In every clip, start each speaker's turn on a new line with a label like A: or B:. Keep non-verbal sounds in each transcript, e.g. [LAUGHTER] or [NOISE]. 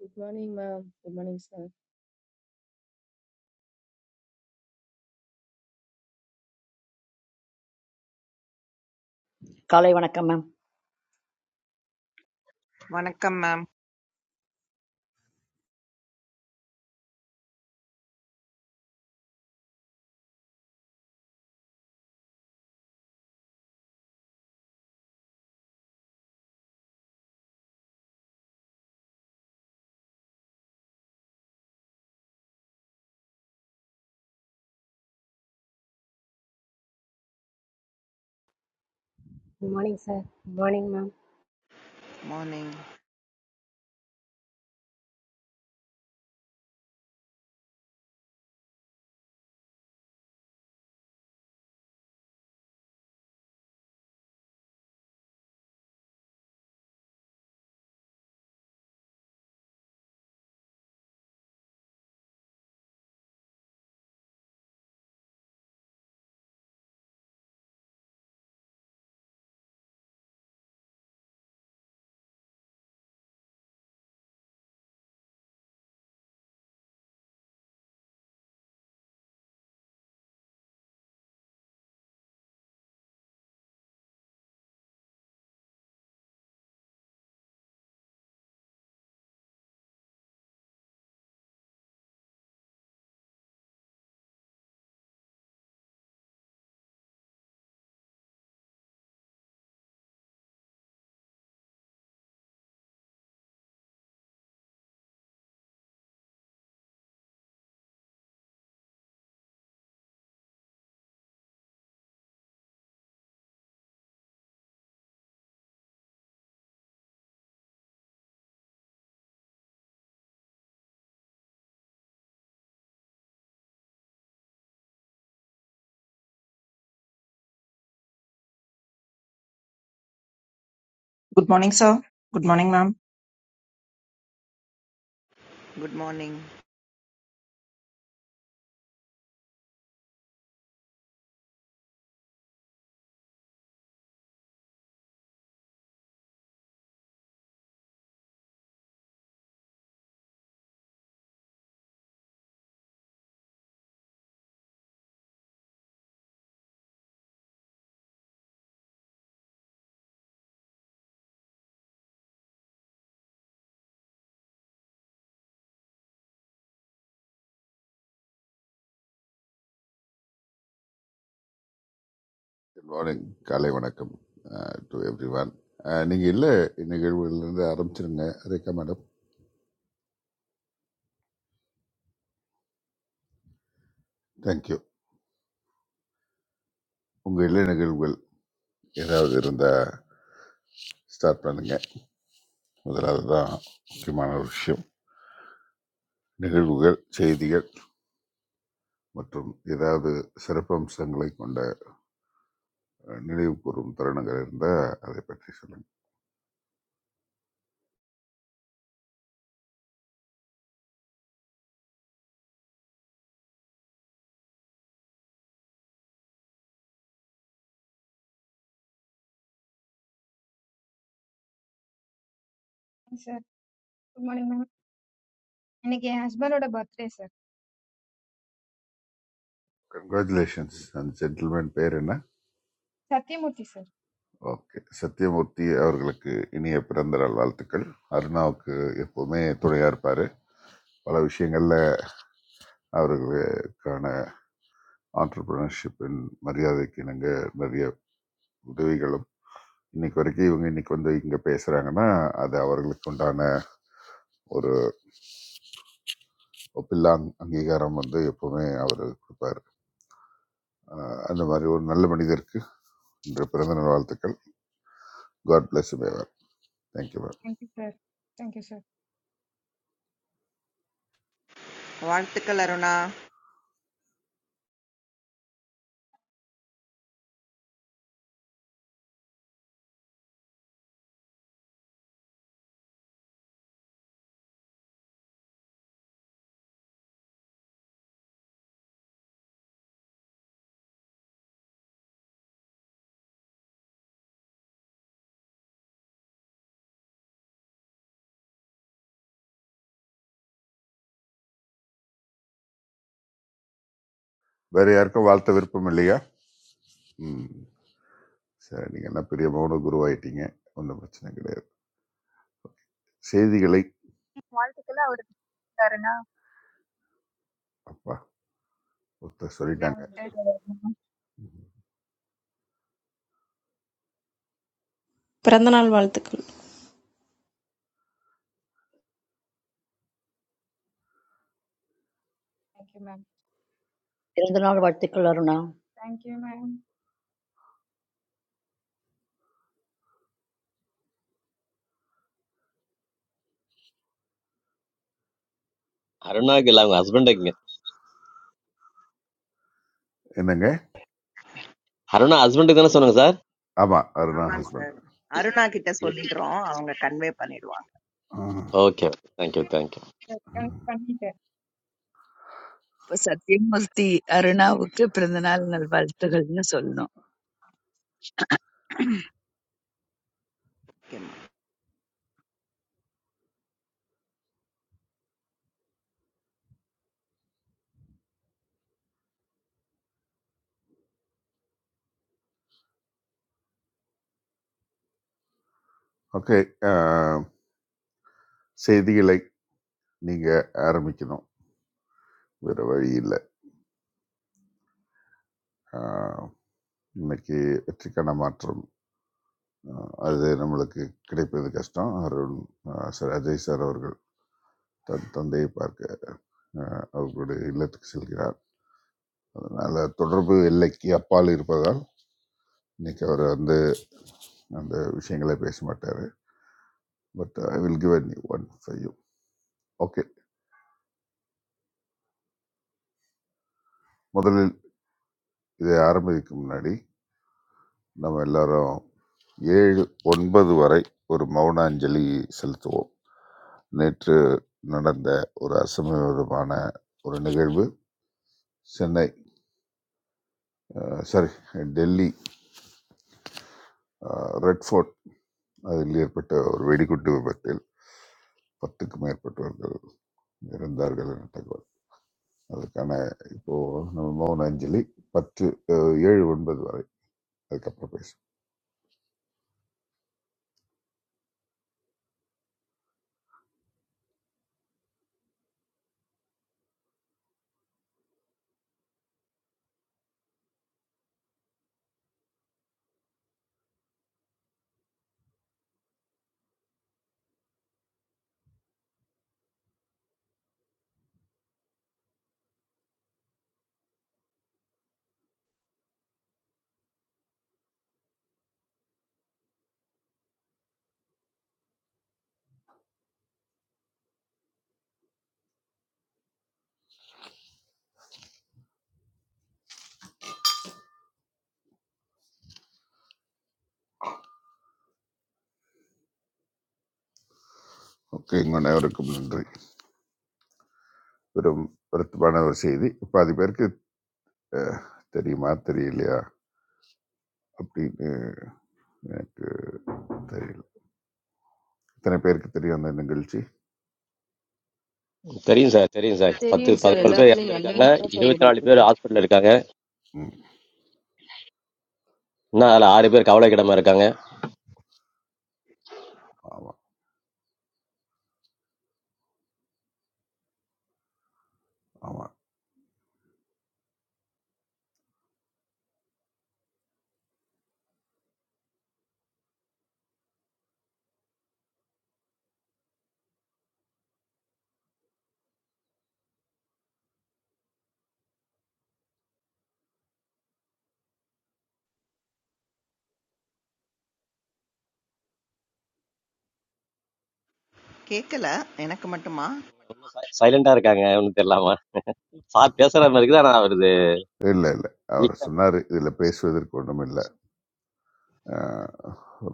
A: Good morning ma'am good morning sir
B: Kalaivanna kamma.
C: வணக்கம் மேம்
D: good morning sir good morning ma'am
C: morning
E: Good morning, sir. Good morning, ma'am.
C: Good morning
F: good morning காலை வணக்கம் to every one நீங்கள் இல்லை நிகழ்வுகளிலிருந்து ஆரம்பிச்சிருங்க Rekha madam thank you உங்கள் இல்லை நிகழ்வுகள் ஏதாவது இருந்தால் ஸ்டார்ட் பண்ணுங்க முதலாவது தான் முக்கியமான ஒரு விஷயம் நிகழ்வுகள் செய்திகள் மற்றும் ஏதாவது சிறப்பம்சங்களை கொண்ட அஹ், நினைவு கூறும் தருணங்கள் இருந்தால் அதை பற்றி சொல்லுங்கள்
G: हाँ सर तुम्हारे में मैंने कहा आज बार उड़ा बत्रे सर
F: கங்க்ராச்சுலேஷன்ஸ் அந்த ஜென்டில்மேன் பேர் என்ன
G: साथी मोती सर
F: ஓகே சத்யமூர்த்தி அவர்களுக்கு இனிய பிறந்த நாள் வாழ்த்துக்கள் அருணாவுக்கு எப்போவுமே துணையாக இருப்பார் பல விஷயங்கள்ல அவர்களுக்கான entrepreneurship இன் மரியாதைக்கு இணங்க நிறைய உதவிகளும் இன்னைக்கு வரைக்கும் இவங்க இன்னைக்கு வந்து இங்க பேசுறாங்கன்னா அது அவர்களுக்கு உண்டான ஒரு ஒப்பில்லா அங்கீகாரம் வந்து எப்பவுமே அவர் கொடுப்பார் அஹ் அந்த மாதிரி ஒரு நல்ல மனிதருக்கு இன்று பிறந்த நாள் வாழ்த்துக்கள் காட் பிளஸ் மேவர் thank you ma'am
G: thank you sir thank you sir
C: வாழ்த்துக்கள் அருணா
F: வேற யாருக்கும் வாழ்த்த விருப்பம் இல்லையா ம் சரி நீங்கள் என்ன பெரிய மௌன குருவாயிட்டீங்க ஒன்றும் பிரச்சனை கிடையாது செய்திகளை
H: Small. Because I remember,
F: அப்பா ஒருத்தர்
G: ये रहा
F: சொல்லிட்டாங்க
G: हमारा
I: பிறந்தநாள் வாழ்த்துக்கள்
G: thank you ma'am
B: Irundhanal varthikkal aruna.
G: Thank you ma'am
J: அருணாக்கு இல்லை அவங்க ஹஸ்பண்டுக்குங்க
F: என்னங்க
J: அருணா ஹஸ்பண்டுக்கு தானே சொன்னாங்க சார்
F: ஆமாம் அருணா
C: ஆமாங்க
F: ஹஸ்பண்ட்
C: சார் அருணா கிட்ட சொல்லிடுறோம் அவங்க கன்வே பண்ணிடுவாங்க
J: ஓகே தேங்க்யூ தேங்க்யூ
G: अच्छा क्या करनी था
K: இப்ப சத்யமூர்த்தி அருணாவுக்கு பிறந்தநாள் நல் வாழ்த்துகள்னு சொல்லணும்
C: Okay, ma'am.
F: ஓகே செய்திகளை நீங்கள் ஆரம்பிக்கணும் வேறு வழி இல்லை ஆஹ், இன்னைக்கு வெற்றிக்கான மாற்றம் ஆஹ், அது நம்மளுக்கு கிடைப்பது கஷ்டம் அருண் ஆஹ், சார் அஜய் சார் அவர்கள் தன் தந்தையை பார்க்க ஆஹ், அவர்களுடைய இல்லத்துக்கு செல்கிறார் அதனால் தொடர்பு எல்லைக்கு அப்பால் இருப்பதால் இன்னைக்கு அவர் வந்து அந்த விஷயங்களை பேச மாட்டார் but I will give one five okay முதலில் இதை ஆரம்பிக்கும் முன்னாடி நம்ம எல்லாரும் ஏழு ஒன்பது வரை ஒரு மௌனாஞ்சலி செலுத்துவோம் நேற்று நடந்த ஒரு அசம்பாவிதமான ஒரு நிகழ்வு சென்னை அஹ், சாரி டெல்லி அஹ், ரெட் ஃபோர்ட் அதில் ஏற்பட்ட ஒரு வெடிகுண்டு விபத்தில் பத்துக்கும் மேற்பட்டவர்கள் இறந்தார்கள் என தகவல் அதுக்கான இப்போ நம்ம மௌன அஞ்சலி பத்து அஹ், ஏழு ஒன்பது வரை அதுக்கப்புறம் பேசுவோம் ஓகே உங்கள் அனைவருக்கும் நன்றி பெரும் வருத்தமான ஒரு செய்தி பாதி பேருக்கு அஹ், தெரியுமா தெரியலையா அப்படின்னு எனக்கு தெரியல இத்தனை பேருக்கு தெரியும் அந்த நிகழ்ச்சி
J: தெரியும் சார் தெரியும் சார்
C: Blast.
J: பத்து
A: தெரியும் சார்
J: பதினோரு
C: ஆ,
J: பேர்
A: எல்லாத்துலயும் நல்ல
J: இறந்துருக்காங்க
A: நியூஸ் தான் சார்
J: இருபத்தி
C: சரி
A: ஓடிட்டு
J: நாலு பேர்
A: இருக்கு
J: ஹாஸ்பிட்டல் இருக்காங்க
F: ம்
J: இன்னும் அதில் ஆறு பேர் கவலைக்கிடமா இருக்காங்க
F: ஆமாம் ஆமாம்
C: கேட்கல எனக்கு மட்டுமா
J: சைலண்டா இருக்காங்க ஒன்றும் தெரியலாமா சார் பேசுற மாதிரி இருக்குது ஆனால் வருது
C: ஆ,
F: இல்லை இல்லை அவர் சொன்னார் இதில் பேசுவதற்கு ஒன்றும் இல்லை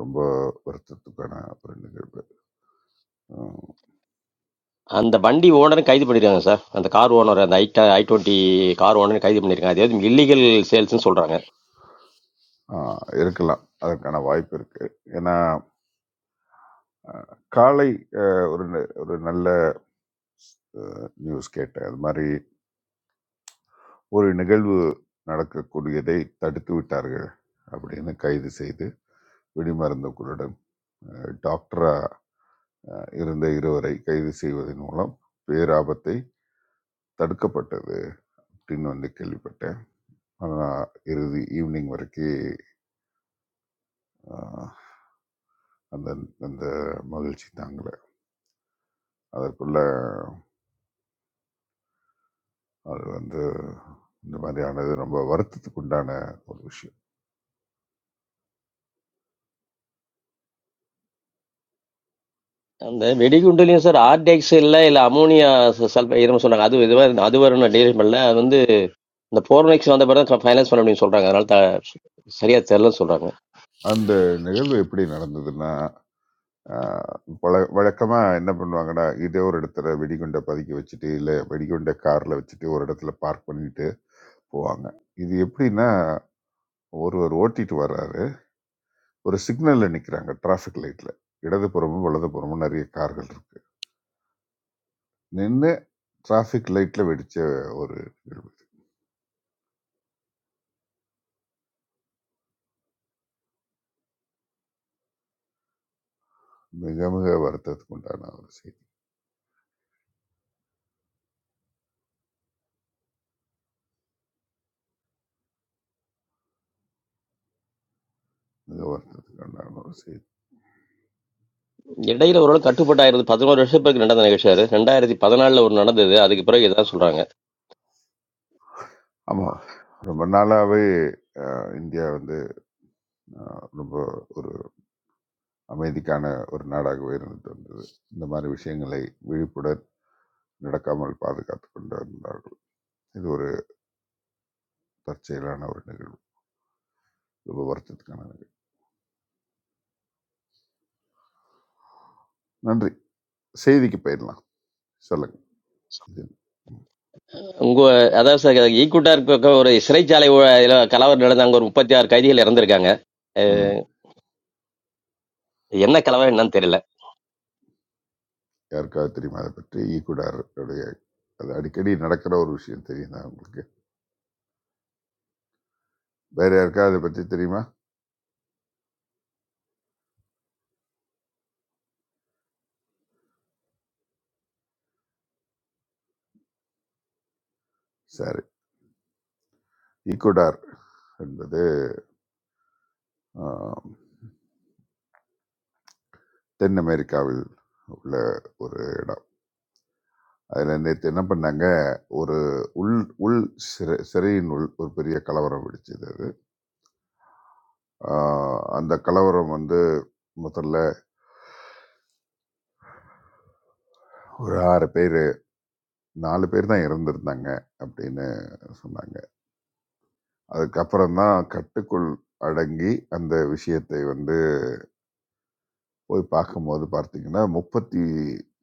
F: ரொம்ப வருத்தத்துக்கான ஒரு நிகழ்வு உம்,
J: அந்த வண்டி ஓனரும் கைது பண்ணிருக்காங்க சார் அந்த கார் ஓனர் அந்த I I twenty car owner கைது பண்ணிருக்காங்க அதாவது இல்லீகல் சேல்ஸ்னு சொல்றாங்க
F: ஆஹ், இருக்கலாம் அதற்கான வாய்ப்பு இருக்கு ஏன்னா ஆஹ், காலை ஆஹ், ஒரு ந- ஒரு நல்ல நியூஸ் கேட்டேன் அது மாதிரி ஒரு நிகழ்வு நடக்கக்கூடியதை தடுத்து விட்டார்கள் அப்படின்னு கைது செய்து வெடிமருந்துகளுடன் அஹ், டாக்டரா அஹ், இருந்த இருவரை கைது செய்வதன் மூலம் பேராபத்தை தடுக்கப்பட்டது அப்படின்னு வந்து கேள்விப்பட்டேன் ஆனால் இறுதி ஈவினிங் வரைக்கும் அஹ், அந்த அந்த மகிழ்ச்சி தாங்கலை அதற்குள்ள அது வந்து இந்த மாதிரியானது ரொம்ப வருத்தத்துக்கு உண்டான ஒரு விஷயம்
J: அந்த வெடிகுண்டுலையும் சார் ஆர்டெக்ஸ் இல்லை இல்லை அமோனியா சல்ப இதுன்னு சொன்னாங்க அது இதுவாக அது வரும் டீல் பண்ணல அது வந்து இந்த ஃபோர் மேக்ஸ் வந்த பிறகு ஃபைனான்ஸ் பண்ண அப்படின்னு சொல்றாங்க அதனால த- சரியா தெரியலன்னு சொல்றாங்க
F: அந்த நிகழ்வு எப்படி நடந்ததுன்னா வழக்கமாக என்ன பண்ணுவாங்கன்னா இதே ஒரு இடத்துல வெடிகுண்டை பதுக்கி வச்சுட்டு இல்லை வெடிகுண்டை காரில் வச்சுட்டு ஒரு இடத்துல பார்க் பண்ணிட்டு போவாங்க இது எப்படின்னா ஒருவர் ஓட்டிட்டு வர்றாரு ஒரு சிக்னலில் நிற்கிறாங்க டிராஃபிக் லைட்டில் இடதுபுறமும் வலதுபுறமும் நிறைய கார்கள் இருக்கு நின்று டிராஃபிக் லைட்டில் வெடித்த ஒரு நிகழ்வு இது. மிக மிக வருத்தத்துக்கு உண்டான ஒரு செய்தி மிக வருத்தத்துக்கு உண்டான ஒரு செய்தி
J: இடையில ஒரு நாள் கட்டுப்பட்டாயிருந்து பதினோரு வருஷம் பிறகு நடந்த நிகழ்ச்சியாரு ரெண்டாயிரத்தி பதினாலுல ஒரு நடந்தது அதுக்கு பிறகு இதான் சொல்றாங்க
F: ஆமாம் ரொம்ப நாளாகவே இந்தியா வந்து அஹ், ரொம்ப ஒரு அமைதிக்கான ஒரு நாடாகவே இருந்துட்டு வந்தது இந்த மாதிரி விஷயங்களை விழிப்புடன் நடக்காமல் பாதுகாத்து கொண்டு வந்தார்கள் இது ஒரு தற்செயலான ஒரு நிகழ்வு ரொம்ப வருத்தத்துக்கான நிகழ்வு நன்றி செய்திக்கு போயிடலாம் சொல்லுங்க இது
J: உங்க அதாவது சார் ஈக்குவட்டா இருக்க ஒரு சிறைச்சாலை ஊழ- இதுல கலவரம் நடந்த அங்க ஒரு முப்பத்தி ஆறு கைதிகள் இறந்திருக்காங்க
F: ம்
J: அஹ் என்ன கலவரம் என்னன்னு தெரியல
F: யாருக்காவது தெரியுமா அதை பற்றி ஈக்குடாருடைய அது அடிக்கடி நடக்கிற ஒரு விஷயம் தெரியுதா உங்களுக்கு வேற யாருக்காவது அதை பற்றி தெரியுமா சரி ஈக்குடார் என்பது ஆம், தென் அமெரிக்காவில் உள்ள ஒரு இடம் அதில் நேற்று என்ன பண்ணாங்க ஒரு உள் உள் சிறை சிறையின் உள் ஒரு பெரிய கலவரம் வெடிச்சது அது ஆஹ் அந்த கலவரம் வந்து முதல்ல ஒரு ஆறு பேர் நாலு பேர் தான் இறந்துருந்தாங்க அப்படின்னு சொன்னாங்க அதுக்கப்புறம் தான் கட்டுக்குள் அடங்கி அந்த விஷயத்தை வந்து போய் பார்க்கும்போது பார்த்தீங்கன்னா முப்பத்தி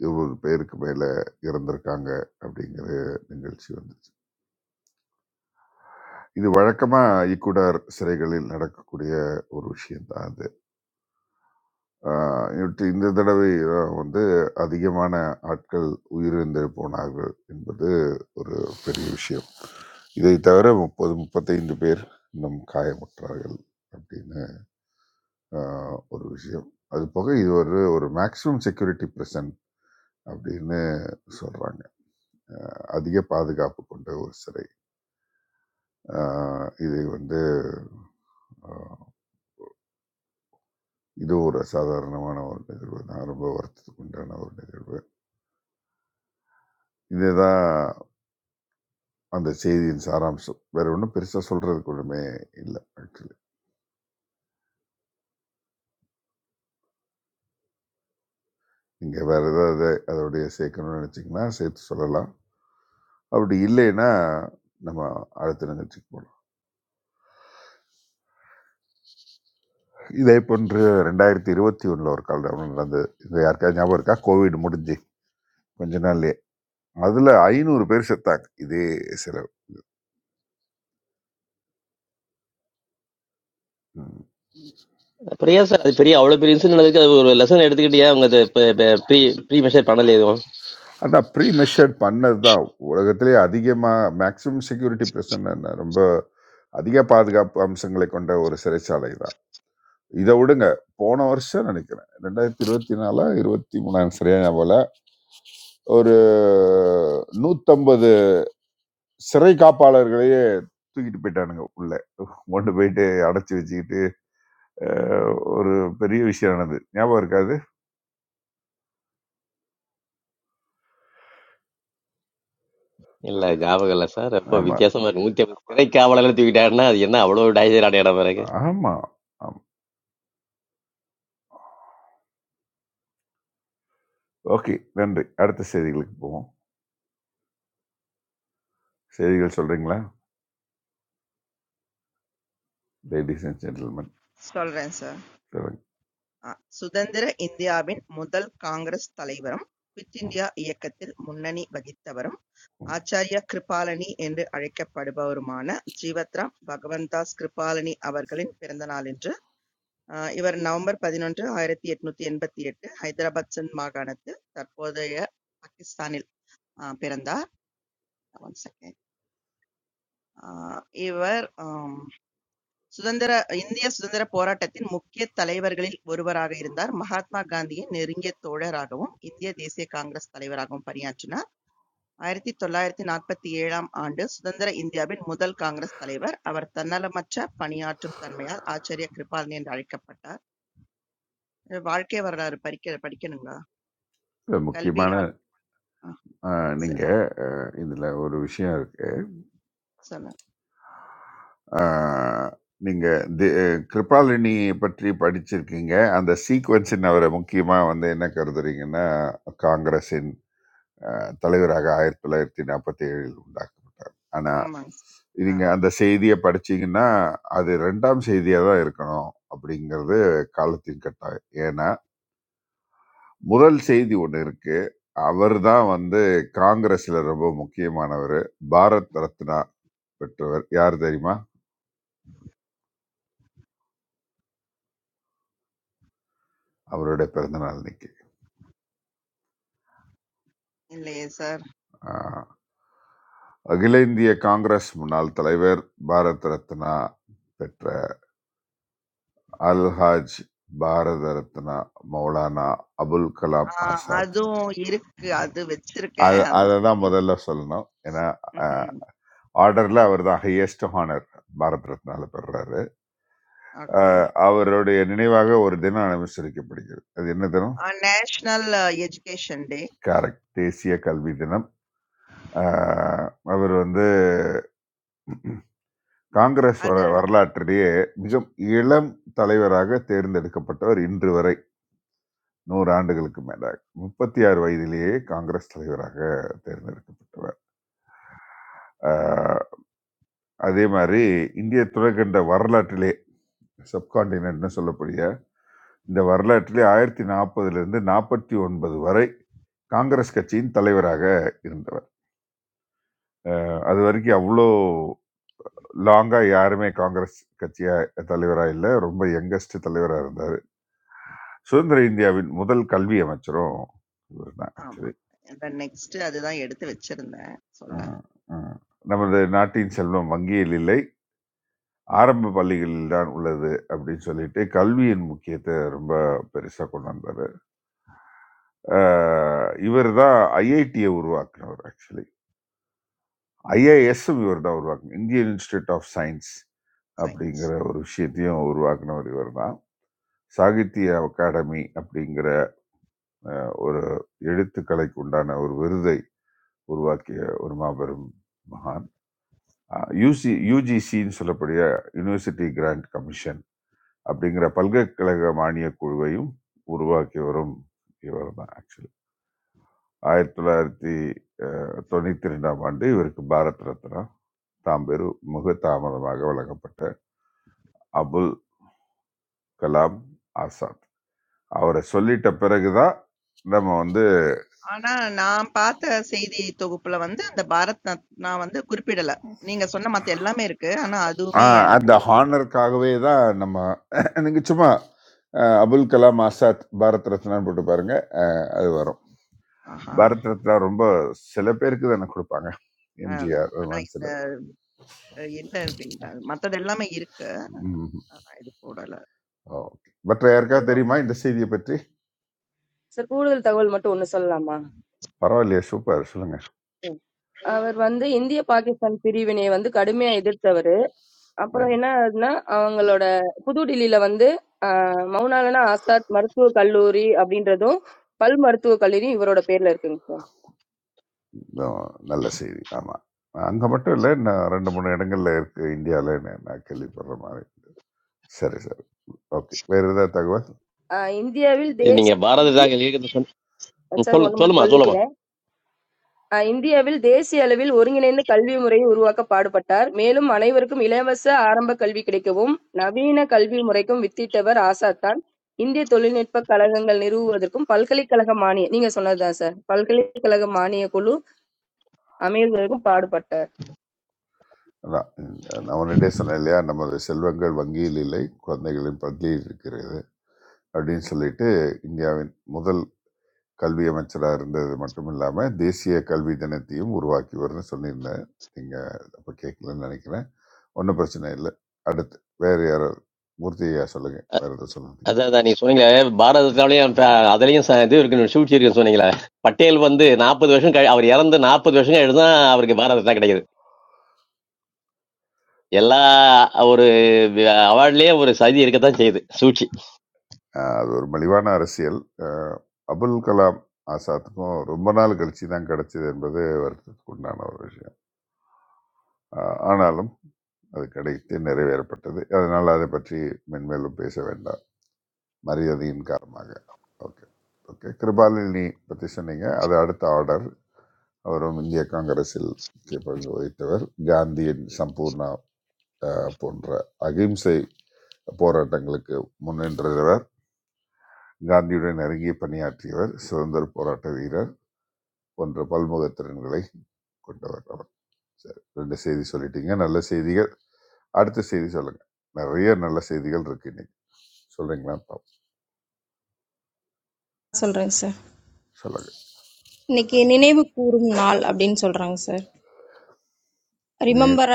F: இருபது பேருக்கு மேலே இறந்திருக்காங்க அப்படிங்கிற நிகழ்ச்சி வந்துச்சு இது வழக்கமாக ஈக்குடர் சிறைகளில் நடக்கக்கூடிய ஒரு விஷயம்தான் அது ஆ, இவற்றை இந்த தடவை தான் வந்து அதிகமான ஆட்கள் உயிரிழந்து போனார்கள் என்பது ஒரு பெரிய விஷயம். இதை தவிர 30, 35 பேர் இன்னும் காயமுற்றார்கள் அப்படின்னு ஆ ஒரு விஷயம். அதுபோக இது ஒரு ஒரு மேக்ஸிமம் செக்யூரிட்டி பிரிசன் அப்படின்னு சொல்றாங்க. அ அதிக பாதுகாப்பு கொண்ட ஒரு சிறை. ஆ இதை வந்து ஆ இது ஒரு அசாதாரணமான ஒரு நிகழ்வு தான். ரொம்ப வருத்தத்துக்கு உண்டான ஒரு நிகழ்வு. இதுதான் அந்த செய்தியின் சாராம்சம். வேற ஒண்ணும் பெருசா சொல்றதுக்கு ஒண்ணுமே இல்ல ஆக்சுவலி. நீங்க வேற ஏதாவது அதோடயே சேர்க்கணும்னு நினைச்சீங்கன்னா, சேர்த்து சொல்லலாம். அப்படி இல்லைன்னா, நம்ம அடுத்த நிகழ்ச்சிக்கு போலாம். இதே போன்று 2021 ஒரு கால்டவுன் நடந்தது. இது யாருக்காவது ஞாபகம் இருக்கா? கோவிட் முடிஞ்சு கொஞ்ச நாள்லயே. அதுல 500 பேர் செத்தாங்க. இதே செலவு. ம்.
J: அப்புறம் ஏன் சார் அது பெரிய அவ்வளவு பெரிய இன்சிடென்ட் நடந்துருக்கு அது ஒரு லெசன் எடுத்துக்கிட்டு ஏன் அவங்க அதை ப- ப- ப்ரீ ப்ரீ மெஷர் பண்ணல எதுவும்
F: ஆனா ப்ரீ மெஷர் பண்ணது தான் உலகத்திலேயே அதிகமா மேக்ஸிமம் செக்யூரிட்டி பிரச்சனை ரொம்ப அதிக பாதுகாப்பு அம்சங்களை கொண்ட ஒரு சிறைச்சாலை தான். இதை விடுங்க போன வருஷம் நினைக்கிறேன் ரெண்டாயிரத்தி இருபத்தி நாலா இருபத்தி மூணாயிரம் சரியா ஞாபகம் இல்ல. ஒரு நூத்தம்பது சிறை காப்பாளர்களையே தூக்கிட்டு போயிட்டானுங்க உள்ள கொண்டு போயிட்டு அடைச்சி வச்சுக்கிட்டு அஹ், ஒரு பெரிய விஷயம் ஆனது ஞாபகம் இருக்காது
J: இல்ல ஞாபகம் இல்ல சார் ரொம்ப
F: ஆமா
J: வித்தியாசமா இருக்கு நூத்தி ஐம்பது சிறை காவலர்கள் தூக்கிட்டாருன்னா அது என்ன அவ்வளவு டைஜர் அடையாட பிறகு
F: ஆமா ஆமா ஓகே நன்றி அடுத்த செய்திகளுக்கு போவோம் செய்திகள் சொல்றீங்களா லேடிஸ் அண்ட் ஜென்டில்மேன்
C: சொல்றேன் சார்
F: சொல்லுங்க
C: ஆ, சுதந்திர இந்தியாவின் முதல் காங்கிரஸ் தலைவரும் குவிட்
F: ம்,
C: இந்தியா இயக்கத்தில் முன்னணி வகித்தவரும்
F: ம்.
C: ஆச்சார்யா கிருபாலனி என்று அழைக்கப்படுபவருமான ஜீவத்ராம் பகவந்தாஸ் கிருபாலனி அவர்களின் பிறந்த நாள் இன்று அ இவர் நவம்பர் 11, 1888 ஹைதராபாத் சிந்த் மாகாணத்தில் தற்போதைய பாகிஸ்தானில் அ பிறந்தார். One second. அ இவர் அம் சுதந்திர இந்திய சுதந்திர போராட்டத்தின் முக்கிய தலைவர்களில் ஒருவராக இருந்தார். மகாத்மா காந்தியின் நெருங்கிய தோழராகவும், இந்திய தேசிய காங்கிரஸ் தலைவராகவும் பணியாற்றினார். 1947ஆம் ஆண்டு சுதந்திர இந்தியாவின் முதல் காங்கிரஸ் தலைவர். அவர் தன்னலமற்ற பணியாற்றும் தன்மையால் ஆச்சார்ய கிருபால்னி என்று அழைக்கப்பட்டார். வாழ்க்கை வரலாறு படிக்க படிக்கணுங்களா?
F: இப்ப முக்கியமான
C: கல்வியால் ஆ,
F: அஹ்,
C: சரி,
F: நீங்க
C: ப-
F: அஹ், இதுல ஒரு விஷயம் இருக்கு
C: சொல்லுங்க.
F: ஆஹ், நீங்க தி- கிருபாலினி பற்றி படிச்சிருக்கீங்க அந்த சீக்வன்ஸின் அவரை முக்கியமா வந்து என்ன கருதுறீங்கன்னா காங்கிரஸின் ஆஹ், தலைவராக ஆயிரத்தி தொள்ளாயிரத்தி நாற்பத்தி ஏழில் உண்டாக்கப்பட்டார் ஆனா
C: ஆமாங்க சார். ஆ,
F: நீங்க அந்த செய்தியை படிச்சீங்கன்னா அது ரெண்டாம் செய்தியா தான் இருக்கணும் அப்படிங்கிறது காலத்தின் கட்டாயம் ஏன்னா முதல் செய்தி ஒன்று இருக்கு அவர் தான் வந்து காங்கிரஸ்ல ரொம்ப முக்கியமானவர் பாரத் ரத்னா பெற்றவர் யார் தெரியுமா அவருடைய பிறந்த நாள்
C: இல்லையே சார்.
F: இன்னைக்கு அகில இந்திய காங்கிரஸ் முன்னாள் தலைவர் பாரத் ரத்னா பெற்ற அல்ஹாஜ் பாரத ரத்னா மௌலானா அபுல் கலாம்
C: ஆ,
F: ஆசாத்
C: அதுவும் இருக்கு. அது வச்சிருக்கேன்
F: அது
C: அந்த
F: அதை
C: CD.
F: தான் முதல்ல சொல்லணும் ஏன்னா
C: ம்ஹும்.
F: ஆர்டர்ல அவர் தான் ஹையஸ்ட் ஹானர் பாரத் ரத்னால பெறுறாரு
C: ஓகே.
F: அஹ், அவருடைய நினைவாக ஒரு தினம் அனுசரிக்கப்படுகிறது அது என்ன தினம்
C: ஆ, நேஷனல் எஜுகேஷன் டே.
F: கரெக்ட் தேசிய கல்வி தினம் அஹ், அவர் வந்து காங்கிரஸ்
C: அது
F: வர வரலாற்றிலேயே மிக இளம் தலைவராக தேர்ந்தெடுக்கப்பட்டவர் இன்று வரை நூறு ஆண்டுகளுக்கு மேலாக முப்பத்தி ஆறு வயதிலேயே காங்கிரஸ் தலைவராக தேர்ந்தெடுக்கப்பட்டவர் ஆஹ் அதே மாதிரி இந்திய துறைக்கண்ட வரலாற்றிலே சப்காண்டினென்ட்னு சொல்லக்கூடிய இந்த வரலாற்றிலே ஆயிரத்தி நாற்பதுலேருந்து நாற்பத்தி ஒன்பது வரை காங்கிரஸ் கட்சியின் தலைவராக இருந்தவர் ஆஹ் அது வரைக்கும் அவ்வளோ லாங்காக யாருமே காங்கிரஸ் கட்சியா தலைவராக இல்லை ரொம்ப யங்கஸ்ட் தலைவராக இருந்தார் சுதந்திர இந்தியாவின் முதல் கல்வி அமைச்சரும் இவர் தான்
C: ஆமா. அந்த நெக்ஸ்ட் அதுதான் எடுத்து வச்சிருந்தேன்.
F: ஆ,
C: சொல்ல
F: ஆ. நமது நாட்டின் செல்வம் வங்கியில் இல்லை. ஆரம்ப பள்ளிகளில் தான் உள்ளது அப்படின்னு சொல்லிட்டு, கல்வியின் முக்கியத்த ரொம்ப பெருசா கொண்டு வந்தாரு. அ இவர் தான் ஐஐடிய உருவாக்குனவர் ஆக்சுவலி. ஐஏஎஸ்ஸும் இவர் தான் உருவாக்குன Indian Institute of Science
C: Science.
F: அப்படிங்கிற ஒரு விஷயத்தையும் உருவாக்குனவர் இவர் தான். சாகித்ய அகாடமி அப்படிங்கிற அ ஒரு எழுத்துக்கலைக்கு உண்டான ஒரு விருதை உருவாக்கிய ஒரு மாபெரும் மகான். யூசி யூஜிசின்னு சொல்லக்கூடிய யுனிவர்சிட்டி கிராண்ட் கமிஷன் அப்படிங்கிற பல்கலைக்கழக மானியக் குழுவையும் உருவாக்கி வரும் இவர் தான் ஆக்சுவலி ஆயிரத்தி தொள்ளாயிரத்தி அஹ், தொண்ணூத்தி ரெண்டாம் ஆண்டு இவருக்கு பாரத் ரத்னா தாம்பெரு மிக தாமதமாக வழங்கப்பட்ட அபுல் கலாம் ஆசாத் அவரை சொல்லிட்ட பிறகுதான் நம்ம வந்து
C: ஆனா நான் பார்த்த செய்தி தொகுப்புல வந்து அந்த பாரத் நத்- நான் வந்து குறிப்பிடல. நீங்க சொன்ன மத்த எல்லாமே இருக்கு. ஆனா அதுவுமே
F: ஆஹ்,
C: எனக்கு
F: அந்த ஹானருக்காகவே தான் நம்ம நீங்கள் சும்மா அஹ், அபுல் கலாம் ஆசாத் பாரத் ரத்னான்னு போட்டு பாருங்க அஹ், அது வரும்
C: ஆஹா
F: பாரத் ரத்னா ரொம்ப சில பேருக்கு தானே கொடுப்பாங்க
C: அதான்.
F: எம்ஜிஆர் அது
C: ஆனா
F: மாதிரி
C: இந்த
F: சில
C: அஹ் இல்ல அப்படின்ட்டாங்க மத்தது எல்லாமே இருக்கு
F: ம்ஹும்.
C: இது போடல
F: ஓகே மற்ற
A: ஒரு
F: யாருக்காவது
A: கூடுதல்
F: தெரியுமா இந்த செய்தியை பற்றி
A: சார் கூடுதல் தகவல் மட்டும் ஒண்ணு சொல்லலாமா
F: பரவாயில்லையே சூப்பர் சொல்லுங்க
A: ம் அவர் வந்து இந்திய பாகிஸ்தான் பிரிவினையை வந்து கடுமையா எதிர்த்தவர் அப்புறம்
F: ம்.
A: என்ன ஆகுதுன்னா அவங்களோட புது டில்லியில வந்து ஆஹ், மௌனாலனா ஆசாத் மருத்துவக் கல்லூரி அப்படின்றதும் பல் மருத்துவக் கல்லூரி இவரோட பேர்ல இருக்குங்க சார்
F: இதுவும் நல்ல செய்தி ஆமாம் அங்கே மட்டும் இல்லை நான் ரெண்டு மூணு இடங்கள்ல இருக்கு இந்தியாவில் நான் கேள்விப்படுற மாதிரி சரி சரி ஓகே வேறு ஏதாவது தகவல்
A: ஆஹ், இந்தியாவில்
J: இது
A: தேசிய
J: நீங்க பாரத தாங்க ம்,
A: சார்
J: சொல்லு
A: ஒண்ணு
J: சொல்லுமா
A: மட்டும்
J: சொல்லுமா
A: சொல்லிக்கிறேன் அஹ் இந்தியாவில் தேசிய அளவில் ஒருங்கிணைந்த கல்வி முறையை உருவாக்க பாடுபட்டார். மேலும் அனைவருக்கும் இலவச ஆரம்ப கல்வி கிடைக்கவும் நவீன கல்வி முறைக்கும் வித்திட்டவர் ஆசாத் தான். இந்திய தொழில்நுட்ப கழகங்கள் நிறுவுவதற்கும் பல்கலைக்கழக மானிய நீங்க சொன்னதுதான் சார் பல்கலைக்கழக மானிய குழு அமைவதற்கும் பாடுபட்டார்
F: அதான் இந்த- நான் உன்னிட்டே சொன்னேன் இல்லையா நமது செல்வங்கள் வங்கியில் இல்லை குழந்தைகளின் பந்தியில் இருக்கிறது அப்படின்னு சொல்லிட்டு இந்தியாவின் முதல் கல்வி அமைச்சராக இருந்தது மட்டும் இல்லாமல் தேசிய கல்வி தினத்தையும் உருவாக்கியவர்னு சொல்லியிருந்தேன் நீங்கள் அப்போ கேட்கலன்னு நினைக்கிறேன் ஒன்றும் பிரச்சனை இல்லை அடுத்து வேறு யாரோ மூர்த்தியா சொல்லுங்கள் வேறு எதுவும் சொல்லுங்க
J: அதான் அதான் நீங்க சொன்னீங்களே பாரதத்தாலையும் அதுலயும் ச- இது இருக்குன்னு சூழ்ச்சி இருக்குன்னு சொன்னீங்களே பட்டேல் வந்து நாற்பது வருஷம் கழி- அவர் இறந்து நாற்பது வருஷம் கழிச்சு தான் அவருக்கு பாரத ரத்னா கிடைக்குது எல்லா ஒரு அவார்ட்லயே ஒரு சதி இருக்கத்தான் செய்யுது சூழ்ச்சி
F: ஆஹ் அது ஒரு மலிவான அரசியல் ஆஹ் அபுல் கலாம் ஆசாத்துக்கும் ரொம்ப நாள் கழிச்சு தான் கிடைச்சது என்பது வருத்தத்துக்கு உண்டான ஒரு விஷயம் ஆஹ் ஆனாலும் அது கிடைத்து நிறைவேறப்பட்டது அதனால் அதை பற்றி மென்மேலும் பேச வேண்டாம் மரியாதையின் காரணமாக ஓகே ஓகே கிருபாலினி பற்றி சொன்னீங்க அது அடுத்த ஆர்டர் அவரும் இந்திய காங்கிரஸில் முக்கிய பங்கு வகித்தவர் காந்தியின் சம்பூர்ணா அஹ், போன்ற அகிம்சை போராட்டங்களுக்கு முன்னின்றவர் காந்தியுடன் நெருங்கி பணியாற்றியவர் சுதந்திர போராட்ட வீரர் போன்ற பல்முக திறன்களை கொண்டவர் அவர் சரி ரெண்டு செய்தி சொல்லிட்டீங்க நல்ல செய்திகள் அடுத்த செய்தி சொல்லுங்க நிறைய நல்ல செய்திகள் இருக்கு இன்னைக்கு சொல்றீங்களா பாப்போம்.
I: சொல்றேங்க சார்
F: சொல்லுங்க
I: இன்னைக்கு நினைவு கூறும் நாள் அப்படின்னு சொல்றாங்க சார் ரிமெம்பர்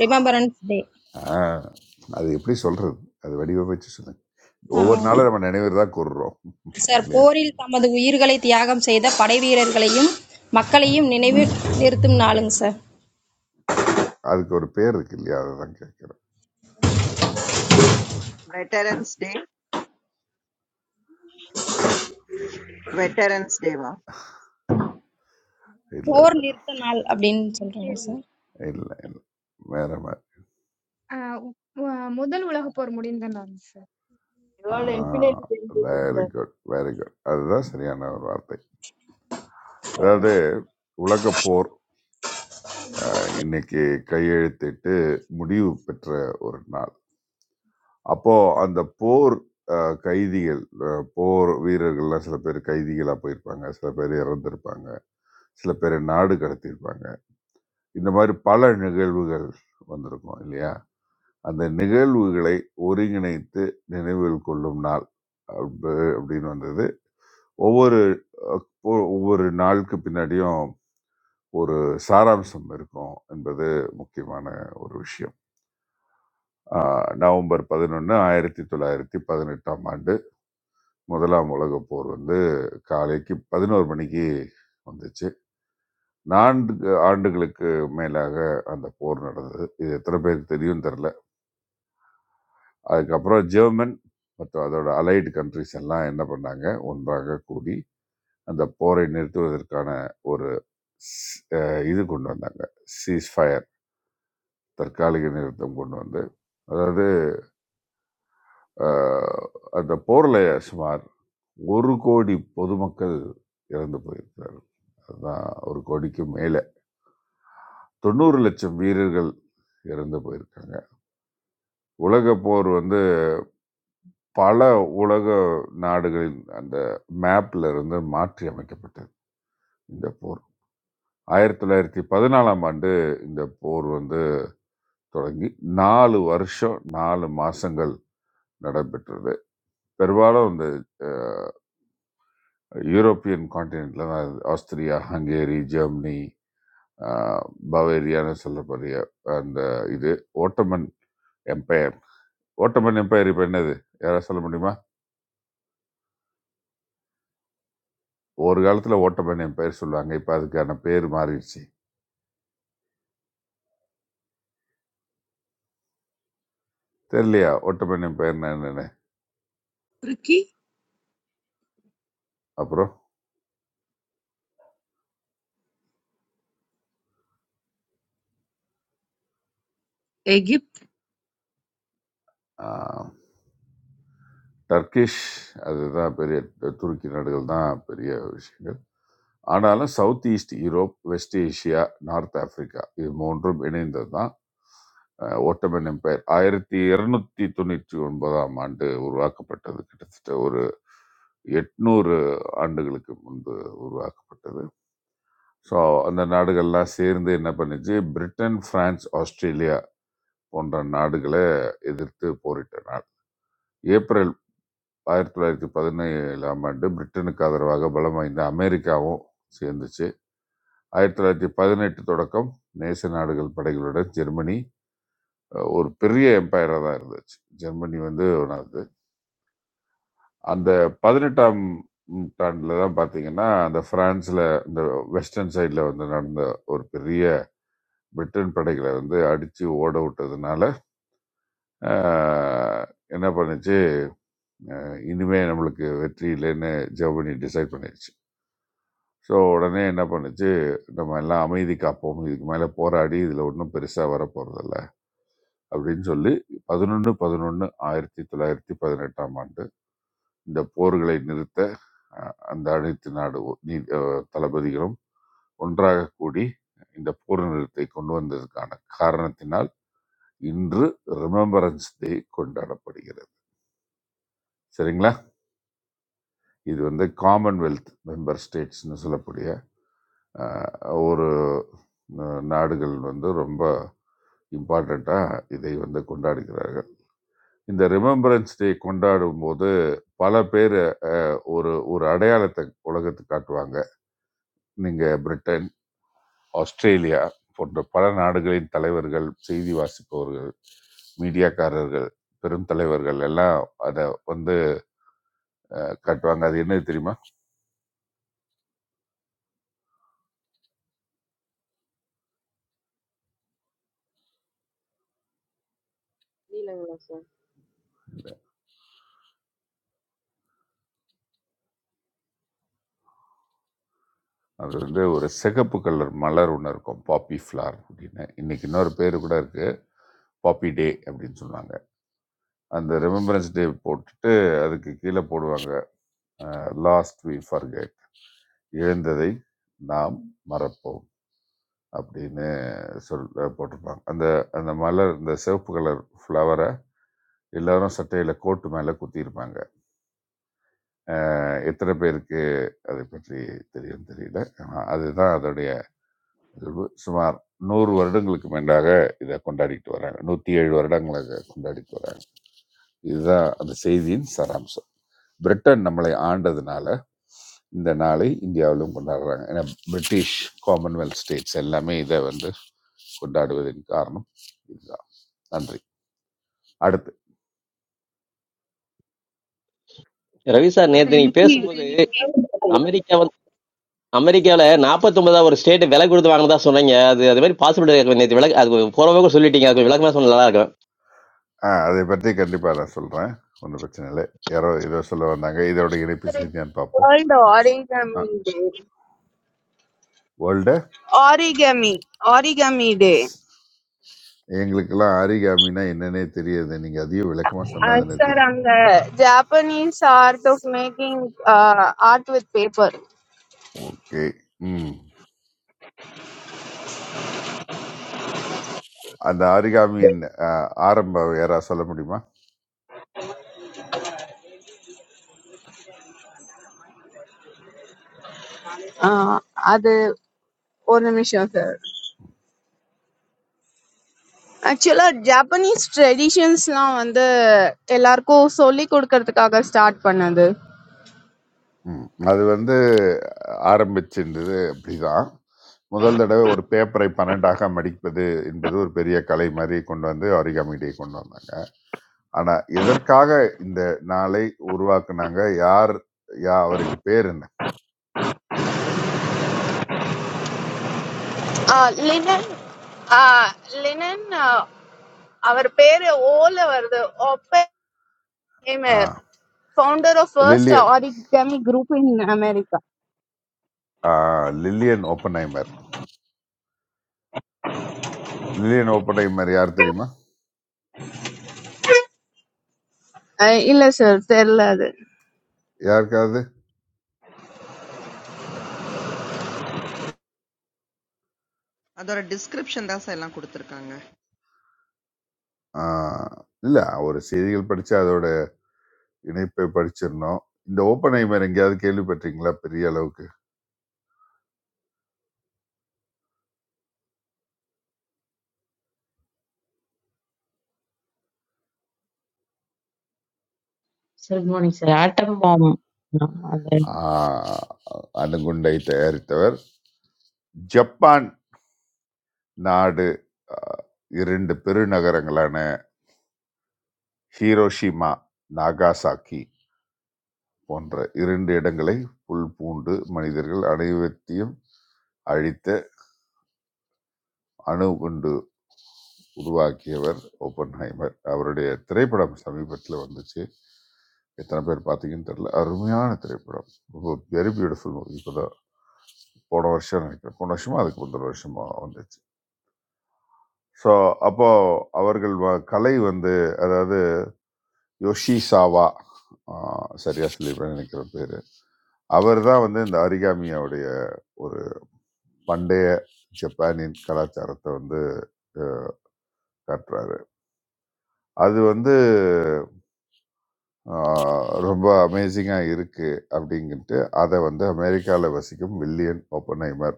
I: ரிமெம்பரன்ஸ் டே
F: ஆஹ், அது எப்படி சொல்றது அது வடிவமைச்சு சொல்லுங்க ஒவ்வொரு நாளும் நம்ம நினைவு தான் கூறுறோம்
I: சார்
F: இல்லையா
I: போரில் தமது உயிர்களை தியாகம் செய்த படை வீரர்களையும் மக்களையும் நினைவு நிறுத்தும் நாளுங்க சார்
F: அதுக்கு ஒரு பேர் இருக்கு இல்லையா அதை தான் கேட்குறோம்
C: வெட்டரன்ஸ் டே வெட்டரன்ஸ் டேவா
F: இல்லை
I: போர்
F: இல்லை
I: நிறுத்த நாள் அப்படின்னு சொல்றாங்க சார்
F: இல்லை இல்லை வேற மாதிரி
G: आह वाह मुदल वाला होपर मुड़ी इंदना हैं सर
L: You
F: ஆ
L: are infinitely very
F: very good very good அதுதான் சரியான ஒரு வார்த்தை அதாவது உலகப்போர் ஆஹ், இன்னைக்கு கையெழுத்திட்டு முடிவு பெற்ற ஒரு நாள் அப்போ அந்த போர் ஆஹ், கைதிகள் ஆஹ், போர் வீரர்கள்லாம் சில பேர் கைதிகளாக போயிருப்பாங்க சில பேர் இறந்திருப்பாங்க சில பேர் நாடு கடத்தியிருப்பாங்க இந்த மாதிரி பல நிகழ்வுகள் வந்திருக்கும் இல்லையா அந்த நிகழ்வுகளை ஒருங்கிணைத்து நினைவில் கொள்ளும் நாள் அப்ப- அப்படின்னு வந்தது ஒவ்வொரு அஹ், ஒ- ஒவ்வொரு நாளுக்கு பின்னாடியும் ஒரு சாராம்சம் இருக்கும் என்பது முக்கியமான ஒரு விஷயம் ஆஹ், நவம்பர் பதினொன்று ஆயிரத்தி தொள்ளாயிரத்தி பதினெட்டாம் ஆண்டு முதலாம் உலகப் போர் வந்து காலைக்கு பதினோரு மணிக்கு வந்துச்சு நான்கு ஆண்டுகளுக்கு மேலாக அந்த போர் நடந்தது இது எத்தனை பேருக்கு தெரியும் தெரியல அதுக்கப்புறம் ஜெர்மன் மற்றும் அதோட அலைடு கண்ட்ரிஸ் எல்லாம் என்ன பண்ணாங்க ஒன்றாக கூடி அந்த போரை நிறுத்துவதற்கான ஒரு ஸ்- அஹ் இது கொண்டு வந்தாங்க சீஸ்ஃபயர் தற்காலிக நிறுத்தம் கொண்டு வந்து அதாவது அஹ், அந்த போரில் சுமார் ஒரு கோடி பொதுமக்கள் இறந்து போயிருக்கிறார்கள் அதுதான் ஒரு கோடிக்கு மேலே தொண்ணூறு லட்சம் வீரர்கள் இறந்து போயிருக்காங்க உலக போர் வந்து பல உலக நாடுகளின் அந்த மேப்ல இருந்து மாற்றி அமைக்கப்பட்டது இந்த போர் ஆயிரத்தி தொள்ளாயிரத்தி பதினாலாம் ஆண்டு இந்த போர் வந்து தொடங்கி நாலு வருஷம் நாலு மாசங்கள் நடைபெற்றது பெரும்பாலும் இந்த அஹ், யூரோப்பியன் காண்டினென்ட்ல தான் இது. ஆஸ்திரியா ஹங்கேரி ஜெர்மனி அஹ், பவேரியான்னு சொல்லக்கூடிய அந்த இது ஓட்டமன் எம்பையர் ஓட்டமன் எம்பையர் இப்போ என்னது யாராவது சொல்ல முடியுமா ஒரு காலத்தில் ஓட்டமன் எம்பையர் சொல்லுவாங்க இப்போ அதுக்கான பேர் மாறிடுச்சு தெரியலையா ஓட்டமன் எம்பையர்னா என்னன்னு அப்புறம் டர்கிஷ் அதுதான் பெரிய துருக்கி நாடுகள் தான் பெரிய விஷயங்கள் ஆனாலும் south east Europe west Asia north Africa இது மூன்றும் இணைந்தது தான் ஓட்டமன் எம்பையர் ஆயிரத்தி இருநூத்தி தொண்ணூற்றி ஒன்பதாம் ஆண்டு உருவாக்கப்பட்டது கிட்டத்தட்ட ஒரு எட்நூறு ஆண்டுகளுக்கு முன்பு உருவாக்கப்பட்டது ஸோ அந்த நாடுகள்லாம் சேர்ந்து என்ன பண்ணுச்சு பிரிட்டன் பிரான்ஸ் ஆஸ்திரேலியா போன்ற நாடுகளை எதிர்த்து போரிட்ட நாள் ஏப்ரல் ஆயிரத்தி தொள்ளாயிரத்தி பதினேழாம் ஆண்டு பிரிட்டனுக்கு ஆதரவாக பலம் வாய்ந்த அமெரிக்காவும் சேர்ந்துச்சு ஆயிரத்தி தொள்ளாயிரத்தி பதினெட்டு தொடக்கம் நேச நாடுகள் படைகளுடன் ஜெர்மனி அஹ், ஒரு பெரிய எம்பையராக தான் இருந்துச்சு ஜெர்மனி வந்து ஒன்றாவது அந்த பதினெட்டாம் நூற்றாண்டுல தான் பார்த்தீங்கன்னா அந்த பிரான்ஸ்ல இந்த வெஸ்டர்ன் சைடில் வந்து நடந்த ஒரு பெரிய பிரிட்டன் படைகளை வந்து அடித்து ஓட விட்டதுனால அஹ், என்ன பண்ணுச்சு அஹ், இனிமே நம்மளுக்கு வெற்றி இல்லைன்னு ஜெர்மனி டிசைட் பண்ணிடுச்சு ஸோ உடனே என்ன பண்ணுச்சு, நம்ம எல்லாம் அமைதி காப்போம். இதுக்கு மேல போராடி இதில ஒண்ணும் பெருசா வரப்போறதில்ல. அப்படின்னு சொல்லி 11.11.1918ஆம் ஆண்டு இந்த போர்களை நிறுத்த அ அந்த அனைத்து நாடு ஒ- நீ அ தளபதிகளும் ஒன்றாக கூடி இந்த போர் நிறுத்தை கொண்டு வந்ததற்கான காரணத்தினால் இன்று ரிமெம்பரன்ஸ் டே கொண்டாடப்படுகிறது. சரிங்களா? இது வந்து காமன்வெல்த் மெம்பர் ஸ்டேட்ஸ்னு சொல்லக்கூடிய அஹ், ஒரு அஹ், நாடுகள் வந்து ரொம்ப இம்பார்ட்டண்ட்டாக இதை வந்து கொண்டாடுகிறார்கள் இந்த ரிமெம்பரன்ஸ் டே கொண்டாடும் போது பல பேர் ஒரு ஒரு அடையாளத்தை உலகத்துக்கு காட்டுவாங்க நீங்கள் பிரிட்டன் ஆஸ்திரேலியா போன்ற பல நாடுகளின் தலைவர்கள் செய்தி வாசிப்பவர்கள் மீடியாக்காரர்கள் பெரும் தலைவர்கள் எல்லாம் அதை வந்து அஹ், காட்டுவாங்க அது என்னது தெரியுமா
A: இல்லைங்களா சார்
F: அது வந்து ஒரு சிகப்பு கலர் மலர் ஒன்று இருக்கும் பாப்பி ஃப்ளார் அப்படின்னு இன்னைக்கு இன்னொரு பேர் கூட இருக்குது பாப்பி டே அப்படின்னு சொன்னாங்க அந்த ரிமெம்பரன்ஸ் டே போட்டுட்டு அதுக்கு கீழே போடுவாங்க லாஸ்ட் வி ஃபர்கெட் இழந்ததை நாம் மறப்போம் அப்படின்னு சொல் போட்டிருப்பாங்க அந்த அந்த மலர் இந்த சிவப்பு கலர் ஃப்ளவரை எல்லாரும் சட்டையில் கோட்டு மேலே குத்தியிருப்பாங்க அஹ் எத்தனை பேருக்கு அதை பற்றி தெரியும் தெரியல ஆனா அதுதான் அதோடைய இது சுமார் நூறு வருடங்களுக்கு மேண்டாக இதை கொண்டாடிட்டு வராங்க நூற்றி ஏழு வருடங்களாக கொண்டாடிட்டு வராங்க இதுதான் அந்த செய்தியின் சாராம்சம் பிரிட்டன் நம்மளை ஆண்டதுனால இந்த நாளை இந்தியாவிலும் கொண்டாடுறாங்க ஏன்னா பிரிட்டிஷ் காமன்வெல்த் ஸ்டேட்ஸ் எல்லாமே இதை வந்து கொண்டாடுவதன் காரணம் இதுதான் நன்றி அடுத்து
J: ரவி சார் நேத்து நீங்க
M: currently
J: பேசும்போது அமெரிக்கா வந்து அமெரிக்காவில 49 ஒரு ஸ்டேட் விலை கொடுத்து வாங்கினதா சொன்னீங்க அது அது மாதிரி பாசிபிள் நேற்று விளக்கு அது போறவங்க கூட சொல்லிட்டீங்க அது கொஞ்சம் விளக்கமா சொன்னா நல்லா இருக்கும்
F: ஆ அதை பற்றி கண்டிப்பாக நான் சொல்கிறேன் ஒன்றும் பிரச்சனை இல்லை யாரோ ஏதோ சொல்ல வந்தாங்க இதோட இணைப்பு செய்தியான்னு பார்ப்போம்
M: World Origami Day.
F: World
M: Origami. Origami Day.
F: எங்களுக்கெல்லாம் ஆரிகாமினா என்னன்னே தெரியாது நீங்க அதையும் விளக்கமா
M: Uh,
F: சொன்னாதானே
M: sir,
F: தெரியும்
M: and the Japanese art of making uh, art with paper.
F: Okay ம் அந்த ஆரிகாமியின் அஹ், ஆரம்ப யாரா சொல்ல முடியுமா
M: Uh, அது ஒரு நிமிஷம் சார் ஆக்சுவலா ஜாப்பனீஸ் ட்ரெடிஷன்ஸ்லாம் வந்து எல்லாருக்கும் சொல்லி கொடுக்கறதுக்காக ஸ்டார்ட் பண்ணது
F: ம் அது வந்து ஆரம்பிச்சிருந்தது அப்படிதான் முதல் தடவை ஒரு பேப்பரை பன்னெண்டாக மடிப்பது என்பது ஒரு பெரிய கலை மாதிரி கொண்டு வந்து ஆரிகாமி டே கொண்டு வந்தாங்க ஆனா எதற்காக இந்த நாளை உருவாக்குனாங்க யார் யா அவரின் பேர் என்ன
M: லினன் லினன் அவர் பேரு ஓல வருது
F: ஆ,
M: Amer, founder of first
F: Lillian
M: origami group in America.
F: ஆ, லில்லியன் ஓப்பன்ஹைமர் லில்லியன் ஓப்பன்ஹைமர் யார் தெரியுமா
M: Uh, இல்ல sir, தெரியாது.
F: யாருக்காவது
C: அதோட டிஸ்கிரிப்ஷன் தான் சார் எல்லாம் கொடுத்துருக்காங்க
F: இல்லை ஒரு செய்திகள் படித்து அதோட இணைப்பை படிச்சிடணும் இந்த ஓப்பன் ஐமர் எங்கேயாவது கேள்விப்பட்டீங்களா பெரிய அளவுக்கு
N: Sir, good morning, sir. Atom bomb. uh, அந்த
F: ஆஹ் அணுகுண்டை தயாரித்தவர் ஜப்பான் நாடு ஆஹ் இரண்டு பெருநகரங்களான ஹீரோஷிமா நாகாசாக்கி போன்ற இரண்டு இடங்களை புல் பூண்டு மனிதர்கள் அனைவத்தையும் அழித்த அணுகுண்டு உருவாக்கியவர் ஓப்பன்ஹைமர் அவருடைய திரைப்படம் சமீபத்தில் வந்துச்சு எத்தனை பேர் பார்த்தீங்கன்னு தெரியல அருமையான திரைப்படம் ரொம்ப வெரி பியூட்டிஃபுல் மூவி இப்போ தான் போன வருஷம் நினைக்கிறேன் போன வருஷமா அதுக்கு முந்தின வருஷமா வந்துச்சு ஸோ அப்போ அவர்கள் வ- கலை வந்து அதாவது யோஷி சாவா ஆஹ், சரியா சொல்லிடுறேன் நினைக்கிற பேர் அவர் தான் வந்து இந்த அரிகாமியோடைய ஒரு பண்டைய ஜப்பானின் கலாச்சாரத்தை வந்து அஹ், காட்டுறாரு அது வந்து ஆ, ரொம்ப அமேசிங்காக இருக்குது அப்படிங்கிட்டு அதை வந்து அமெரிக்காவில் வசிக்கும் வில்லியன் ஒப்பனைமர்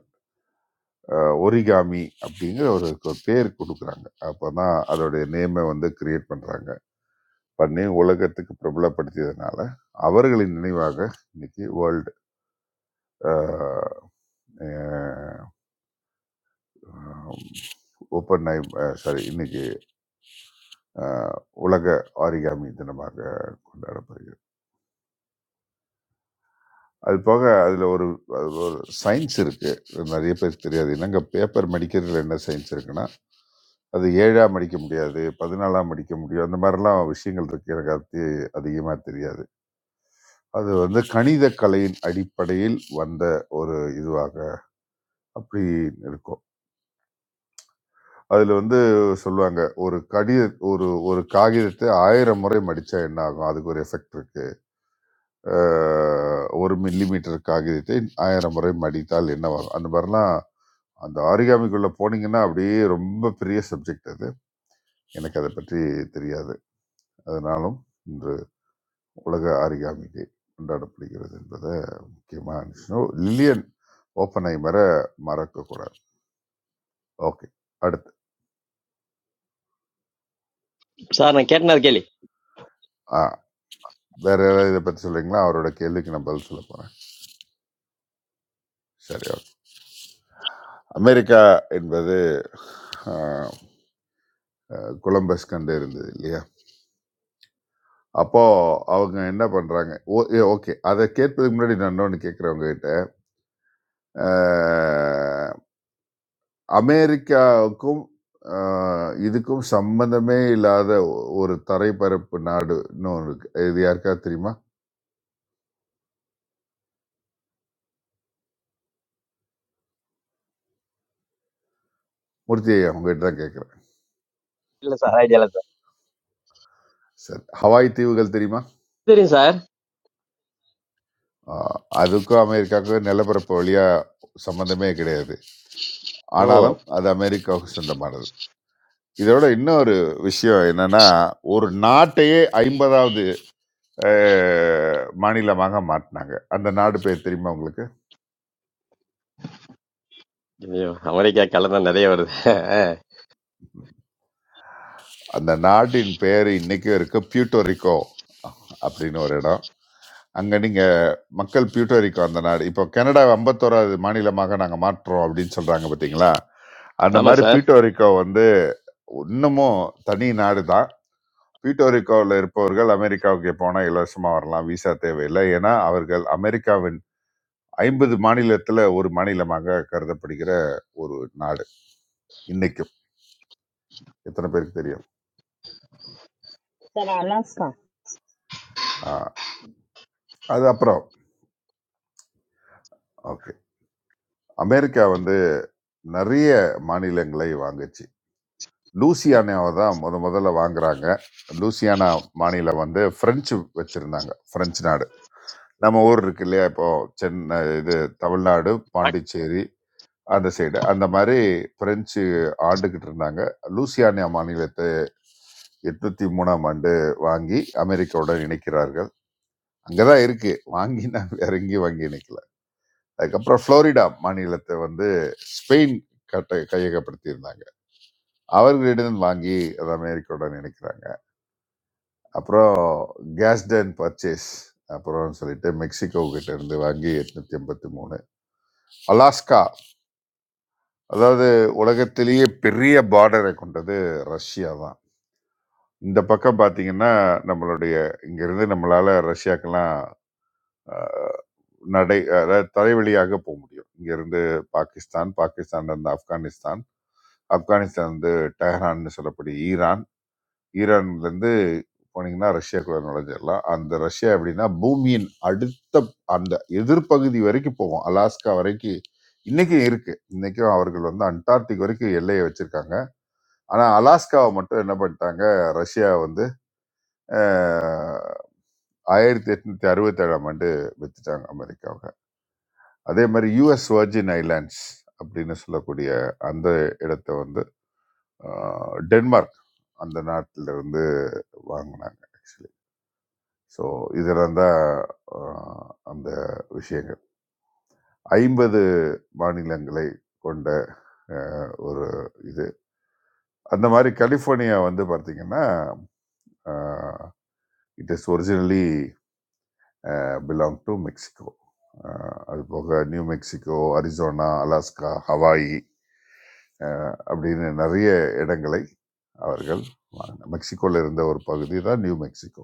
F: ஒரிகாமி அப்படிங்கிற ஒரு கு- பேர் கொடுக்குறாங்க அப்போ தான் அதோடைய நேமை வந்து கிரியேட் பண்ணுறாங்க பண்ணி உலகத்துக்கு பிரபலப்படுத்தியதுனால அவர்களின் நினைவாக இன்னைக்கு வேர்ல்டு ஓப்பன் சாரி இன்னைக்கு ஆ, உலக ஆரிகாமி தினமாக கொண்டாடப்படுகிறது அது போக அதில் ஒரு அதில் ஒரு சயின்ஸ் இருக்குது நிறைய பேருக்கு தெரியாது என்னங்க பேப்பர் மடிக்கிறதுல என்ன சயின்ஸ் இருக்குன்னா அது ஏழாக மடிக்க முடியாது பதினாலாம் மடிக்க முடியும் அந்த மாதிரிலாம் விஷயங்கள் இருக்கு எனக்கு அது தெ- அதிகமாக தெரியாது அது வந்து கணித கலையின் அடிப்படையில் வந்த ஒரு இதுவாக அப்படி இருக்கும் அதில் வந்து சொல்லுவாங்க ஒரு கடித ஒரு ஒரு காகிதத்தை ஆயிரம் முறை மடித்தா என்ன ஆகும் அதுக்கு ஒரு எஃபெக்ட் இருக்குது ஒரு மில்லிமீட்டர் காகிதத்தை ஆயிரம் முறை மடித்தால் என்ன ஆகும் அந்த மாதிரிலாம் அந்த ஆரிகாமிக்குள்ளே போனீங்கன்னா அப்படியே ரொம்ப பெரிய சப்ஜெக்ட் அது எனக்கு அதை பற்றி தெரியாது அதனாலும் இன்று உலக ஆரிகாமி டே கொண்டாடப்படுகிறது என்பதை முக்கியமாக இருந்துச்சுன்னா லில்லியன் ஓப்பனை மற மறக்கக்கூடாது ஓகே அடுத்து
J: சார் நான் கேட்டேன் அது கேள்வி
F: ஆ வேற யாராவது இதை பற்றி சொல்றீங்களா அவரோட கேள்விக்கு நான் பதில் சொல்ல போகிறேன் சரி ஓகே அமெரிக்கா என்பது ஆஹ், அஹ், கொலம்பஸ் கண்டு இருந்தது இல்லையா அப்போ அவங்க என்ன பண்றாங்க ஓகே அதை கேட்பதுக்கு முன்னாடி நான் இன்னொன்று கேட்குறவங்க கிட்ட அமெரிக்காவுக்கும் அ இதுக்கும் சம்மந்தமே இல்லாத ஒ ஒரு தரைப்பரப்பு நாடுன்னு ஒண்ணு இருக்கு. இது யாருக்காவது தெரியுமா? மூர்த்தி ஐயா, உங்ககிட்ட தான் கேட்கிறேன்.
J: இல்ல சார் ஐடியா இல்ல சார்
F: சரி. ஹவாய் தீவுகள் தெரியுமா?
J: சரிங்க சார்
F: அ அதுக்கும் அமெரிக்காவுக்கும் நிலப்பரப்பு வழியா சம்மந்தமே கிடையாது.
J: ஓ
F: ஆனாலும் அது அமெரிக்காவுக்கு சொந்தமானது. இதோட இன்னொரு விஷயம் என்னன்னா, ஒரு நாட்டையே 50வது அ மாநிலமாக மாத்துனாங்க. அந்த நாடு பேர் தெரியுமா உங்களுக்கு?
J: ஐயோ அமெரிக்கா கலந்தா நிறைய வருது
F: அந்த நாட்டின் பெயர் இன்னைக்கும் இருக்கு பியூட்டோரிக்கோ அப்படின்னு ஒரு இடம் அங்கே நீங்கள் மக்கள் பியூட்டோரிக்கோ அந்த நாடு இப்போ கனடா ஐம்பத்தோராது மாநிலமாக நாங்கள் மாற்றுறோம் அப்படின்னு சொல்கிறாங்க பார்த்தீங்களா அந்த
J: ஆமா
F: மாதிரி
J: சார்
F: பியூட்டோரிக்கோ வந்து இன்னமும் தனி நாடு தான் பியூட்டோரிக்கோவில் இருப்பவர்கள் அமெரிக்காவுக்கு போனால் இலவசமாக வரலாம் விசா தேவையில்லை ஏன்னா அவர்கள் அமெரிக்காவின் ஐம்பது மாநிலத்தில் ஒரு மாநிலமாக கருதப்படுகிற ஒரு நாடு இன்னைக்கும் எத்தனை பேருக்கு தெரியும்
O: Then Alaska.
F: ஆ, அது அப்புறம் ஓகே அமெரிக்கா வந்து நிறைய மாநிலங்களை வாங்குச்சு லூசியானாவை தான் முத முதல்ல வாங்குறாங்க லூசியானா மாநிலம் வந்து பிரெஞ்சு வச்சிருந்தாங்க பிரெஞ்சு நாடு நம்ம ஊர் இருக்கு இல்லையா இப்போ சென்னை இது தமிழ்நாடு பாண்டிச்சேரி அந்த சைடு அந்த மாதிரி பிரெஞ்சு ஆண்டுகிட்டு இருந்தாங்க லூசியானியா மாநிலத்தை எட்நூத்தி மூணாம் ஆண்டு வாங்கி அமெரிக்காவுடன் இணைக்கிறார்கள் அங்கதான் இருக்கு வாங்கி நான் வேற எங்கேயும் வாங்கி இணைக்கல அதுக்கப்புறம் புளோரிடா மாநிலத்தை வந்து ஸ்பெயின் கட்ட கையகப்படுத்தி இருந்தாங்க. அவர்களிடம் வாங்கி அது அமெரிக்காவுடன் இணைக்கிறாங்க அப்புறம் கேஸ்டன் பர்ச்சேஸ் அப்புறம் சொல்லிட்டு மெக்சிகோ கிட்ட இருந்து வாங்கி எட்நூத்தி எண்பத்தி மூணு அலாஸ்கா அதாவது உலகத்திலேயே பெரிய பார்டரை கொண்டது ரஷ்யா தான் இந்த பக்கம் பார்த்தீங்கன்னா நம்மளுடைய இங்கிருந்து நம்மளால ரஷ்யாக்கெல்லாம் அஹ், நடை அதாவது தரைவழியாக போக முடியும் இங்கிருந்து பாகிஸ்தான் பாகிஸ்தான்ல இருந்து ஆப்கானிஸ்தான் ஆப்கானிஸ்தான் வந்து டெஹ்ரான்னு சொல்லக்கூடிய ஈரான் ஈரான்லேருந்து போனீங்கன்னா ரஷ்யாக்குள்ள நுழைஞ்சிடலாம் அந்த ரஷ்யா எப்படின்னா பூமியின் அடுத்த அந்த எதிர்ப்பகுதி வரைக்கும் போகும் அலாஸ்கா வரைக்கும் இன்னைக்கும் இருக்கு இன்னைக்கும் அவர்கள் வந்து அண்டார்டிக் வரைக்கும் எல்லையை வச்சிருக்காங்க ஆனா அலாஸ்காவை மட்டும் என்ன பண்ணிட்டாங்க ரஷ்யா வந்து அஹ், ஆயிரத்தி எட்நூத்தி அறுபத்தி ஏழாம் ஆண்டு வச்சுட்டாங்க அமெரிக்காவுக்கு அதே மாதிரி யுஎஸ் வர்ஜின் ஐலாண்ட்ஸ் அப்படின்னு சொல்லக்கூடிய அந்த இடத்த வந்து அஹ், டென்மார்க் அந்த நாட்டிலிருந்து வாங்கினாங்க ஸோ இதெல்லாம் தான் ஆ, அந்த விஷயங்கள் ஐம்பது மாநிலங்களை கொண்ட ஆ, ஒரு இது அந்த மாதிரி கலிஃபோர்னியா வந்து பார்த்தீங்கன்னா it is originally belong to Mexico ஆஹ், அது போக New Mexico Arizona Alaska Hawaii ஆ, அப்படின்னு நிறைய இடங்களை அவர்கள் வாங்கின மெக்சிகோவில் இருந்த ஒரு பகுதி தான் நியூ மெக்சிகோ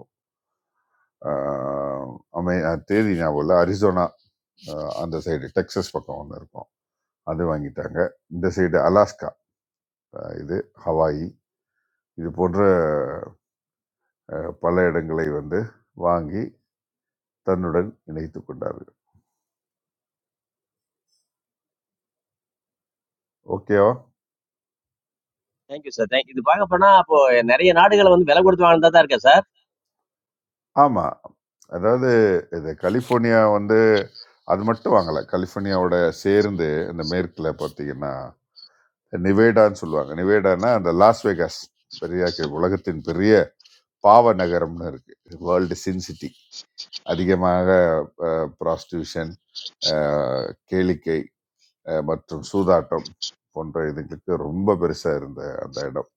F: ஆஹ் அமை அஹ் தேதி ஞாபகம் இல்லை அரிசோனா அஹ் அந்த சைடு டெக்சஸ் பக்கம் ஒன்று இருக்கும் அது வாங்கிட்டாங்க இந்த சைடு அலாஸ்கா அஹ் இது ஹவாயி இது போன்ற அஹ், பல இடங்களை வந்து வாங்கி தன்னுடன் இணைத்து கொண்டார்கள் ஓகேவா
J: தேங்க்யூ சார் தேங்க் இது பார்க்க போனா அப்போ நிறைய நாடுகளை வந்து விலை கொடுத்து வாங்கினதா தான் இருக்கேன் சார்
F: ஆமாம் அதாவது இது கலிஃபோர்னியா வந்து அது மட்டும் வாங்கலை கலிஃபோர்னியாவோட சேர்ந்து இந்த மேற்கில் பார்த்தீங்கன்னா நிவேடான்னு சொல்லுவாங்க நிவேடான்னா அந்த லாஸ் வேகாஸ் பெரிய உலகத்தின் பெரிய பாவ நகரம்னு இருக்கு வேர்ல்டு சின் சிட்டி அதிகமாக ப்ராஸ்டியூஷன் கேளிக்கை அஹ், மற்றும் சூதாட்டம் போன்ற இதுகளுக்கு ரொம்ப பெருசாக இருந்த அந்த இடம்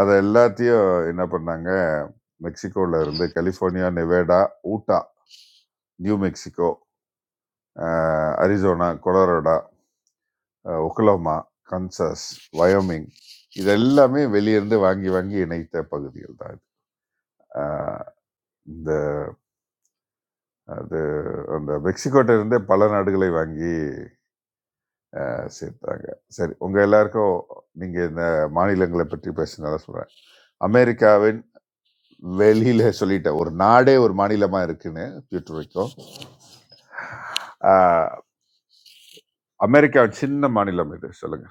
F: அதை எல்லாத்தையும் என்ன பண்ணாங்க மெக்சிகோவில் இருந்து California Nevada Utah New Mexico அஹ், அரிசோனா கொலரோடா அஹ், ஒக்லோமா கன்சாஸ் வயோமிங் இது எல்லாமே வெளியிருந்து வாங்கி வாங்கி இணைத்த பகுதிகள் தான் இது. அஹ், இந்த அது அந்த மெக்சிகோட்ட இருந்தே பல நாடுகளை வாங்கி அஹ் சேர்த்தாங்க சரி உங்க எல்லாருக்கும் நீங்க இந்த மாநிலங்களை பற்றி பேசுனதா சொல்றேன் அமெரிக்காவின் வெளியில சொல்லிட்டேன் ஒரு நாடே ஒரு மாநிலமா இருக்குன்னு பியூட்டர் வைக்கும் அமெரிக்காவின் சின்ன மாநிலம் இது சொல்லுங்க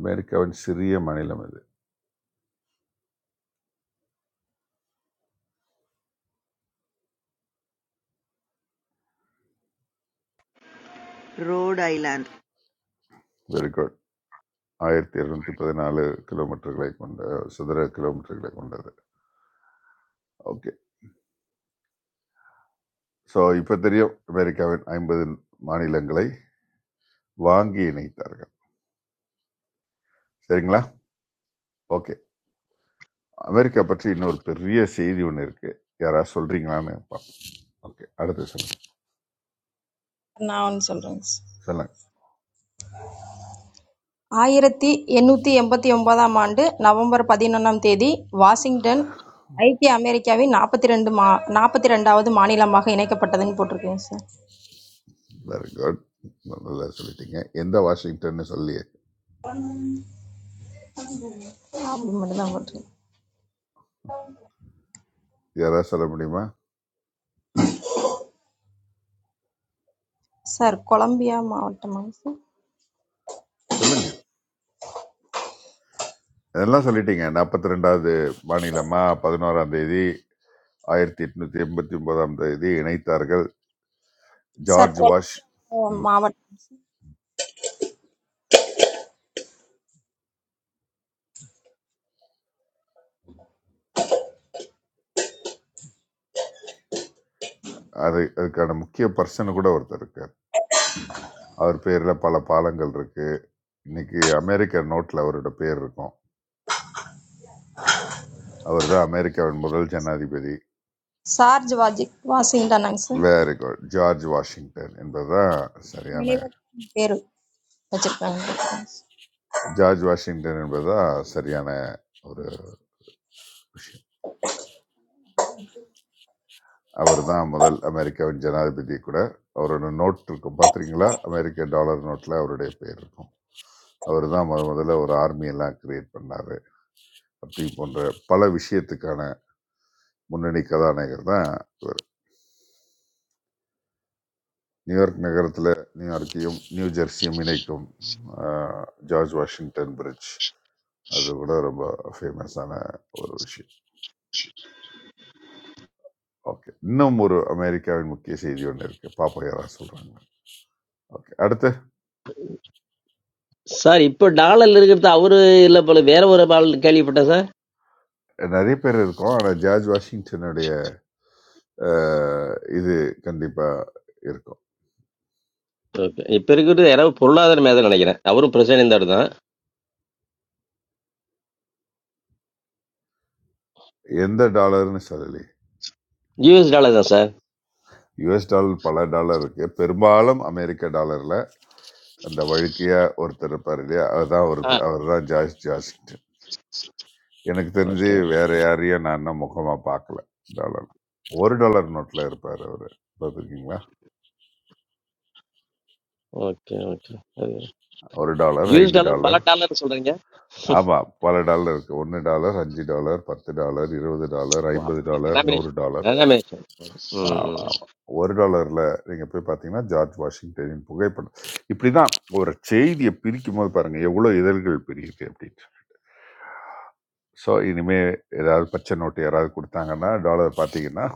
F: அமெரிக்காவின் சிறிய மாநிலம் இது
C: ரோட் ஐலாண்ட்
F: வெரி குட் ஆயிரத்தி இருநூத்தி பதினாலு கிலோமீட்டர்களை கொண்ட சதுர கிலோமீட்டர்களை கொண்டது ஓகே ஸோ இப்போ தெரியும் அமெரிக்காவின் ஐம்பது மாநிலங்களை வாங்கி இணைத்தார்கள் சரிங்களா ஓகே அமெரிக்கா பற்றி இன்னொரு பெரிய செய்தி ஒன்று இருக்கு யாராவது சொல்றீங்களான்னு பார்ப்போம் ஓகே அடுத்து சொல்லுங்க
I: நான் ஒன்று சொல்றேங்க சார்
F: சொல்லுங்க
I: ஆயிரத்தி எண்ணூத்தி எண்பத்தி ஒன்பதாம் ஆண்டு நவம்பர் பதினொன்றாம் தேதி வாஷிங்டன் ஐக்கிய அமெரிக்காவின் நாற்பத்தி ரெண்டு மா நாற்பத்தி ரெண்டாவது மாநிலமாக இணைக்கப்பட்டதுன்னு போட்டிருக்கேங்க சார்
F: வெரி குட் நல்லா சொல்லிட்டீங்க எந்த வாஷிங்டன்னு சொல்லி
I: அப்படி மட்டும்தான் போட்டிருக்கு
F: யாராவது சொல்ல முடியுமா
I: சார் கொலம்பியா மாவட்டமாங்க சார்
F: சொல்லுங்க இதெல்லாம் சொல்லிட்டீங்க நாற்பத்தி ரெண்டாவது மாநிலமா பதினோராம் தேதி ஆயிரத்தி எட்நூத்தி எண்பத்தி ஒன்பதாம் தேதி இணைத்தார்கள்
I: சார்
F: ஜார்ஜ் வாஷ்
I: கொலம்பியா
F: ம்,
I: மாவட்டம் சார்
F: அது அதுக்கான முக்கிய பர்சன் கூட ஒருத்தர் இருக்கார் அவர் பேரில் பல பாலங்கள் இருக்கு இன்னைக்கு அமெரிக்க நோட்டில் அவரோட பேர் இருக்கும் அவர் தான் அமெரிக்காவின் முதல் ஜனாதிபதி
I: சார்ஜ் வாஜி வாஷிங்டனாங்க sir
F: very good George Washington என்பதா சரியான
I: நினைவகம் பேர் வச்சிருக்காங்க
F: ஜார்ஜ் வாஷிங்டன் என்பதா சரியான ஒரு விஷயம் அவர் தான் முதல் அமெரிக்காவின் ஜனாதிபதி கூட அவரோட நோட் இருக்கும் பார்த்துருக்கீங்களா அமெரிக்க டாலர் நோட்டில் அவருடைய பேர் இருக்கும் அவர் தான் முத முதல்ல ஒரு army எல்லாம் கிரியேட் பண்ணார் அப்படி போன்ற பல விஷயத்துக்கான முன்னணி கதாநாயகர் தான் நியூயார்க் நகரத்தில் நியூயார்க்கையும் நியூ ஜெர்சியும் இணைக்கும் ஆஹ், ஜார்ஜ் வாஷிங்டன் பிரிட்ஜ் அது கூட ரொம்ப ஃபேமஸான ஒரு விஷயம் ஓகே இன்னும் ஒரு அமெரிக்காவின் முக்கிய செய்தி ஒன்று இருக்கு பாப்போம் யாராவது சொல்றாங்க ஓகே அடுத்து
J: சார் இப்போ டாலர்ல இருக்கிறது அவரு இல்ல போல வேற ஒரு ஆள் கேள்விப்பட்டேன் சார்
F: நிறைய பேர் இருக்கோம் ஆனால் ஜார்ஜ் வாஷிங்டனுடைய ஆஹ், இது கண்டிப்பாக இருக்கும்
J: ஓகே இப்போ இருக்கிறது யாராவது பொருளாதார மேதம் நினைக்கிறேன் அவரும் பிரசிடென்ட் தான் தான்
F: எந்த டாலர்னு சொல்லலையே
J: யூஎஸ் டாலர் தான் சார்
F: யுஎஸ் டாலர் பல டாலர் இருக்கு பெரும்பாலும் அமெரிக்க டாலர்ல அந்த வழுக்கையா ஒருத்தர் இருப்பார் இல்லையா அவர் தான் ஒரு
J: ஆ
F: அவர் தான் ஜார்ஜ் ஜார்ஜ் எனக்கு தெரிஞ்சு
J: ஓகே
F: வேற யாரையும் நான் இன்னும் முகமா பார்க்கல டாலர் ஒரு டாலர் நோட்ல இருப்பார் அவரு பார்த்துருக்கீங்களா
J: ஓகே ஓகே
F: ஒரு டாலர்
J: யூஎஸ்
F: ஐந்து
J: டாலர்
F: டாலர்
J: பல டாலர் சொல்றீங்க
F: ஆமா பல டாலர் இருக்கு ஒன்று டாலர் அஞ்சு டாலர் பத்து டாலர் இருபது டாலர்
J: ஓ
F: ஐம்பது
J: அப்படி
F: டாலர் நூறு
J: டெனாமினேஷன்
F: டாலர்
J: டெனாமினேஷன் ம்
F: ஆமா,
J: ம்.
F: ஆமா. ஒரு டாலர்ல நீங்க போய் பார்த்தீங்கன்னா ஜார்ஜ் வாஷிங்டனின் புகைப்படம் இப்படிதான் ஒரு செய்தியை பிரிக்கும் போது பாருங்க எவ்வளவு இதழ்கள் பிரியுது அப்படின்ட்டு ஸோ இனிமே ஏதாவது பச்சை நோட்டு யாராவது கொடுத்தாங்கன்னா டாலர் பார்த்தீங்கன்னா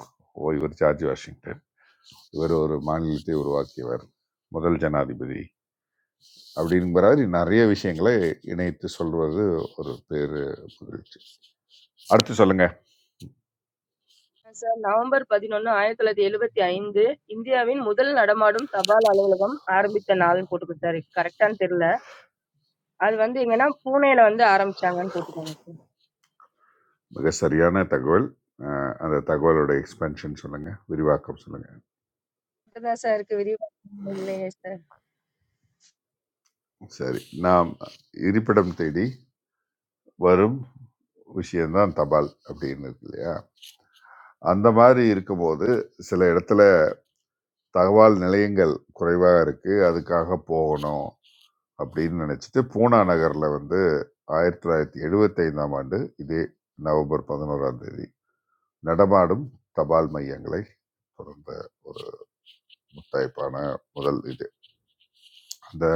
F: ஓ இவர் ஜார்ஜ் வாஷிங்டன் இவர் ஒரு மாநிலத்தை உருவாக்கியவர் முதல் ஜனாதிபதி அப்படிங்கிற நிறைய விஷயங்களை இணைத்து சொல்வது ஒரு பேரு புகழ்ச்சி அடுத்து சொல்லுங்க
A: சார் நவம்பர் பதினொன்னு ஆயிரத்தி தொள்ளாயிரத்தி எழுபத்தி ஐந்து இந்தியாவின் முதல் நடமாடும் தபால் அலுவலகம் ஆரம்பித்த நாள்னு போட்டுக்கோங்க சார் கரெக்டான்னு தெரியல அது வந்து எங்கன்னா பூனேல வந்து ஆரம்பிச்சாங்கன்னு போட்டுக்கோங்க
F: மிக சரியான தகவல் அஹ், அந்த தகவலோட எக்ஸ்பென்ஷன் சொல்லுங்க விரிவாக்கம் சொல்லுங்க
A: மட்டும்தான் சார் இருக்கு. விரிவா இல்லையே சார்.
F: சரி நாம் இருப்பிடம் தேடி வரும் விஷயம்தான் தபால் அப்படின்னு இருக்கு இல்லையா அந்த மாதிரி இருக்கும்போது சில இடத்துல தகவல் நிலையங்கள் குறைவாக இருக்குது அதுக்காக போகணும் அப்படின்னு நினச்சிட்டு பூனா நகரில் வந்து ஆயிரத்தி தொள்ளாயிரத்தி எழுபத்தைந்தாம் ஆண்டு இதே நவம்பர் பதினோராம் தேதி நடமாடும் தபால் மையங்களை தொடர்ந்த ஒரு முத்தாய்ப்பான முதல் இது அந்த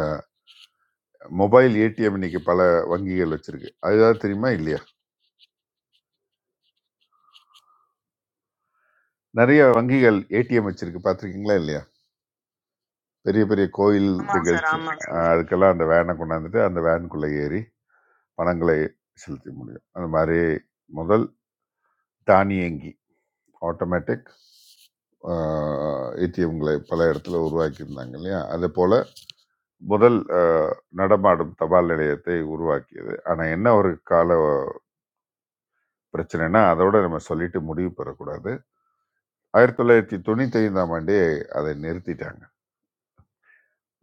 F: மொபைல் ஏடிஎம் இன்னைக்கு பல வங்கிகள் வச்சிருக்கு அதுதான் தெரியுமா இல்லையா நிறைய வங்கிகள் ஏடிஎம் வச்சிருக்கு பார்த்துருக்கீங்களா இல்லையா பெரிய பெரிய கோயில்
C: ஆமாம் சார்
F: நிகழ்ச்சி
C: ஆமாம்
F: அஹ்
C: சார்
F: அதுக்கெல்லாம் அந்த வேனை கொண்டாந்துட்டு அந்த வேனுக்குள்ளே ஏறி பணங்களை செலுத்த முடியும் அந்த மாதிரி முதல் தானியங்கி ஆட்டோமேட்டிக் ஏடிஎம்களை பல இடத்துல உருவாக்கியிருந்தாங்க இல்லையா அதே போல முதல் அஹ், நடமாடும் தபால் நிலையத்தை உருவாக்கியது ஆனால் என்ன ஒரு கால பிரச்சனைனா அதோட நம்ம சொல்லிட்டு முடிவு பெறக்கூடாது ஆயிரத்தி தொள்ளாயிரத்தி தொண்ணூத்தி ஐந்தாம் ஆண்டே அதை நிறுத்திட்டாங்க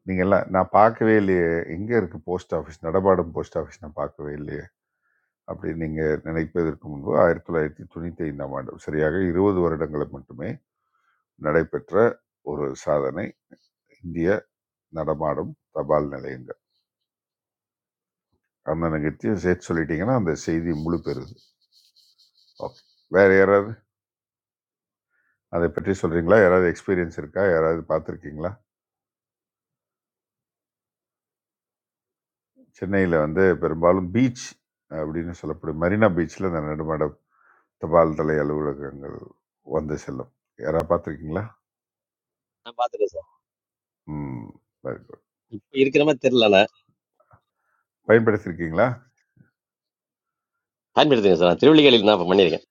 F: நீங்கள்லாம் நான் பார்க்கவே இல்லையே எங்கே இருக்குது போஸ்ட் ஆஃபீஸ் நடபாடும் போஸ்ட் ஆஃபீஸ் நான் பார்க்கவே இல்லையே அப்படி நீங்கள் நினைப்பதற்கு முன்பு ஆயிரத்தி தொள்ளாயிரத்தி தொண்ணூற்றி ஐந்தாம் ஆண்டு சரியாக இருபது வருடங்களை மட்டுமே நடைபெற்ற ஒரு சாதனை இந்திய நடமாடும் தபால் நிலையங்கள் அந்த நிகழ்ச்சியும் சேர்த்து சொல்லிட்டீங்கன்னா அந்த செய்தி முழு பெறுது ஓகே வேறு யாராவது அதை பற்றி சொல்கிறீங்களா யாராவது எக்ஸ்பீரியன்ஸ் இருக்கா யாராவது பார்த்துருக்கீங்களா சென்னையில் வந்து பெரும்பாலும் பீச் அப்படின்னு சொல்லப்படும் மெரினா பீச்சில் அந்த நடுமாட தபால் தலை அலுவலகங்கள் வந்து செல்லும் யாராவது பார்த்துருக்கீங்களா
J: நான் பாத்துருக்கேன் சார்
F: ம் very good.
J: இப்போ இருக்கிற மாதிரி தெரியல நான்
F: பயன்படுத்தியிருக்கீங்களா
J: பயன்படுத்துங்க சார் நான் திருவள்ளிகளில் தான் இப்போ பண்ணியிருக்கேன்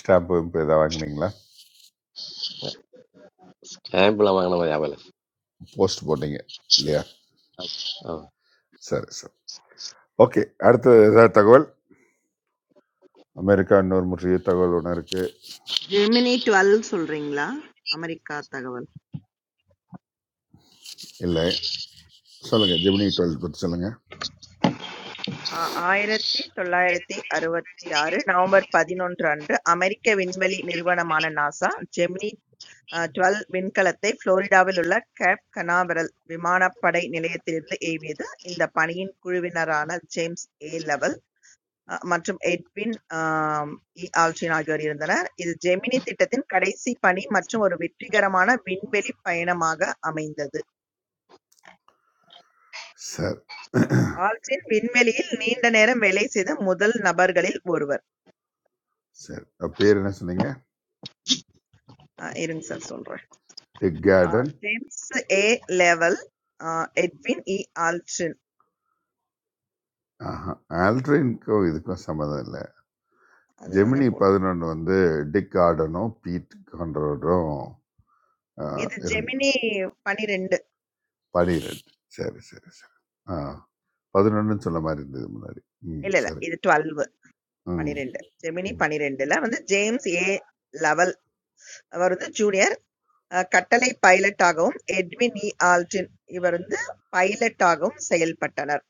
F: ஸ்டாம்பு இப்போ எதாவது வாங்குனீங்களா
J: ஆம்பிளாக வாங்கின மாதிரி ஞாபகம்
F: போஸ்ட் போட்டீங்க இல்லையா
J: இல்லை
F: சரி சரி ஓகே அடுத்து ஏதாவது தகவல் அமெரிக்கா இன்னொரு முற்றிய தகவல் ஒன்று இருக்குது
C: ஜெமினி டுவெல் சொல்றீங்களா அமெரிக்கா தகவல்
F: இல்லை சொல்லுங்கள் ஜெமினி டுவெல் பற்றி சொல்லுங்கள்
C: ஆ- ஆயிரத்தி தொள்ளாயிரத்தி அறுபத்தி ஆறு நவம்பர் பதினொன்று அன்று அமெரிக்க விண்வெளி நிறுவனமான நாசா ஜெமினி டுவெல் விண்கலத்தை புளோரிடாவில் உள்ள கேப் கனாவரல் விமானப்படை நிலையத்திலிருந்து ஏவியது இந்த பணியின் குழுவினரான ஜேம்ஸ் ஏ லெவல் அஹ் மற்றும் எட்வின் ஆம், இ. ஆல்ட்ரின் ஆகியோர் இருந்தனர். இது ஜெமினி திட்டத்தின் கடைசி பணி மற்றும் ஒரு வெற்றிகரமான விண்வெளி பயணமாக அமைந்தது.
F: சார்
C: ஆல்ட்ரின் விண்வெளியில் நீண்ட நேரம் வேலை செய்த முதல் நபர்களில் ஒருவர்.
F: சரி அவ பேர் என்ன சொன்னீங்க
C: அஹ் இருங்க சார் சொல்றேன்.
F: டெக்
C: அஹ்
F: கார்டன்
C: ஜேம்ஸ் ஏ. லெவல், அஹ் எட்வின் இ. ஆல்ட்ரின்
F: ஆஹா ஆல்ட்ரின்க்கும் இதுக்கும் சம்மந்தம் இல்லை
C: அதுதானே
F: ஜெமினி
C: போட்டு
F: பதினொன்று வந்து டிக் கார்டனும் பீட் கான்ட்ரோடும் ஆ,
C: இது
F: இருங்க
C: ஜெமினி 12
F: பனிரெண்டு சரி சரி சரி ஆ பதினொன்றுன்னு சொன்ன மாதிரி இருந்தது முன்னாடி ம்
C: இல்ல இல்ல
F: சரி
C: இது 12
F: ம்
C: 12 ஜெமினி
F: ம்
C: 12ல வந்து ஜேம்ஸ் ஏ லெவல் அவர் வந்து junior அஹ் கட்டளை பைலட் ஆகவும், எட்வின் இ. ஆல்டின் இவர் வந்து பைலட் ஆகவும் செயல்பட்டனர்.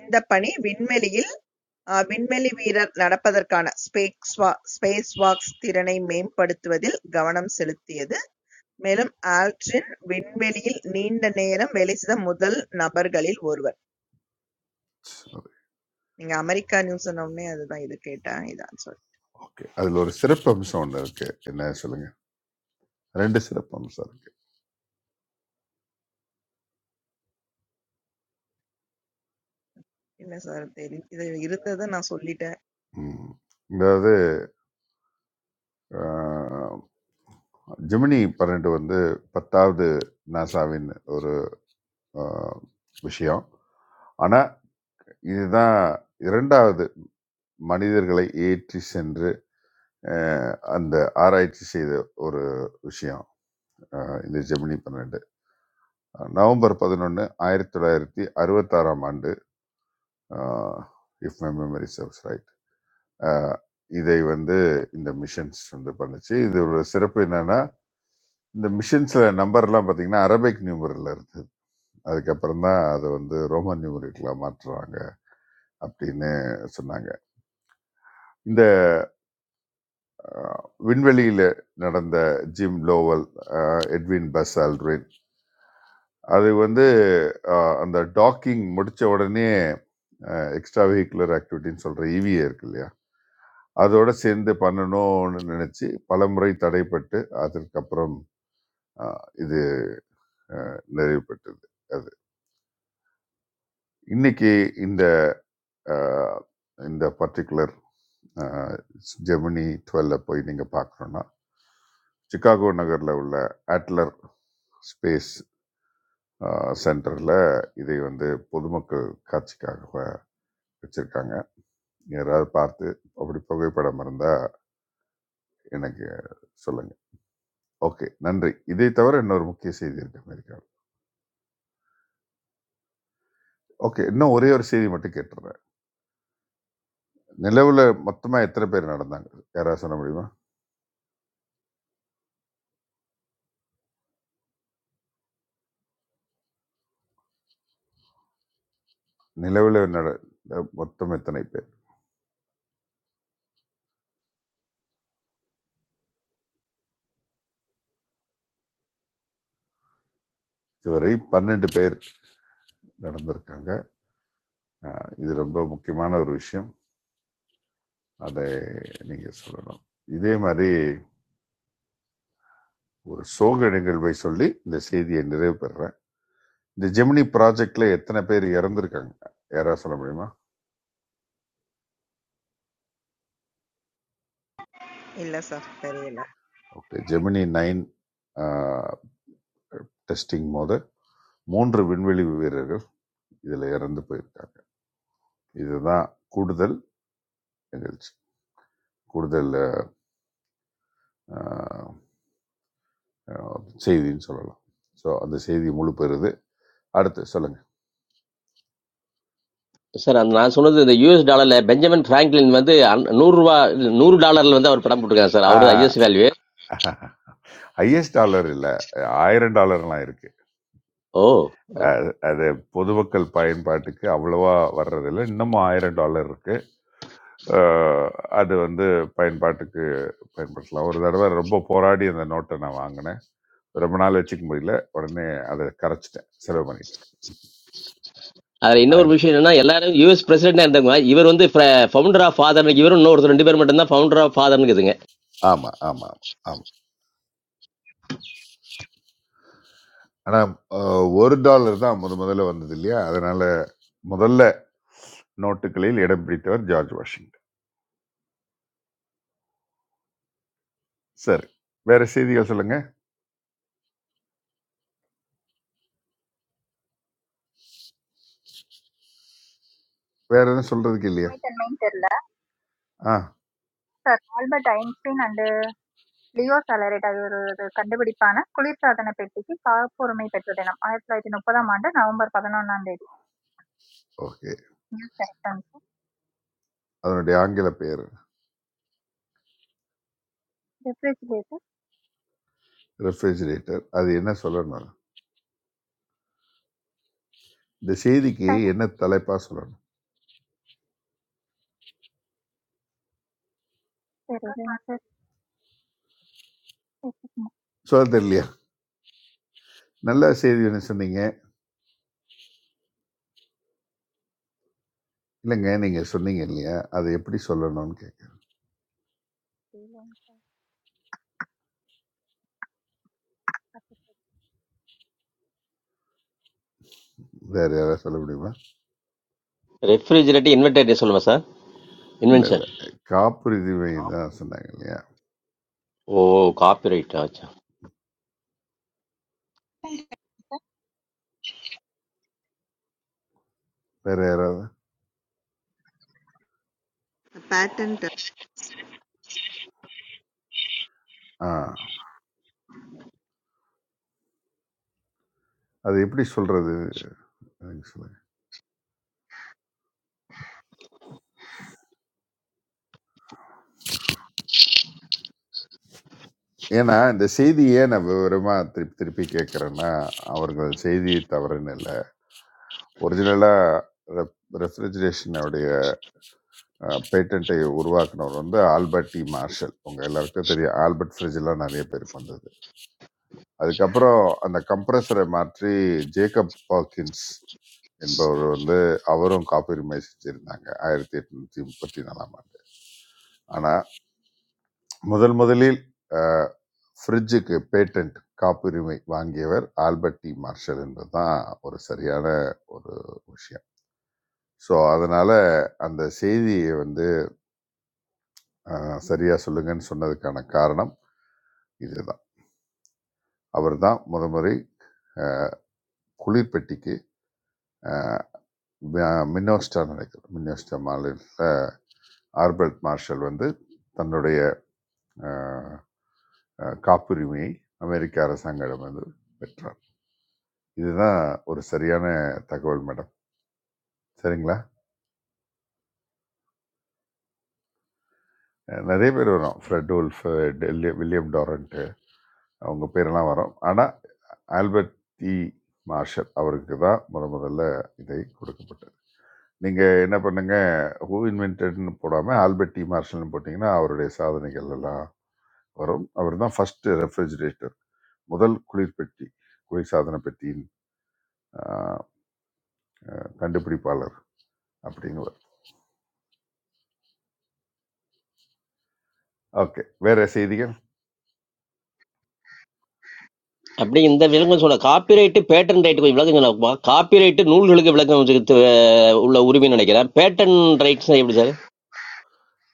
C: இந்தப் பணி விண்வெளியில் அஹ் விண்வெளி வீரர் நடப்பதற்கான ஸ்பேஸ்வா- ஸ்பேஸ்வாக் திறனை மேம்படுத்துவதில் கவனம் செலுத்தியது. மேலும் ஆல்ட்ரின் விண்வெளியில் நீண்ட நேரம் வேலை செய்த முதல் நபர்களில் ஒருவர்.
F: சரி
C: நீங்க அமெரிக்கா நியூஸ் சொன்ன உடனே அதுதான் இது கேட்டேன் இதான் சார்.
F: ஓகே அதில் ஒரு சிறப்பு அம்சம் ஒன்று இருக்கு என்ன சொல்லுங்க ரெண்டு சிறப்பு அம்சம் இருக்கு
C: இல்ல சார் தெரி இது இருந்ததை நான் சொல்லிட்டேன்.
F: ம் அதாவது ஆ, ஜெமினி பன்னெண்டு வந்து பத்தாவது நாசாவின் ஒரு ஆ, விஷயம் ஆனால் இதுதான் இரண்டாவது மனிதர்களை ஏற்றி சென்று அஹ் அந்த ஆராய்ச்சி செய்த ஒரு விஷயம் அஹ் இந்த ஜெமினி பன்னெண்டு அஹ் நவம்பர் பதினொன்று ஆயிரத்தி தொள்ளாயிரத்தி அறுபத்தாறாம் ஆண்டு if my memory serves right இதை வந்து இந்த மிஷன்ஸ் வந்து பண்ணுச்சு இது ஒரு சிறப்பு என்னன்னா இந்த மிஷன்ஸ்ல நம்பர்லாம் பார்த்தீங்கன்னா அரபிக் நியூமரில் இருந்தது அதுக்கப்புறம் தான் அதை வந்து ரோமன் நியூமரிக்கெலாம் மாற்றுறாங்க அப்படின்னு சொன்னாங்க இந்த அஹ், விண்வெளியில நடந்த ஜிம் லோவல் அஹ், எட்வின் பஸ் ஆல்ட்ரின் அது வந்து அஹ், அந்த டாக்கிங் முடிச்ச உடனே எக்ஸ்ட்ரா வெஹிகுலர் ஆக்டிவிட்டின்னு சொல்ற ஈவிஏ இருக்கு இல்லையா அதோட சேர்ந்து பண்ணணும்னு நினைச்சு பலமுறை தடைப்பட்டு அதற்கப்புறம் அஹ், இது அஹ், நிறைவு பெற்றது அது இன்னைக்கு இந்த அஹ், இந்த பர்டிகுலர் ஜெமினி டுவெல்ல போய் நீங்கள் பார்க்கணுன்னா சிகாகோ நகரில் உள்ள அட்லர் ஸ்பேஸ் சென்டரில் இதை வந்து பொதுமக்கள் காட்சிக்காக வச்சுருக்காங்க யாராவது பார்த்து அப்படி புகைப்படம் இருந்தால் எனக்கு சொல்லுங்கள் ஓகே நன்றி இதை தவிர இன்னொரு முக்கிய செய்தி இருக்கு அமெரிக்காவில் ஓகே இன்னும் ஒரே ஒரு செய்தி மட்டும் கேட்டுறேன் நிலவில் மொத்தமாக எத்தனை பேர் நடந்தாங்க யாராவது சொல்ல முடியுமா நிலவில் நட மொத்தம் எத்தனை பேர் இதுவரை பன்னெண்டு பேர் நடந்திருக்காங்க அஹ் இது ரொம்ப முக்கியமான ஒரு விஷயம் அதை நீங்க சொல்லணும் இதே மாதிரி ஒரு சோக நிகழ்வை சொல்லி இந்த செய்தியை நிறைவு பெறுறேன் இந்த ஜெமினி ப்ராஜெக்ட்ல எத்தனை பேர் இறந்திருக்காங்க யாராவது சொல்ல முடியுமா
C: இல்ல சார் தெரியல.
F: ஓகே ஜெமினி நைன் டெஸ்டிங் போது மூன்று விண்வெளி வீரர்கள் இதுல இறந்து போயிருக்காங்க இதுதான் கூடுதல் நிகழ்ச்சி கூடுதல் அஹ், செய்தின்னு சொல்லலாம் ஸோ அந்த செய்தி முழு பெறுது அடுத்து சொல்லுங்க
J: சார் அந்த நான் சொன்னது இந்த யூஎஸ் டாலர்ல பெஞ்சமின் பிராங்க்லின் வந்து அன்- நூறு ரூபா நூறு டாலர்ல வந்து அவர் படம் போட்டிருக்காரு சார் அவரது ஐஎஸ் வேல்யூ
F: ஹையஸ்ட் டாலர் இல்லை ஆயிரம் டாலர்லாம் இருக்கு
J: ஓ
F: அஹ், அது பொதுமக்கள் பயன்பாட்டுக்கு அவ்வளவா வர்றதில்லை இன்னமும் ஆயிரம் டாலர் இருக்கு அஹ், அது வந்து பயன்பாட்டுக்கு பயன்படுத்தலாம் ஒரு தடவை ரொம்ப போராடி அந்த நோட்டை நான் வாங்கினேன் ரொம்ப நாள் வச்சுக்க முடியல உடனே அதை கரைச்சிட்டேன் செலவு பண்ணிட்டேன்
J: அதுல இன்னொரு
F: ஆயிரம்
J: விஷயம் என்னன்னா எல்லாரும் யூஎஸ் பிரசிடென்டா இருந்தவங்க இவர் வந்து ஃபவுண்டர் ஆஃப் ஃபாதர் இவரும் இன்னொருத்தர் ரெண்டு பேர் மட்டும் தான் ஃபவுண்டர் ஆஃப் ஃபாதர்னு இருக்குதுங்க
F: ஆமா ஆமா ஆமா ஆமா ஆனா அஹ், ஒரு டாலர் தான் முத முதல்ல வந்தது இல்லையா அதனால முதல்ல நோட்டுகளில் இடம் பிடித்தவர் ஜார்ஜ் வாஷிங்டன் சரி வேற செய்திகள் சொல்லுங்க வேற எதுவும் சொல்றதுக்கு இல்லையா
H: I was doing that.
F: Ah
H: But times when I was a little bit older, I was a little bit older. I was a little bit older. I
F: okay அதனுடைய ஆங்கில பெயர் ரெஃப்ரிஜிரேட்டர் அது என்ன சொல்லணும் இந்த செய்திக்கு
H: was
F: என்ன தலைப்பா சொல்லணும்
H: a little bit
F: சொல்ல தெரியலையா நல்ல செய்தி என்ன சொன்னீங்க இல்லைங்க நீங்கள் சொன்னீங்க இல்லையா அதை எப்படி சொல்லணும்னு கேட்குறேன்
H: older.
F: வேற யாராவது சொல்ல முடியுமா
J: ரெஃப்ரிஜிரேட்டர் இன்வெர்டேட்டர் சொல்லுங்க சார்
F: இல்லை இல்லை
J: இன்வென்ஷன்
F: காப்புரிமை தான் சொன்னாங்க இல்லையா
J: ஓ காப்பிரைட் ஆச்சா
F: வேற யாராவது ஆ அது எப்படி சொல்றது எனக்கு சொல்லுங்க ஏன்னா இந்த செய்தியை நான் விவரமா திருப்பி திருப்பி கேட்கறேன்னா அவர்கள் செய்தி தவறுன்னு இல்லை ஒரிஜினலா ரெஃப்ரிஜரேஷனுடைய பேட்டண்ட்டை உருவாக்குனவர் வந்து ஆல்பர்ட் டி மார்ஷல் உங்க எல்லாருக்கும் தெரியும் ஆல்பர்ட் ஃப்ரிட்ஜ்லாம் நிறைய பேருக்கு வந்தது அதுக்கப்புறம் அந்த கம்ப்ரஸரை மாற்றி ஜேக்கப் பாக்கின்ஸ் என்பவர் வந்து அவரும் காப்புரிமை செஞ்சிருந்தாங்க ஆயிரத்தி எட்நூத்தி முப்பத்தி நாலாம் ஆண்டு ஆனால் முதல் முதலில் அஹ், ஃப்ரிட்ஜுக்கு பேட்டன்ட் காப்புரிமை வாங்கியவர் ஆல்பர்ட் டி மார்ஷல் என்பதுதான் ஒரு சரியான ஒரு விஷயம் ஸோ அதனால அந்த செய்தியை வந்து அஹ், சரியா சொல்லுங்கன்னு சொன்னதுக்கான காரணம் இதுதான் அவர் தான் முதமுறை அஹ், குளிர்பெட்டிக்கு அஹ், மி- மின்னோஸ்டா நினைக்கிறேன் மின்னோஸ்டா மாநில ஆல்பர்ட் மார்ஷல் வந்து தன்னுடைய அஹ், அஹ், காப்புரிமையை அமெரிக்க அரசாங்கம் வந்து பெற்றார் இதுதான் ஒரு சரியான தகவல் மேடம். சரிங்களா? அ நெறைய பேர் வரும். ஃப்ரெட் வுல்ஃப், டெல்லி வில்லியம் டாரன்ட் அவங்க பேரெல்லாம் வரும். ஆனா, ஆல்பர்ட் இ. மார்ஷல் அவருக்கு தான் முத முதல்ல இதை கொடுக்கப்பட்டது. நீங்க என்ன பண்ணுங்க, ஹூ இன்வென்டட்ன்னு போடாம ஆல்பர்ட் இ. மார்ஷல்ன்னு போட்டீங்கன்னா, அவருடைய சாதனைகள் எல்லாம் வரும். அவர் தான் ஃபர்ஸ்ட் ரெஃப்ரிஜிரேட்டர் முதல் குளிர்பெட்டி, குளிர்சாதன பெட்டியின் அ அ கண்டுபிடிப்பாளர் அப்படிங்குவார். ஓகே. வேற செய்திகள்?
J: அப்படி இந்த விலங்கு சொன்ன காப்பிரைட் பேட்டன் ரைட் கொஞ்சம் விளக்கம் சொன்னா காப்பிரைட் நூல்களுக்கு விளக்கம் கொடுத்து, அஹ், உள்ள உரிமை நினைக்கிறேன் பேட்டன் ரைட்ஸ் எப்படி சார்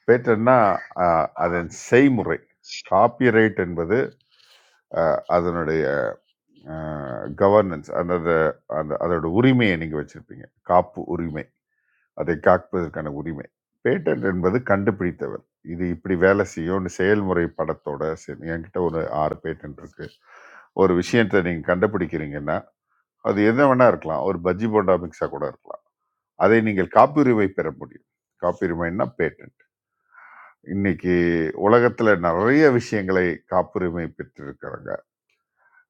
F: பேட்டன்னா அ, அதன் செய்முறை காப்பிரைட் என்பது அ, அதனுடைய கவர்னன்ஸ் அந்த அந்த அதோட உரிமையை நீங்கள் வச்சிருப்பீங்க காப்பு உரிமை அதை காப்பதற்கான உரிமை பேட்டன்ட் என்பது கண்டுபிடித்தவர் இது இப்படி வேலை செய்யும்னு செயல்முறை படத்தோட சரி என்கிட்ட ஒரு ஆறு பேட்டன்ட் இருக்கு ஒரு விஷயத்தை நீங்கள் கண்டுபிடிக்கிறீங்கன்னா அது எது வேணா இருக்கலாம் ஒரு பஜ்ஜி போண்டா மிக்ஸாக கூட இருக்கலாம் அதை நீங்கள் காப்புரிமை பெற முடியும் காப்புரிமைன்னா பேட்டன்ட் இன்னைக்கு உலகத்துல நிறைய விஷயங்களை காப்புரிமை பெற்றிருக்கிறாங்க.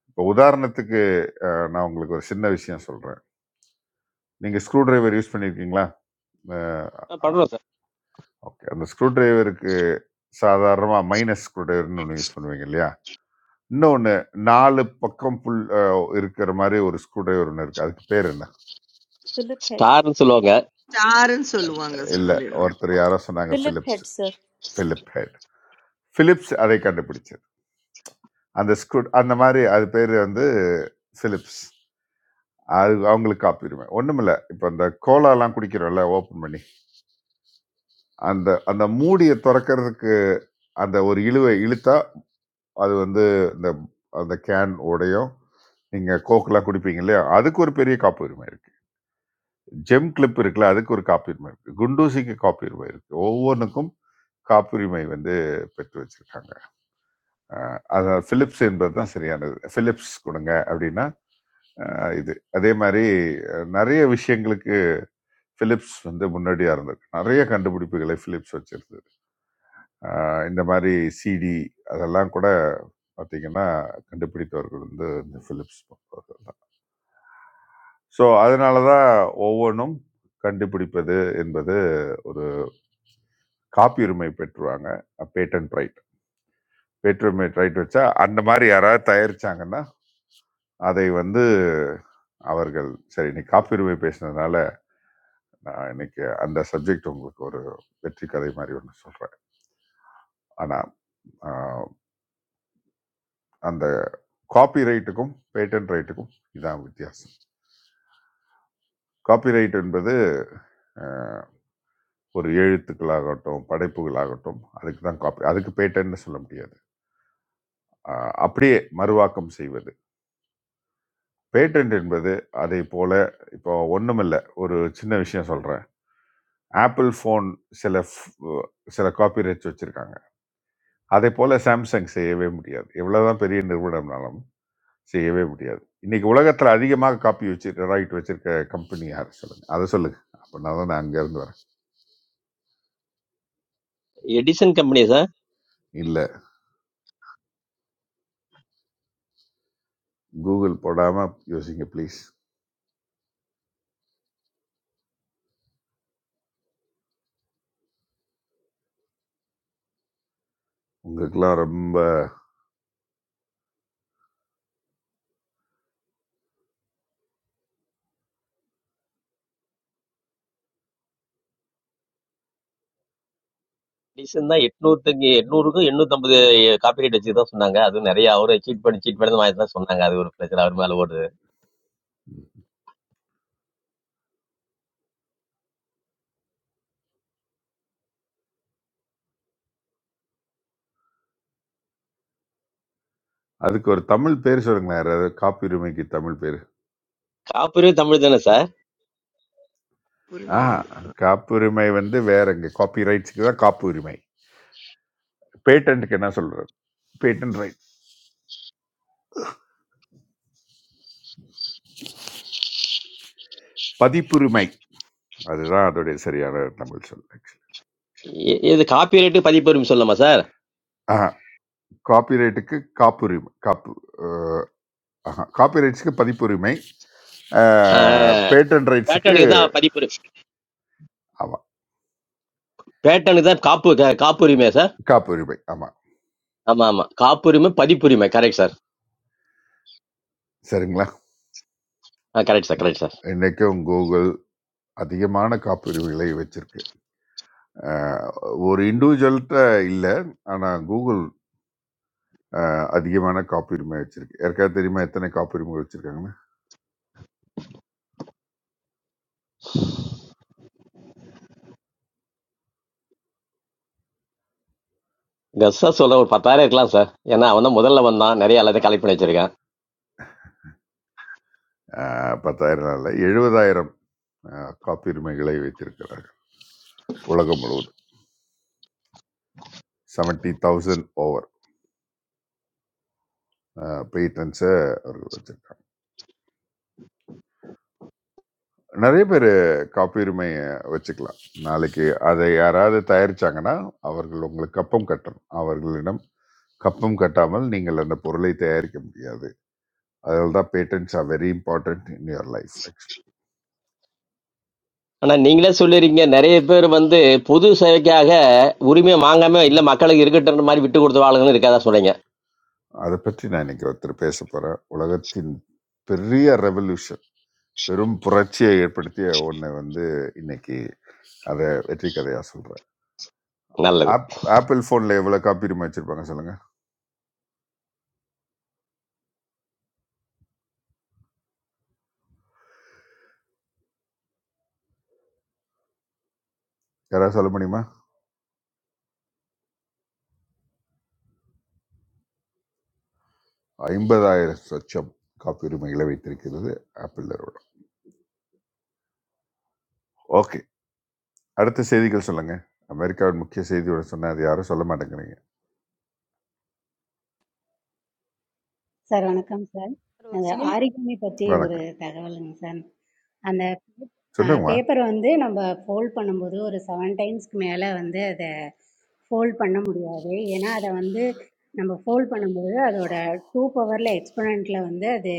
F: இப்போ உதாரணத்துக்கு அ நான் உங்களுக்கு ஒரு சின்ன விஷயம் சொல்றேன். நீங்க ஸ்க்ரூ டிரைவர் யூஸ் பண்ணியிருக்கீங்களா? அ
J: ஆ,
F: அ
J: பண்றோம் சார்
F: ஓகே. அந்த ஸ்க்ரூ டிரைவருக்கு சாதாரணமா மைனஸ் ஸ்க்ரூ டிரைவர்ன்னு ஒண்ணு யூஸ் பண்ணுவீங்க இல்லையா? இன்னொன்னு 4 பக்கம் புல் அ இருக்கிற மாரி ஒரு ஸ்க்ரூ டிரைவர் ஒண்ணு இருக்கு. அதுக்கு பேர் என்ன?
P: Philip Head,
J: ஸ்டார்னு சொல்லுவாங்க
C: ஸ்டாருன்னு சொல்லுவாங்க சார்.
F: இல்ல
C: அதேதான்.
F: ஒருத்தர் யாரோ சொன்னாங்க
P: Philip
F: Philips.
P: Head, sir.
F: Philip Head. Philips அதை கண்டுபிடிச்சது. அந்த ஸ்க்ரூ அந்த மாரி அது பேரு வந்து பிலிப்ஸ். அது அவங்களுக்கு காப்பியுரிமை. ஒண்ணுமில்ல. இப்ப இந்த கோலாலாம் குடிக்கிறோம்ல ஓப்பன் பண்ணி, அந்த அந்த மூடிய தொறக்கறதுக்கு அந்த ஒரு இழுவை இழுத்தா, அது வந்து இந்த அந்த கேன் உடையும். நீங்க கோக்லாம் குடிப்பீங்க இல்லையா? அதுக்கு ஒரு பெரிய காப்புரிமை இருக்கு. ஜெம் கிளிப் இருக்குல்ல, அதுக்கு ஒரு காப்புரிமை இருக்கு. குண்டூசிக்கு காப்புரிமை இருக்கு. ஒவ்வொன்னுக்கும் காப்புரிமை வந்து பெற்று வச்சிருக்காங்க. அ அத Philips என்பது தான் சரியானது. Philips குடுங்க அப்படின்னா, அ இது. அதே மாரி அ நெறைய விஷயங்களுக்கு பிலிப்ஸ் வந்து முன்னாடியாக இருந்திருக்கு நிறைய கண்டுபிடிப்புகளை பிலிப்ஸ் வச்சிருந்தது ஆஹ் இந்த மாதிரி சிடி அதெல்லாம் கூட பார்த்தீங்கன்னா கண்டுபிடித்தவர்கள் வந்து இந்த பிலிப்ஸ் போன்றவர்கள் தான் ஸோ அதனால தான் ஒவ்வொன்றும் கண்டுபிடிப்பது என்பது ஒரு காப்பியுரிமை பெற்றுவாங்க பேட்டன்ட் ரைட் பேட்டுரிமை ரைட் வச்சா அந்த மாதிரி யாராவது தயாரிச்சாங்கன்னா அதை வந்து அவர்கள் சரி இன்னைக்கு காப்பியுரிமை பேசினதுனால நான் இன்னைக்கு அந்த சப்ஜெக்ட் உங்களுக்கு ஒரு வெற்றி கதை மாதிரி ஒன்று சொல்கிறேன் ஆனால் அந்த காப்பி ரைட்டுக்கும் பேட்டன்ட் ரைட்டுக்கும் இதான் வித்தியாசம் காப்பி ரைட் என்பது அஹ், ஒரு எழுத்துக்களாகட்டும் படைப்புகளாகட்டும் அதுக்கு தான் காப்பி அதுக்கு பேட்டன்ட்னு சொல்ல முடியாது அஹ், அப்படியே மறுவாக்கம் செய்வது பேட்டன்ட் என்பது அதே போல இப்போ ஒன்றுமில்ல ஒரு சின்ன விஷயம் சொல்கிறேன் ஆப்பிள் ஃபோன் சில f- சில காப்பி ரைட்ஸ் வச்சுருக்காங்க அதே போல் சாம்சங் செய்யவே முடியாது எவ்வளோதான் பெரிய நிறுவனம்னாலும் செய்யவே முடியாது. இன்னைக்கு உலகத்துல அதிகமாக காப்பி வச்சிருக்க ரைட் வச்சிருக்க கம்பெனி யாரு சொல்லுங்க? அத சொல்லுங்க. அப்பன்னா தான் நான் அங்க இருந்து வரேன்.
J: எடிசன் கம்பெனி சார்
F: இல்ல கூகுள் போடாம யோசிங்க ப்ளீஸ். உங்களுக்கெல்லாம் ரொம்ப
J: டிசன் தான் எட்நூறுக்கு எட்நூறுக்கு எண்ணூத்தம்பது காப்பிரைட் வச்சு தான் சொன்னாங்க அதுவும் நிறைய அவரை சீட் பண்ணி சீட் பண்ணி மாதிரி தான் சொன்னாங்க அது ஒரு பிரச்சனை அவர் மேல ஓடுது
F: அதுக்கு ஒரு தமிழ் பேர் சொல்லுங்களேன். யாராவது காப்புரிமைக்கு தமிழ் பேரு.
J: காப்பிரைட் தமிழ் தானே சார்
F: ஆ
C: உரிமை அது. பொறுமையாது.
F: காப்புரிமை வந்து வேறங்க. காப்பி ரைட்ஸ்க்கு தான் காப்புரிமை. பேட்டன்ட்க்கு என்ன சொல்றது? Patent right. பதிப்புரிமை. அதுதான் அதோடைய சரியான தமிழ் சொல் ஆக்சுவலி.
J: இ- இது காப்பிரைட் பதிப்புரிமை சொல்லலாமா சார்
F: ஆஹா காப்பி ரைட்டுக்கு காப்புரிமை. காப்பு அஹ், ஆஹா காப்பி ரைட்ஸ்க்கு பதிப்புரிமை. பேட்டன் ரைட்ஸுக்கு
J: பேட்டனுக்கு தான் பதிப்புரிமை
F: ஆமாம்
J: பேட்டனுக்கு தான் காப்பு கா- காப்புரிமையா சார்
F: காப்புரிமை ஆமாம்
J: ஆமா ஆமா காப்புரிமை பதிப்புரிமை கரெக்ட் சார்
F: சரிங்களா
J: ஆ கரெக்ட் சார் கரெக்ட் சார்
F: இன்றைக்கும் கூகுள் அதிகமான காப்புரிமைகளை வச்சிருக்கு அஹ், ஒரு இண்டிவிஜுவல்கிட்ட இல்லை ஆனால் கூகுள் அஹ், அதிகமான காப்புரிமை வச்சிருக்கு யாருக்காவது தெரியுமா எத்தனை காப்புரிமை வச்சிருக்காங்கன்னா
J: கஸ் சார் சொல்ல ஒரு பத்தாயிரம் இருக்கலாம் சார் ஏன்னா அவன் தான் முதல்ல வந்தான் நிறைய எல்லாத்தையும் கலெக்ட் பண்ணி வச்சிருக்கேன்
F: அஹ், பத்தாயிரம் இல்லை எழுபதாயிரம் அஹ், காப்புரிமைகளை வைத்திருக்கிறார்கள் உலகம் முழுவதும் செவன்ட்டி தௌசண்ட் ஓவர் பேட்டன்ஸை அவர்கள் வச்சிருக்காங்க நிறைய பேரு காப்புரிமை வச்சுக்கலாம். நாளைக்கு அதை யாராவது தயாரிச்சாங்கன்னா, அவர்கள் உங்களுக்கு கப்பம் கட்டணும். அவர்களிடம் கப்பம் கட்டாமல் நீங்கள் அந்த பொருளை தயாரிக்க முடியாது. அதனால தான் patents are very important in your life ஆக்சுவலா.
J: ஆனா நீங்களே சொல்லிருக்கீங்க நிறைய பேர் வந்து பொது சேவைக்காக உரிமை வாங்காம இல்ல மக்களுக்கு இருக்கட்டுன்ற மாதிரி விட்டு கொடுத்த ஆளுங்கன்னு இருக்காதான் சொல்றீங்க
F: அதை பற்றி நான் இன்னைக்கு ஒருத்தர் பேச போறேன். உலகத்தின் பெரிய ரெவல்யூஷன், பெரும் புரட்சியை ஏற்படுத்திய ஒண்ணு வந்து இன்னைக்கு அதை வெற்றி கதையா சொல்றேன்.
J: நல்லது
F: ஆப் ஆப்பிள் ஃபோன்ல எவ்வளவு காப்புரிமை வச்சிருப்பாங்க சொல்லுங்க? யாராவது சொல்ல முடியுமா? ஐம்பதாயிரம் லட்சம் காப்புரிமைகளை வைத்திருக்கிறது ஆப்பிள் நிறுவனம் ஓகே அடுத்த செய்திகள் சொல்லுங்க அமெரிக்காவின் முக்கிய செய்தியோட சொன்ன அது யாரும் சொல்ல மாட்டேங்கிறீங்க
D: சார் வணக்கம் சார்
A: சார், ஒரு
D: அந்த
A: சினிமா
D: ஆரிகமி பற்றி ஒரு
F: வணக்கம்
D: தகவலுங்க சார் அந்த
F: சொல்லுங்கம்மா
D: பேப்பரை வந்து நம்ம ஃபோல்ட் பண்ணும்போது ஒரு செவன் டைம்ஸ்க்கு மேலே வந்து அதை ஃபோல்ட் பண்ண முடியாது ஏன்னா அதை வந்து நம்ம ஃபோல்ட் பண்ணும்போது அதோட டூ பவரில் எக்ஸ்பனண்ட்டில் வந்து அது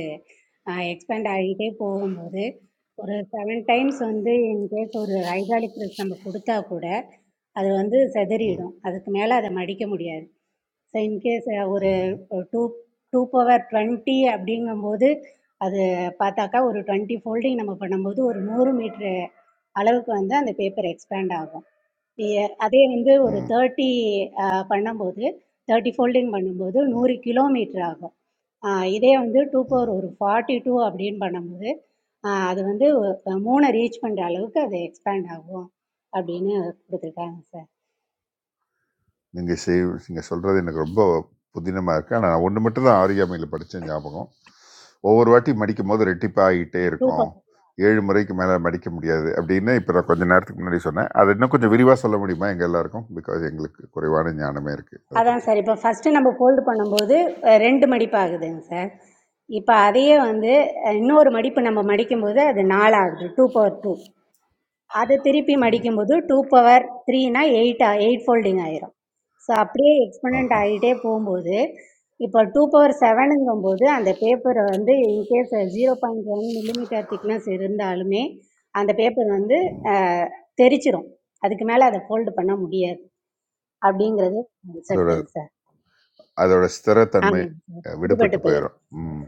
D: எக்ஸ்பேண்ட் ஆகிட்டே போகும்போது ஒரு செவன் டைம்ஸ் வந்து இன்கேஸ் ஒரு ஹைட்ராலிக் ப்ரெஸ் நம்ம கொடுத்தா கூட அது வந்து
F: ம்,
D: செதறிடும் அதுக்கு மேலே அதை மடிக்க முடியாது ஸோ இன்கேஸ் ஒரு
F: ம்,
D: டூ டூ பவர் டுவெண்ட்டி அப்படிங்கும்போது அது பார்த்தாக்கா ஒரு டுவெண்ட்டி ஃபோல்டிங் நம்ம பண்ணும்போது ஒரு நூறு மீட்ரு அளவுக்கு வந்து அந்த பேப்பர் எக்ஸ்பேண்ட் ஆகும் இ- அதே வந்து ஒரு
F: ம்,
D: தேர்ட்டி பண்ணும்போது தேர்ட்டி ஃபோல்டிங் பண்ணும்போது
F: ம்,
D: நூறு கிலோமீட்டர் ஆகும் ஆஹ் இதே வந்து டூ
F: ம்.
D: பவர் ஒரு ஃபார்ட்டி டூ அப்படின்னு பண்ணும்போது ஆஹ் அது வந்து ஒ- மூணை ரீச் பண்ணுற அளவுக்கு அது எக்ஸ்பேண்ட் ஆகும் அப்படின்னு கொடுத்துருக்காங்க சார்
F: நீங்க செய் நீங்க சொல்றது எனக்கு ரொம்ப புதினமா இருக்கு ஆனா நான் ஒன்று மட்டும் தான் ஆரியாமையில் படிச்ச ஞாபகம் ஒவ்வொரு வாட்டி மடிக்கும் போது ரெட்டிப்பாகிட்டே
D: டூ
F: இருக்கும் ஏழு முறைக்கு மேலே மடிக்க முடியாது அப்படின்னு இப்போ நான் கொஞ்ச நேரத்துக்கு முன்னாடி சொன்னேன் அதை இன்னும் கொஞ்சம் விரிவாக சொல்ல முடியுமா எங்கள் எல்லாருக்கும் பிகாஸ் எங்களுக்கு குறைவான ஞானமே இருக்குது அதை
D: அதான் சார்
F: பற்றி
D: இப்போ ஃபஸ்ட்டு நம்ம ஃபோல்டு பண்ணும்போது அஹ், ரெண்டு மடிப்பு ஆகுதுங்க சார் இப்போ அதையே வந்து அஹ், இன்னொரு மடிப்பு நம்ம மடிக்கும்போது அது நாலு ஆகுது டூ பவர் டூ அதை திருப்பி மடிக்கும்போது டூ பவர் த்ரீனா எயிட் எயிட் ஃபோல்டிங் ஆயிரும் ஸோ அப்படியே எக்ஸ்பனண்ட்
F: ஆஹா.
D: ஆகிட்டே போகும்போது இப்போ டூ பவர் செவனுங்கும்போது அந்த பேப்பரை வந்து in case zero point one millimetre thickness இருந்தாலுமே அந்த பேப்பர் வந்து
F: ம்.
D: அஹ், தெரிச்சிரும் அதுக்கு மேலே அதை ஃபோல்டு பண்ண முடியாது அப்படிங்கிறது
F: அதோட
D: கான்செப்ட் சார்
F: அதோட ஸ்திரத்தன்மை
D: ஆமாங்க சார்.
F: அ
D: பிடிபட்டு
F: விடுபட்டு
D: போயிரும்.
F: போயிரும். ம்.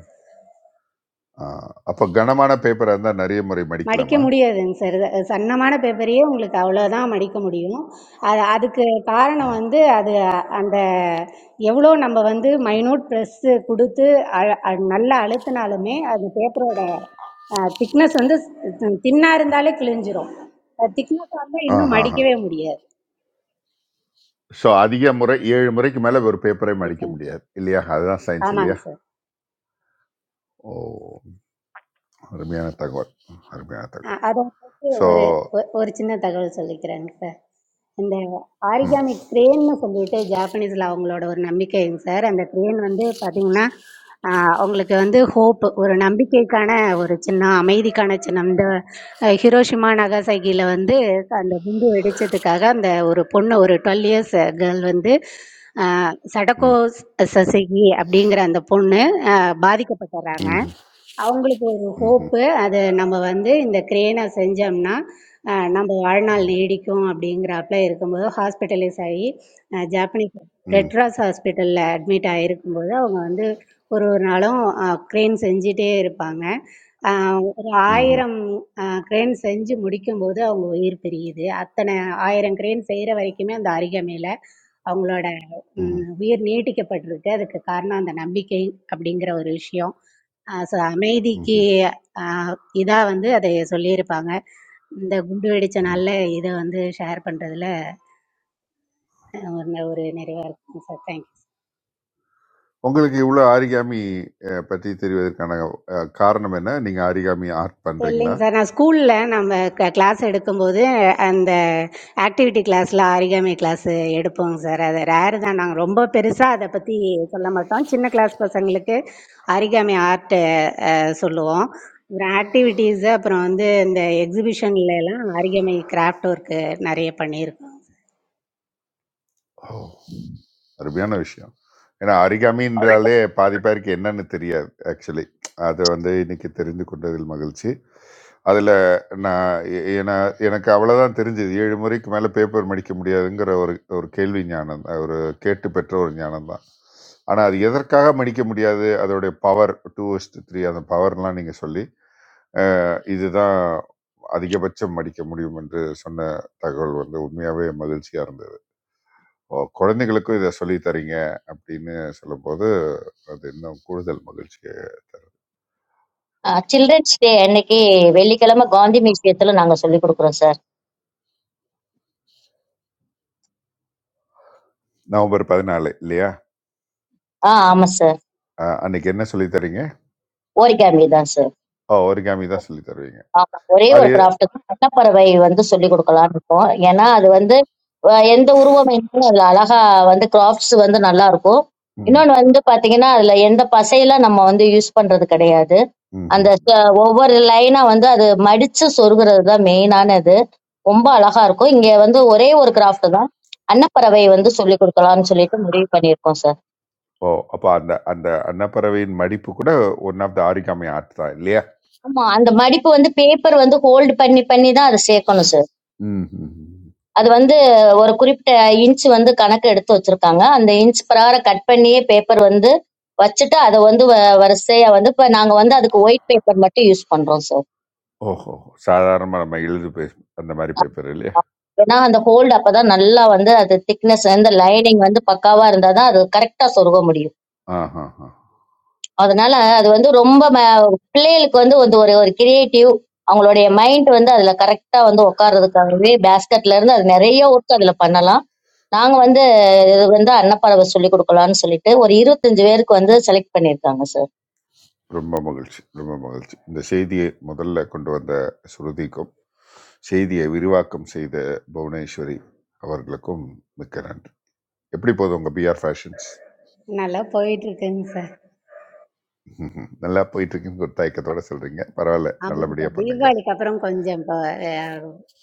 F: ஆ அப்ப கனமான பேப்பரா இருந்தா நெறைய முறை
D: மடிக்க
F: மடிக்கலாமா?
D: முடியாதுங்க சார். இது சன்னமான பேப்பரையே உங்களுக்கு அவ்வளோதான் மடிக்க முடியும். அது அதுக்கு
F: ஆ.
D: காரணம் வந்து அது அந்த எவ்வளோ நம்ம வந்து மைன்யூட் ப்ரெஸ்ஸு குடுத்து அழ அ நல்லா அழுத்துனாலுமே அது பேப்பரோட அ திக்னஸ் வந்து தின்னா இருந்தாலே கிழிஞ்சிரும். அது திக்னஸா இருந்தா இன்னும்
F: ஆஹாஹா.
D: மடிக்கவே முடியாது.
F: ஸோ அதிக முறை 7 முறைக்கு மேல ஒரு பேப்பரே
D: மடிக்க
F: மடிக்க முடியாது. இல்லையா? அதுதான் சயன்ஸ் இல்லையா?
D: ஆமாங்க சார்.
F: ஓ! அருமையான தகவல். அருமையான
D: அ
F: தகவல்.
D: அத பத்தி
F: ஸோ
D: ஒரு ஒ ஒரு சின்ன தகவல் சொல்லிக்கிறேங்க சார். இந்த
F: ம்.
D: ஆரிகாமி க்ரேன்னு சொல்லிட்டு ஜாப்பனீஸில் அவங்களோட ஒரு நம்பிக்கைங்க சார் அந்த க்ரேன் வந்து பார்த்தீங்கன்னா ஆஹ், அவங்களுக்கு வந்து ஹோப் ஒரு நம்பிக்கைக்கான ஒரு சின்னம் அமைதிக்கான சின்னம் இந்த அஹ், ஹிரோஷிமா நகசகியில் வந்து அந்த குண்டு வெடிச்சதுக்காக அந்த ஒரு பொண்ணு ஒரு டுவெல் இயர்ஸ் கேர்ள் வந்து ஆஹ், சடகோ
F: ம்.
D: சசகி அப்படிங்கிற அந்த பொண்ணு ஆஹ், பாதிக்கப்பட்டுறாங்க
F: ம்ஹ்ம்.
D: அவங்களுக்கு ஒரு
F: ம்ஹ்ம்.
D: ஹோப்பு அது நம்ம வந்து இந்த க்ரேனை செஞ்சோம்னா அஹ், நம்ம வாழ்நாள்
F: ம்.
D: நீடிக்கும் அப்படிங்கிறாப்புல இருக்கும்போது ஹாஸ்பிட்டலைஸ் ஆகி அஹ் ஜாப்பனீஸ்
F: ம்.
D: ரெட்ராஸ் ஹாஸ்பிட்டலில் அட்மிட் ஆகிருக்கும்போது அவங்க வந்து ஒரு ஒரு நாளும் க்ரேன் செஞ்சிட்டே இருப்பாங்க அஹ் ஒரு
F: ம்ஹ்ம்.
D: ஆயிரம் க்ரேன் செஞ்சு முடிக்கும்போது அவங்க உயிர் பிரியுது அத்தனை ஆயிரம் க்ரேன் செய்கிற வரைக்குமே அந்த அருகமையில் அவங்களோட ம்,
F: ம்ஹ்ம்.
D: உயிர் நீட்டிக்கப்பட்டிருக்கு அதுக்கு காரணம் அந்த நம்பிக்கை அப்படிங்கிற ஒரு விஷயம் ஆஹ் ச அமைதிக்கு
F: ம்ஹ்ம்.
D: இதாக வந்து அதை சொல்லியிருப்பாங்க இந்த குண்டு வெடித்த
F: ம்ஹ்ம்.
D: நாளில் இதை வந்து ஷேர் பண்ணுறதுல ஒரு ந- ஒரு நிறைவாக இருக்குங்க சார் தேங்க்யூ
F: உங்களுக்கு இவ்வளோ ஆரிகாமி பற்றி தெரிவதற்கான அஹ், காரணம் என்ன நீங்கள் ஆரிகாமி ஆர்ட் பண்ணுறீங்களா
D: இல்லைங்க சார் நான் ஸ்கூலில் நம்ம க கிளாஸ் எடுக்கும்போது அந்த ஆக்டிவிட்டி கிளாஸில் ஆரிகாமி கிளாஸ் எடுப்போங்க சார் அது ரேரு தான் நாங்கள் ரொம்ப பெருசாக அதை பற்றி சொல்ல மாட்டோம் சின்ன கிளாஸ் பசங்களுக்கு ஆரிகாமி ஆர்ட்டு சொல்லுவோம் அப்புறம் ஆக்டிவிட்டீஸு அப்புறம் வந்து இந்த எக்ஸிபிஷன்ல எல்லாம் ஆரிகாமி கிராஃப்ட் ஒர்க்கு நிறைய பண்ணியிருக்கோம்
F: ஓ அருமையான விஷயம் ஏன்னா
Q: ஹரி
F: அரிகாமின்றாலே பாதி பேருக்கு என்னன்னு தெரியாது ஆக்சுவலி அதை வந்து இன்னைக்கு தெரிந்து கொண்டதில் மகிழ்ச்சி அதில் நான் எ- ஏன்னா எனக்கு அவ்வளோதான் தெரிஞ்சது ஏழு முறைக்கு மேலே பேப்பர் மடிக்க முடியாதுங்கிற ஒரு ஒரு கேள்வி ஞானம் தான், ஒரு கேட்டு பெற்ற ஒரு ஞானம் தான் ஆனால் அது எதற்காக மடிக்க முடியாது அதோடைய பவர் டூ த்ரீ அந்த பவர்லாம் நீங்கள் சொல்லி இதுதான் அதிகபட்சம் அடிக்க முடியும் என்று சொன்ன தகவல் வந்து உண்மையாவே மகிழ்ச்சியா இருந்தது ஓ, குழந்தைகளுக்கும் இதை சொல்லி தரீங்க அப்படின்னு சொல்லும்போது அது இன்னும் கூடுதல் மகிழ்ச்சி ஓகே
Q: சில்ட்ரன்ஸ் டே அன்னைக்கு வெள்ளிக்கிழமை காந்தி மியூசியத்துல நாங்க சொல்லி கொடுக்குறோம் சார்
F: நவம்பர் பதினாலு இல்லையா
Q: ஆ ஆமா சார்
F: அஹ், அன்னைக்கு என்ன சொல்லி தரீங்க
Q: ஓரிகாமி தான் சார்
F: ஓ ஒரிகாமி தான் சொல்லி தருவீங்க
Q: ஆமா ஒரே
F: அது
Q: ஒரு கிராஃப்ட் தான். பட்டப்பறவை வந்து சொல்லி கொடுக்கலாம்னு இருக்கோம் ஏன்னா அது வந்து அஹ், எந்த உருவம் இருந்தாலும் அதுல அழகா வந்து கிராஃப்ட்ஸ் வந்து நல்லா இருக்கும்
F: ம்,
Q: இன்னொன்று வந்து பாத்தீங்கன்னா அதுல எந்த பசையெல்லாம் நம்ம வந்து யூஸ் பண்றது கிடையாது அந்த
F: ம்ஹும்.
Q: ச- ஒவ்வொரு லைனா வந்து அது மடிச்சு சொருகிறது தான் மெயினானது ரொம்ப அழகா இருக்கும் இங்க வந்து ஒரே ஒரு கிராஃப்ட் தான் அன்னப்பறவை வந்து சொல்லி கொடுக்கலாம்னு சொல்லிட்டு முடிவு பண்ணியிருக்கோம் சார்
F: ஓ அப்போ அந்த அந்த அன்னப்பறவையின் மடிப்பு கூட one of the origami art தான் இல்லையா
Q: ஆமா அந்த மடிப்பு வந்து பேப்பர் வந்து ஹோல்டு பண்ணி பண்ணி தான் அதை சேர்க்கணும் சார்
F: ம் ம், ம்.
Q: அது வந்து ஒரு குறிப்பிட்ட இன்ச் வந்து கணக்கு எடுத்து வச்சிருக்காங்க அந்த இன்ச் பிரகாரம் கட் பண்ணியே பேப்பர் வந்து வச்சுட்டு அதை வந்து வ- வரிசையா வந்து இப்ப நாங்க வந்து அதுக்கு ஒயிட் பேப்பர் மட்டும் யூஸ் பண்றோம் சார்
F: ஓஹோ சாதாரணமாக நம்ம எழுதி பே அந்த மாதிரி பேப்பர் இல்லையா
Q: ஏன்னா அந்த ஹோல்டு அப்பதான் நல்லா வந்து அது திக்னஸ் அந்த லைனிங் வந்து பக்காவா இருந்தாதான் அது கரெக்டா சொருக முடியும்
F: ஆஹா
Q: அதனால அது வந்து ரொம்ப ம- பிள்ளைகளுக்கு வந்து வந்து ஒரு ஒரு கிரியேட்டிவ் அவங்களுடைய மைண்ட் வந்து அதுல கரெக்டா வந்து உட்கார்றதுக்காகவே பேஸ்கெட்ல இருந்து அது நிறைய ஒர்க் அதுல பண்ணலாம் நாங்க வந்து இது வந்து அன்னப்பறவை சொல்லி கொடுக்கலாம்னு சொல்லிட்டு ஒரு இருபத்தஞ்சு பேருக்கு வந்து செலக்ட் பண்ணியிருக்காங்க
F: ரொம்ப மகிழ்ச்சி ரொம்ப மகிழ்ச்சி இந்த செய்தியை முதல்ல கொண்டு வந்த ஸ்ருதிக்கும் செய்தியை விரிவாக்கம் செய்த புவனேஸ்வரி அவர்களுக்கும் மிக்க நன்றி எப்படி போதும் உங்கள் பிஆர் ஃபேஷன்ஸ்
D: நல்லா போயிட்டு இருக்குங்க சார்.
F: [LAUGHS] நல்லா போயிட்டு இருக்குன்னு ஒரு தயக்கத்தோட சொல்கிறீங்க பரவாயில்ல
D: ஆமாங்க
F: நல்லபடியாக
D: சார்.
F: பண்ணுங்க
D: தீபாவளிக்கு அப்புறம் கொஞ்சம் இப்போ அ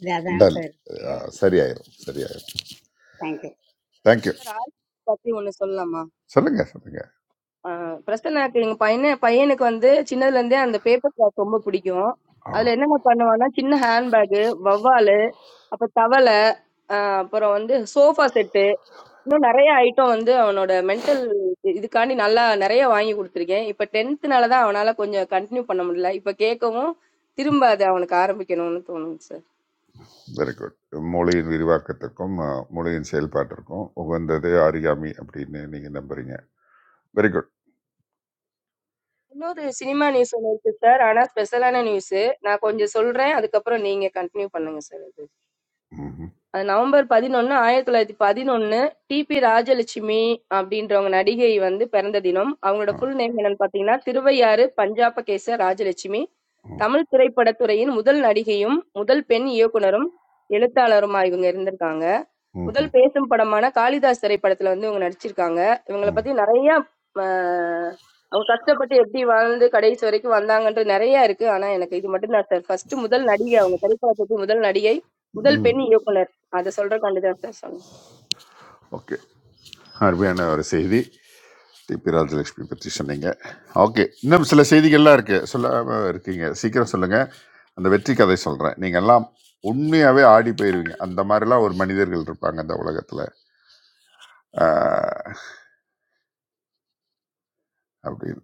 D: இதா தான்
F: டல்
D: சார் இருக்கு.
F: அஹ், சரியாயிரும் சரியாயிரும்
D: thank you.
F: Thank you
A: sir art பத்தி ஒண்ணு சொல்லலாமா?
F: சொல்லுங்க சொல்லுங்க
A: ஆ, பிரசன்னாக்கு எங்க பையன பையனுக்கு வந்து சின்னதுல இருந்தே அந்த பேப்பர் கிராஃப்ட் ரொம்ப பிடிக்கும்.
F: ஆ.
A: அதுல என்னென்ன பண்ணுவான்னா சின்ன ஹேண்ட்பேக், வவ்வாலு, அப்ப தவளை, ஆ, அப்புறம் வந்து சோஃபா செட்டு இன்னும் நிறைய ஐட்டம் வந்து அவனோட மென்டல் இதுக்காண்டி நல்லா நிறைய வாங்கி கொடுத்துருக்கேன் இப்ப டென்த்னால தான் அவனால கொஞ்சம் கண்டினியூ பண்ண முடியல இப்ப கேட்கவும் திரும்ப அது அவனுக்கு ஆரம்பிக்கணும்னு தோணுங்க சார்
F: வெரி குட் மொழியின் விரிவாக்கத்திற்கும் அஹ், மொழியின் செயல்பாட்டிற்கும் உகந்தது ஆரிகாமி அப்படின்னு நீங்க நம்புறீங்க வெரி குட்
A: இன்னொரு சினிமா நியூஸ் ஒண்ணு இருக்கு சார். ஆனா ஸ்பெஷலான நியூஸு. நான் கொஞ்சம் சொல்றேன். அதுக்கப்புறம் நீங்க கன்டின்யூ பண்ணுங்க சார் அது.
F: ம்
A: அது நவம்பர் 11, 1911 டிபி ராஜலட்சுமி அப்படின்றவங்க நடிகை வந்து பிறந்த தினம். அவங்களோட ஃபுல் நேம் என்னன்னு பாத்தீங்கன்னா, திருவையாறு பஞ்சாபகேச ராஜலட்சுமி.
F: ம்
A: தமிழ் திரைப்படத்துறையின் முதல் நடிகையும், முதல் பெண் இயக்குனரும், எழுத்தாளருமா இவங்க இருந்திருக்காங்க. முதல் பேசும் படமான காளிதாஸ் திரைப்படத்துல வந்து இவங்க நடிச்சிருக்காங்க இவங்கள
F: ம்
A: பத்தி நிறைய ஆஹ், அவங்க கஷ்டப்பட்டு எப்படி வாழ்ந்து கடைசி வரைக்கும் வந்தாங்கன்றது நிறைய இருக்கு ஆனா எனக்கு இது மட்டும் தான் சார் ஃபர்ஸ்ட் முதல் நடிகை அவங்க திரைப்படத்துக்கு முதல் நடிகை முதல்
F: ம்
A: பெண் இயக்குனர் அதை சொல்ற கண்டுதான் சார் சொன்னேன்.
F: ஓகே அருமையான ஒரு செய்தி டிபி ராஜலட்சுமி பற்றி சொன்னீங்க ஓகே இன்னும் சில செய்திகள்லாம் இருக்கு சொல்லாம இருக்கீங்க சீக்கிரம் சொல்லுங்க அந்த வெற்றி கதை சொல்றேன் நீங்க எல்லாம் உண்மையாவே ஆடி போயிருவீங்க அந்த மாதிரிலாம் ஒரு மனிதர்கள் இருப்பாங்க இந்த உலகத்துல ஆஹ், அப்படின்னு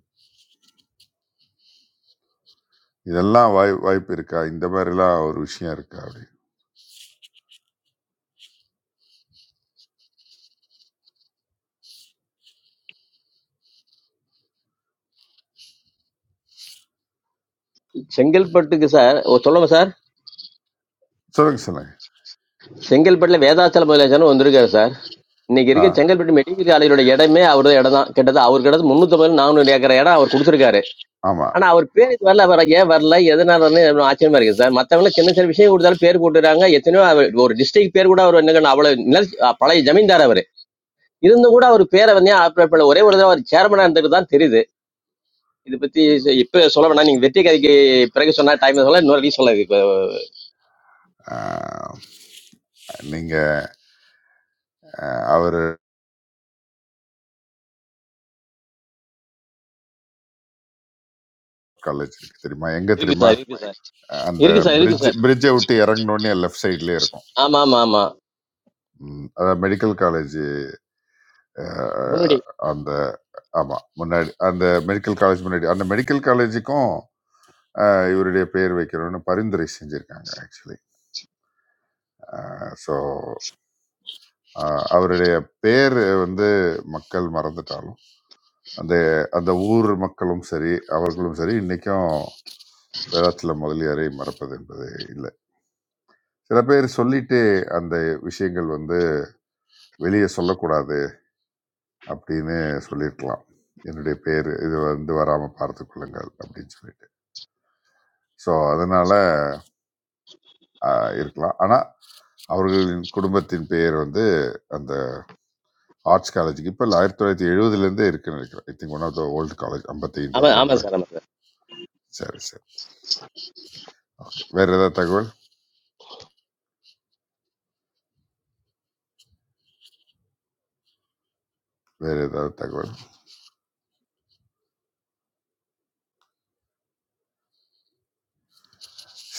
F: இதெல்லாம் வாய் வாய்ப்பு இருக்கா இந்த மாதிரிலாம் ஒரு விஷயம் இருக்கா அப்படின்னு
J: செங்கல்பட்டுக்கு சார் ஓ, சொல்லுங்க சார்
F: சொல்லுங்க சொல்லுங்க
J: செங்கல்பட்டுல வேதாச்சல முதலமைச்சர் வந்திருக்காரு சார் இன்னைக்கு
F: ஆ,
J: இருக்க செங்கல்பட்டு மெடிக்கல் காலேஜோட இடமே அவரது இடம் தான் கிட்டத்தட்ட அவர் கிட்ட முன்னூத்தி நானூறு ஏக்கர் இடம் அவர் கொடுத்திருக்காரு
F: ஆமா
J: ஆனா அவர் பேருக்கு வரல அவர் ஏன் வரல எதனால வரலன்னு எனக்கு ஆச்சரியமா இருக்கு சார் மத்தவங்க சின்ன சின்ன விஷயம் கொடுத்தாலும் பேர் போட்டுறாங்க எத்தனையோ அவர் ஒரு டிஸ்ட்ரிக்ட் பேர் கூட அவர் என்ன அவ்வளவு நில பழைய ஜமீன்தார் அவர் இருந்தும் கூட அவர் பேரை வந்து ஆப்ரேட் பண்ணல ஒரே ஒரு தடவை அவர் சேர்மனா இருந்தது தான் தெரியுது இதை பத்தி ச- இப்ப சொல்ல வேணாம் நீங்க வெற்றி கதைக்கு பிறகு சொன்னா டைம் சொல்ல இன்னொரு ரீ சொல்லாது இப்ப
F: ஆ, நீங்க அவர் காலேஜ் இருக்கு தெரியுமா எங்க
J: இருக்கு
F: தெரியுமா
J: சார் இருக்கு சார்
F: அந்த
J: இருக்கு சார் இருக்கு
F: பிரிட்ஜ்
J: சார்
F: பிரிட்ஜை விட்டு இறங்கினோடனே லெஃப்ட் சைட்லயே இருக்கும்
J: ஆமா ஆமா ஆமா
F: ம், அதாவது மெடிக்கல் காலேஜ்
J: முன்னாடி
F: அந்த ஆமா முன்னாடி அந்த மெடிக்கல் காலேஜ் முன்னாடி அந்த மெடிக்கல் காலேஜுக்கும் இவருடைய பெயர் வைக்கணும்னு பரிந்துரை செஞ்சிருக்காங்க ஆக்சுவலி ஸோ ஆ, அவருடைய பேர் வந்து மக்கள் மறந்துட்டாலும் அந்த அந்த ஊர் மக்களும் சரி அவர்களும் சரி இன்னைக்கும் வேதாச்சல முதலியாரை மறப்பது என்பது இல்லை சில பேர் சொல்லிட்டு அந்த விஷயங்கள் வந்து வெளியே சொல்லக்கூடாது அப்படின்னு சொல்லியிருக்கலாம் என்னுடைய பேர் இது வந்து வராமல் பார்த்து கொள்ளுங்கள் அப்படின்னு சொல்லிட்டு ஸோ அதனால ஆ இருக்கலாம். ஆனா, அவர்களின் குடும்பத்தின் பெயர் வந்து அந்த ஆர்ட்ஸ் காலேஜுக்கு இப்ப இல்ல 1970 இருக்குன்னு நினைக்கிறேன். I think one of the old college 55
J: ஆமா ஆமா
F: வருடங்களா.
J: சார் ஆமா சார்
F: சரி, சரி. ஓகே. வேற ஏதாவது தகவல்? வேற ஏதாவது தகவல்?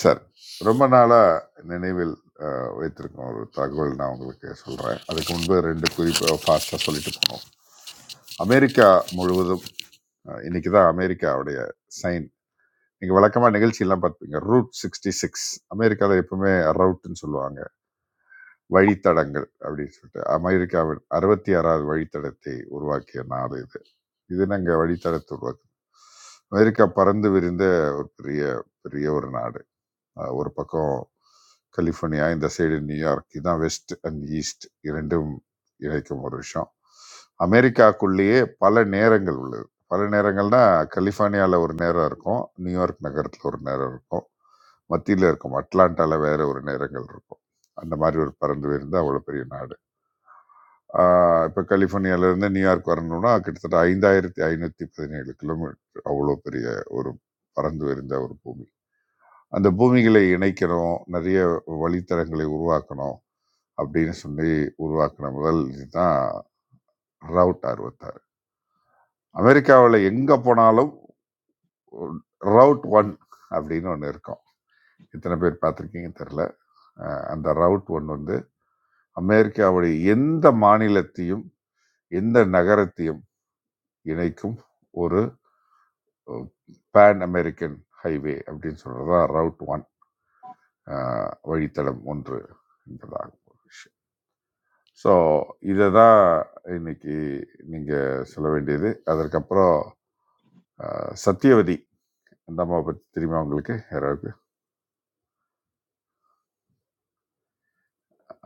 F: சரி. ரொம்ப நாளா நினைவில் அ வைத்திருக்கும் ஒரு தகவல் நான் உங்களுக்கு சொல்றேன். அதுக்கு முன்பு 2 குறிப்ப ஃபாஸ்ட்டா சொல்லிட்டு போணும். அமெரிக்கா முழுவதும் அ இன்னைக்கு தான் அமெரிக்காவுடைய சைன் நீங்கள் வழக்கமாக நிகழ்ச்சியெல்லாம் பார்த்துப்பீங்க ரூட் சிக்ஸ்டி சிக்ஸ் அமெரிக்காவில் எப்பவுமே ரவுட்னு சொல்லுவாங்க வழித்தடங்கள் அப்படின்னு சொல்லிட்டு அமெரிக்காவின் அறுபத்தி ஆறாவது வழித்தடத்தை உருவாக்கிய நாடு இது இது நாங்கள் வழித்தடத்தை உருவாக்கு அமெரிக்கா பறந்து விரிந்த ஒரு பெரிய பெரிய ஒரு நாடு அஹ் ஒரு பக்கம் கலிஃபோர்னியா இந்த சைடு நியூயார்க் இதான் வெஸ்ட் அண்ட் ஈஸ்ட் இரண்டும் இணைக்கும் ஒரு விஷயம் அமெரிக்காக்குள்ளேயே பல நேரங்கள் உள்ளது பல நேரங்கள்னா கலிஃபோர்னியாவில் ஒரு நேரம் இருக்கும் நியூயார்க் நகரத்தில் ஒரு நேரம் இருக்கும் மத்தியில் இருக்கும் அட்லாண்டாவில் வேற ஒரு நேரங்கள் இருக்கும் அந்த மாதிரி ஒரு பறந்து விரிந்து அவ்வளோ பெரிய நாடு இப்போ கலிஃபோர்னியாவிலேருந்து நியூயார்க் வரணும்னா கிட்டத்தட்ட ஐந்தாயிரத்தி ஐநூற்றி பதினேழு கிலோமீட்டர் அவ்வளோ பெரிய ஒரு பறந்து விரிந்த ஒரு பூமி அந்த பூமிகளை இணைக்கணும் நிறைய வழித்தடங்களை உருவாக்கணும் அப்படின்னு சொல்லி உருவாக்கின முதல் இதுதான் ரவுட் அறுபத்தாறு அமெரிக்காவில் எங்கே போனாலும் ரவுட் ஒன் அப்படின்னு ஒன்று இருக்கும் எத்தனை பேர் பார்த்துருக்கீங்க தெரில அஹ் அந்த ரவுட் ஒன் வந்து அமெரிக்காவுடைய எந்த மாநிலத்தையும் எந்த நகரத்தையும் இணைக்கும் ஒரு பேன் அமெரிக்கன் ஹைவே அப்படின்னு சொல்கிறது தான் ரவுட் ஒன் வழித்தடம் ஒன்று என்பதாகும் ஸோ, இததான் இன்னைக்கு நீங்க சொல்ல வேண்டியது. அதற்கப்புறம் அ சத்தியவதி அந்த அம்மாவ பத்தி தெரியுமா உங்களுக்கு? யாராவது?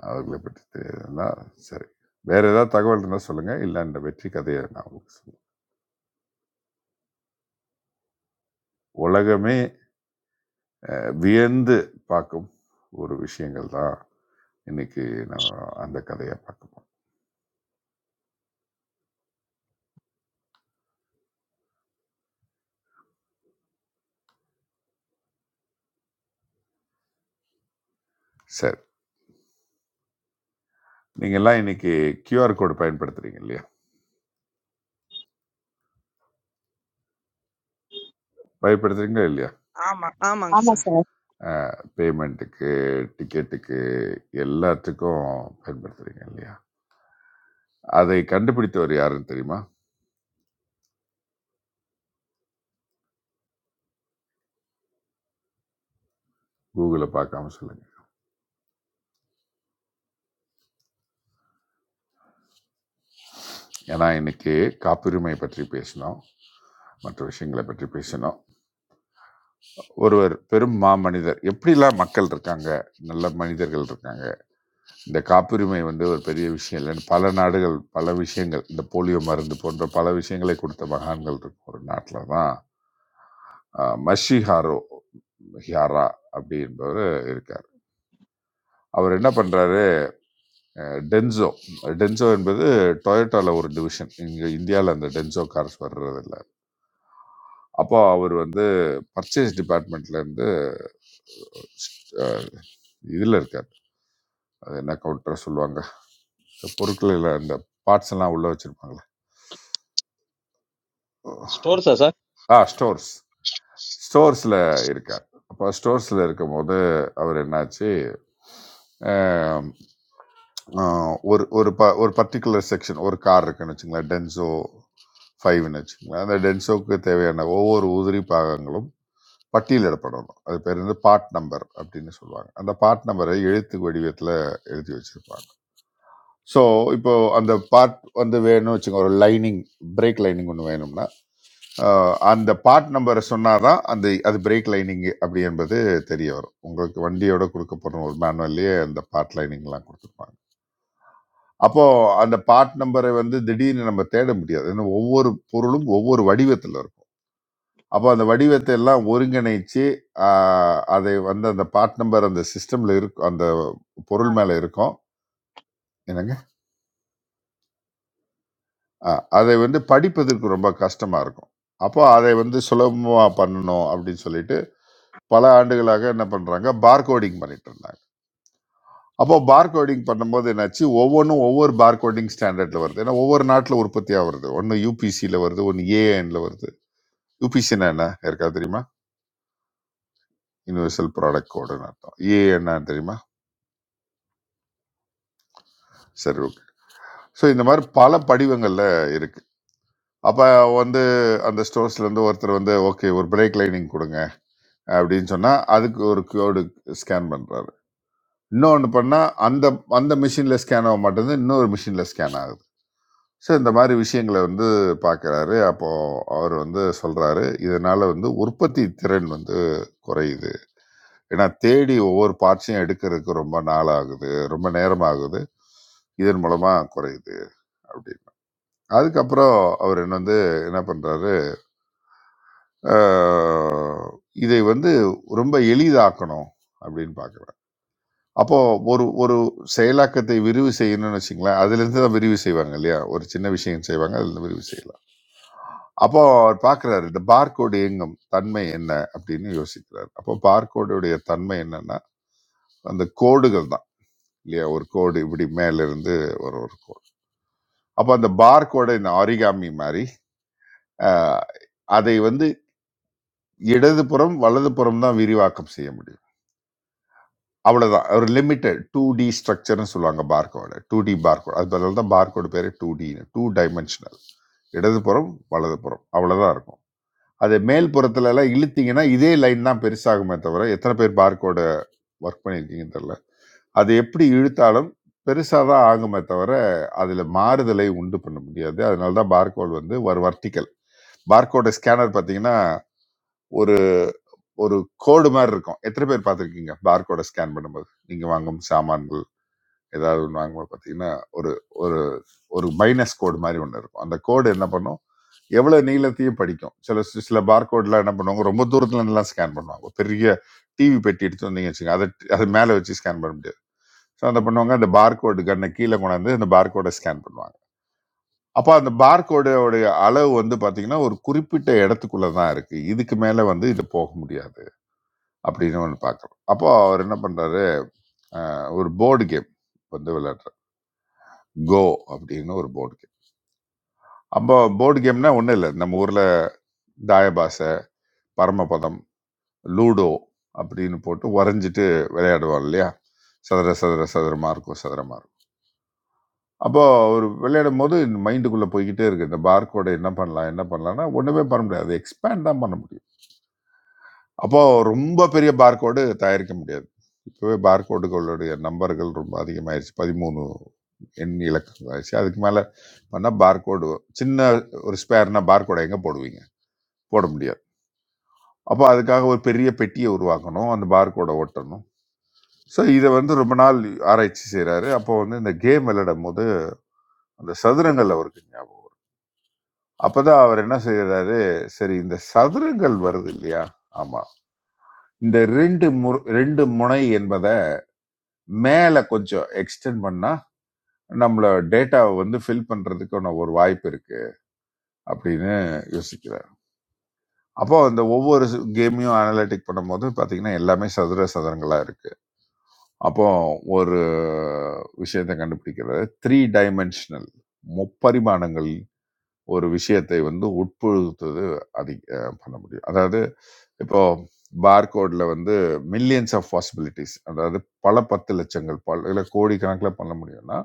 F: அவர்கள பத்தி தெரியாதுன்னா சரி. வேற ஏதாவது தகவல் இருந்தா சொல்லுங்க. இல்ல அந்த வெற்றி கதைய நான் உங்களுக்கு சொல்றேன். உலகமே அ வியந்து பார்க்கும் ஒரு விஷயங்கள் தான் இன்னைக்கு நம்ம அந்த கதையா பார்க்க போறோம். சரி. நீங்கலாம் இன்னைக்கு கியூஆர் கோடு பயன்படுத்துறீங்க இல்லையா? பயன்படுத்துறீங்களா இல்லையா?
C: ஆமா. ஆமாங்க சார்.
Q: சார்
F: அ பேமெண்ட்டுக்கு, டிக்கெட்டுக்கு எல்லாத்துக்கும் பயன்படுத்துறீங்க இல்லையா? அதை கண்டுபிடித்தவர் யாருன்னு தெரியுமா? Googleல பார்க்காம சொல்லுங்க. ஏன்னா, இன்னைக்கு காப்புரிமை பற்றி பேசினோம். மற்ற விஷயங்கள பற்றி பேசினோம். ஒருவர் பெரும் மாமனிதர் எப்படிலாம் மக்கள் இருக்காங்க நல்ல மனிதர்கள் இருக்காங்க இந்த காப்புரிமை வந்து ஒரு பெரிய விஷயம் இல்லைன்னு பல நாடுகள் பல விஷயங்கள் இந்த போலியோ மருந்து போன்ற பல விஷயங்களை கொடுத்த மகான்கள் இருக்கும் ஒரு நாட்டில் தான் ஆஹ், மஷி ஹாரோ ஹியாரா அப்படி என்பவர் இருக்கார் அவர் என்ன பண்றாரு டென்சோ டென்சோ என்பது டொயோட்டால ஒரு டிவிஷன் இங்கே இந்தியாவில் அந்த டென்சோ கார்ஸ் வர்றதில்ல அப்போ அவர் வந்து பர்ச்சேஸ் டிபார்ட்மெண்ட்லேருந்து இதில் இருக்கார் அது என்ன கவுண்டரை சொல்லுவாங்க இந்த பொருட்கள் எல்லாம் இந்த பார்ட்ஸ் எல்லாம் உள்ளே வச்சுருப்பாங்களே ஓ,
J: ஸ்டோர் சார் சார்
F: ஆ ஸ்டோர்ஸ் ஸ்டோர்ஸில் இருக்கார் அப்போ ஸ்டோர்ஸில் இருக்கும்போது அவர் என்னாச்சு ஆம், ஆ, ஒரு ஒரு ப ஒரு பர்டிகுலர் செக்ஷன் ஒரு கார் இருக்குன்னு வச்சுங்களேன் டென்சோ ஃபைவ்னு வச்சுங்களேன் அந்த டென்சோக்கு தேவையான ஒவ்வொரு உதிரி பாகங்களும் பட்டியலிடப்படணும் அது பேர் வந்து பார்ட் நம்பர் அப்படின்னு சொல்லுவாங்க அந்த பார்ட் நம்பரை எழுத்து வடிவத்தில் எழுதி வச்சுருப்பாங்க ஸோ இப்போ அந்த பார்ட் வந்து வேணும்னு வச்சுக்கோங்க ஒரு லைனிங் பிரேக் லைனிங் ஒன்று வேணும்னா ஆஹ், அந்த பார்ட் நம்பரை சொன்னாதான் அந்த அது பிரேக் லைனிங் அப்படி என்பது தெரிய வரும் உங்களுக்கு வண்டியோட கொடுக்கப்படும் ஒரு மேனுவல்லையே அந்த பார்ட் லைனிங்லாம் கொடுத்துருப்பாங்க அப்போ அந்த பார்ட் நம்பரை வந்து திடீர்னு நம்ம தேட முடியாது ஏன்னா ஒவ்வொரு பொருளும் ஒவ்வொரு வடிவத்தில் இருக்கும் அப்போ அந்த வடிவத்தை எல்லாம் ஒருங்கிணைச்சு ஆஹ், அதை வந்து அந்த பார்ட் நம்பர் அந்த சிஸ்டம்ல இருக்கும் அந்த பொருள் மேலே இருக்கும் என்னங்க அஹ் அதை வந்து படிப்பதற்கு ரொம்ப கஷ்டமாக இருக்கும் அப்போ அதை வந்து சுலபமாக பண்ணணும் அப்படின்னு சொல்லிட்டு பல ஆண்டுகளாக என்ன பண்ணுறாங்க பார்கோடிங் பண்ணிட்டு இருந்தாங்க அப்போ பார்கோடிங் பண்ணும்போது என்னாச்சு ஒவ்வொன்றும் ஒவ்வொரு பார்கோடிங் ஸ்டாண்டர்டில் வருது ஏன்னா ஒவ்வொரு நாட்டில் உற்பத்தியாக வருது ஒன்று யூபிசியில் வருது ஒன்று ஏஎன்ல வருது யூபிசின்னா என்ன இருக்கா தெரியுமா யூனிவர்சல் ப்ராடக்ட் கோடுன்னு அர்த்தம் ஏஎன்னா தெரியுமா சரி ஓகே ஸோ இந்த மாதிரி பல படிவங்களில் இருக்குது அப்போ வந்து அந்த ஸ்டோர்ஸ்லேருந்து ஒருத்தர் வந்து ஓகே ஒரு பிரேக் லைனிங் கொடுங்க அப்படின்னு சொன்னால் அதுக்கு ஒரு கியூடு ஸ்கேன் பண்ணுறாரு இன்னொன்று பண்ணால் அந்த அந்த மிஷினில் ஸ்கேன் ஆக மாட்டேங்குது இன்னொரு மிஷினில் ஸ்கேன் ஆகுது ஸோ இந்த மாதிரி விஷயங்களை வந்து பார்க்குறாரு அப்போது அவர் வந்து சொல்கிறாரு இதனால் வந்து உற்பத்தி திறன் வந்து குறையுது ஏன்னா தேடி ஒவ்வொரு பார்ட்ஸையும் எடுக்கிறதுக்கு ரொம்ப நாள் ஆகுது ரொம்ப நேரம் ஆகுது இதன் மூலமாக குறையுது அப்படின்னு அதுக்கப்புறம் அவர் என்ன வந்து என்ன பண்ணுறாரு இதை வந்து ரொம்ப எளிதாக்கணும் அப்படின்னு பார்க்குறாரு அப்போ ஒரு ஒரு செயலாக்கத்தை விரிவு செய்யணும்னு வச்சுங்களேன். அதிலிருந்து தான் விரிவு செய்வாங்க இல்லையா? ஒரு சின்ன விஷயம் செய்வாங்க. அதிலிருந்து விரிவு செய்யலாம். அப்போ அவர் பார்க்கிறாரு. இந்த பார்கோடு இயங்கும் தன்மை என்ன? அப்படின்னு யோசிக்கிறார். அப்போ பார்கோடுடைய தன்மை என்னன்னா, அந்த கோடுகள் தான் இல்லையா? ஒரு கோடு இப்படி மேலிருந்து ஒரு ஒரு கோடு. அப்போ அந்த பார்கோட இந்த ஆரிகாமி மாரி, அ அதை வந்து இடதுபுறம், வலதுபுறம் தான் விரிவாக்கம் செய்ய முடியும். அவ்வளோதான் ஒரு லிமிட்டட் டூ டி ஸ்ட்ரக்சர்னு சொல்லுவாங்க பார்கோட டூ டி பார்கோட் அது பதில் தான் பார்கோடு பேர் டூ டின்னு டூ டைமென்ஷனல் இடதுபுறம் வலதுபுறம் அவ்வளோதான் இருக்கும் அது மேல் புறத்துல எல்லாம் இழுத்தீங்கன்னா இதே லைன் தான் பெருசாகுமே தவிர எத்தனை பேர் பார்கோட ஒர்க் பண்ணியிருக்கீங்கன்னு தெரில அது எப்படி இழுத்தாலும் பெருசாக தான் ஆகுமே தவிர அதில் மாறுதலை உண்டு பண்ண முடியாது அதனால தான் பார்கோடு வந்து ஒரு வர்டிக்கல் பார்கோட ஸ்கேனர் பார்த்தீங்கன்னா ஒரு ஒரு கோடு மாதிரி இருக்கும் எத்தனை பேர் பார்த்துருக்கீங்க பார்கோட ஸ்கேன் பண்ணும்போது நீங்கள் வாங்கும் சாமான்கள் ஏதாவது ஒன்று வாங்கும்போது பார்த்தீங்கன்னா ஒரு ஒரு ஒரு மைனஸ் கோடு மாதிரி ஒன்று இருக்கும் அந்த கோடு என்ன பண்ணும் எவ்வளோ நீளத்தையும் படிக்கும் சில சில பார்கோட்லாம் என்ன பண்ணுவாங்க ரொம்ப தூரத்துல இருந்தெல்லாம் ஸ்கேன் பண்ணுவாங்க ஒரு பெரிய டிவி பெட்டி எடுத்து வந்தீங்க வச்சுங்க அதை அது மேலே வச்சு ஸ்கேன் பண்ண முடியாது ஸோ அதை பண்ணுவாங்க அந்த பார்கோடு கண்ணை கீழே கொண்டாந்து அந்த பார்கோடை ஸ்கேன் பண்ணுவாங்க அப்போ அந்த பார்கோடோடைய அளவு வந்து பார்த்தீங்கன்னா ஒரு குறிப்பிட்ட இடத்துக்குள்ளே தான் இருக்குது இதுக்கு மேலே வந்து இது போக முடியாது அப்படின்னு ஒன்று பார்க்குறோம் அப்போ அவர் என்ன பண்ணுறாரு அஹ் ஒரு போர்டு கேம் வந்து விளையாடுறாரு கோ அப்படின்னு ஒரு போர்டு அப்போ போர்டு கேம்னா ஒன்றும் இல்லை நம்ம ஊரில் தாயபாசை பரமபதம் லூடோ அப்படின்னு போட்டு வரைஞ்சிட்டு விளையாடுவோம் இல்லையா சதுர சதுர சதுரமாக இருக்கும் சதுரமாக இருக்கும் அப்போது ஒரு விளையாடும் போது இந்த மைண்டுக்குள்ளே போய்கிட்டே இருக்குது இந்த பார்கோடை என்ன பண்ணலாம் என்ன பண்ணலாம்னா ஒன்றுமே பண்ண முடியாது எக்ஸ்பேண்ட் தான் பண்ண முடியும் அப்போது ரொம்ப பெரிய பார்கோடு தயாரிக்க முடியாது இப்போவே பார்கோடுகளுடைய நம்பர்கள் ரொம்ப அதிகமாயிருச்சு பதிமூணு எண் இலக்கங்கள் ஆயிடுச்சு அதுக்கு மேலே பண்ணால் பார்கோடு சின்ன ஒரு ஸ்பேர்னா பார்கோடை எங்கே போடுவீங்க போட முடியாது அப்போ அதுக்காக ஒரு பெரிய பெட்டியை உருவாக்கணும் அந்த பார்கோடை ஒட்டணும் ஸோ இதை வந்து ரொம்ப நாள் ஆராய்ச்சி செய்கிறாரு அப்போ வந்து இந்த கேம் விளையாடும் போது அந்த சதுரங்கள் அவருக்கு ஞாபகம் அப்பதான் அவர் என்ன செய்கிறாரு சரி இந்த சதுரங்கள் வருது இல்லையா ஆமா இந்த ரெண்டு முற- ரெண்டு முனை என்பதை மேல கொஞ்சம் எக்ஸ்டெண்ட் பண்ணா நம்மள டேட்டாவை வந்து ஃபில் பண்றதுக்கான ஒரு வாய்ப்பு இருக்கு அப்படின்னு யோசிக்கிறார் அப்போ அந்த ஒவ்வொரு கேமையும் அனலிட்டிக் பண்ணும்போது பாத்தீங்கன்னா எல்லாமே சதுர சதுரங்களா இருக்கு அப்போ ஒரு விஷயத்த கண்டுபிடிக்கிறது 3 டைமென்ஷனல் முப்பரிமாணங்கள் ஒரு விஷயத்தை வந்து உட்புகுத்துவது அது அ பண்ண முடியும். அதாவது இப்போ பார்கோட்ல வந்து மில்லியன்ஸ் ஆஃப் பாசிபிலிட்டீஸ் அதாவது பல 10 லட்சங்கள், பல கோடிக்கணக்குல பண்ண முடியும்னா,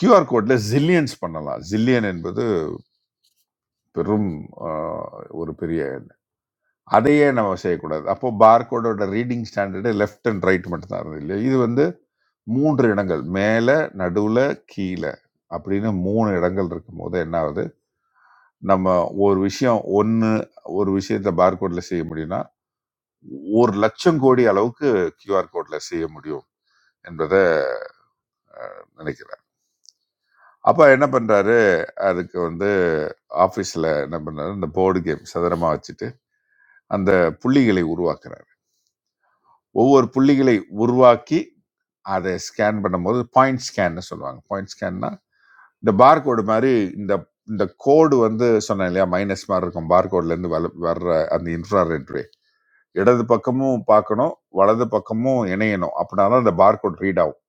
F: QR கோட்ல ஜில்லியன்ஸ் பண்ணலாம். ஜில்லியன் என்பது பெரும் அ ஒரு பெரிய அதையே நம்ம செய்யக்கூடாது அப்போ பார்கோடோட reading standard left and right மட்டும் தான் இருந்தது இல்லையா இது வந்து மூன்று இடங்கள் மேலே நடுவில் கீழே அப்படின்னு மூணு இடங்கள் இருக்கும்போது என்ன ஆகுது நம்ம ஒரு விஷயம் ஒன்று ஒரு விஷயத்தை பார்கோடில் செய்ய முடியும்னா ஒரு லட்சம் கோடி அளவுக்கு QR கோடில் செய்ய முடியும் என்பதை நினைக்கிறேன் அப்போ என்ன பண்ணுறாரு அதுக்கு வந்து ஆஃபீஸில் என்ன பண்ணுறாரு இந்த போர்டு கேம் சதுரமாக வச்சுட்டு அந்த புள்ளிகளை உருவாக்குறாரு ஒவ்வொரு புள்ளிகளை உருவாக்கி அதை ஸ்கேன் பண்ணும்போது பாயிண்ட் ஸ்கேன்னு சொல்லுவாங்க பாயிண்ட் ஸ்கேன்னா இந்த barcode மாதிரி இந்த இந்த கோடு வந்து சொன்னேன் இல்லையா மைனஸ் மாதிரி இருக்கும் பார்கோட்லேருந்து வல வர்ற அந்த இன்ஃப்ராரெட் ரே இடது பக்கமும் பார்க்கணும் வலது பக்கமும் இணையணும் அப்படின்னா தான் அந்த barcode ரீட் ஆகும்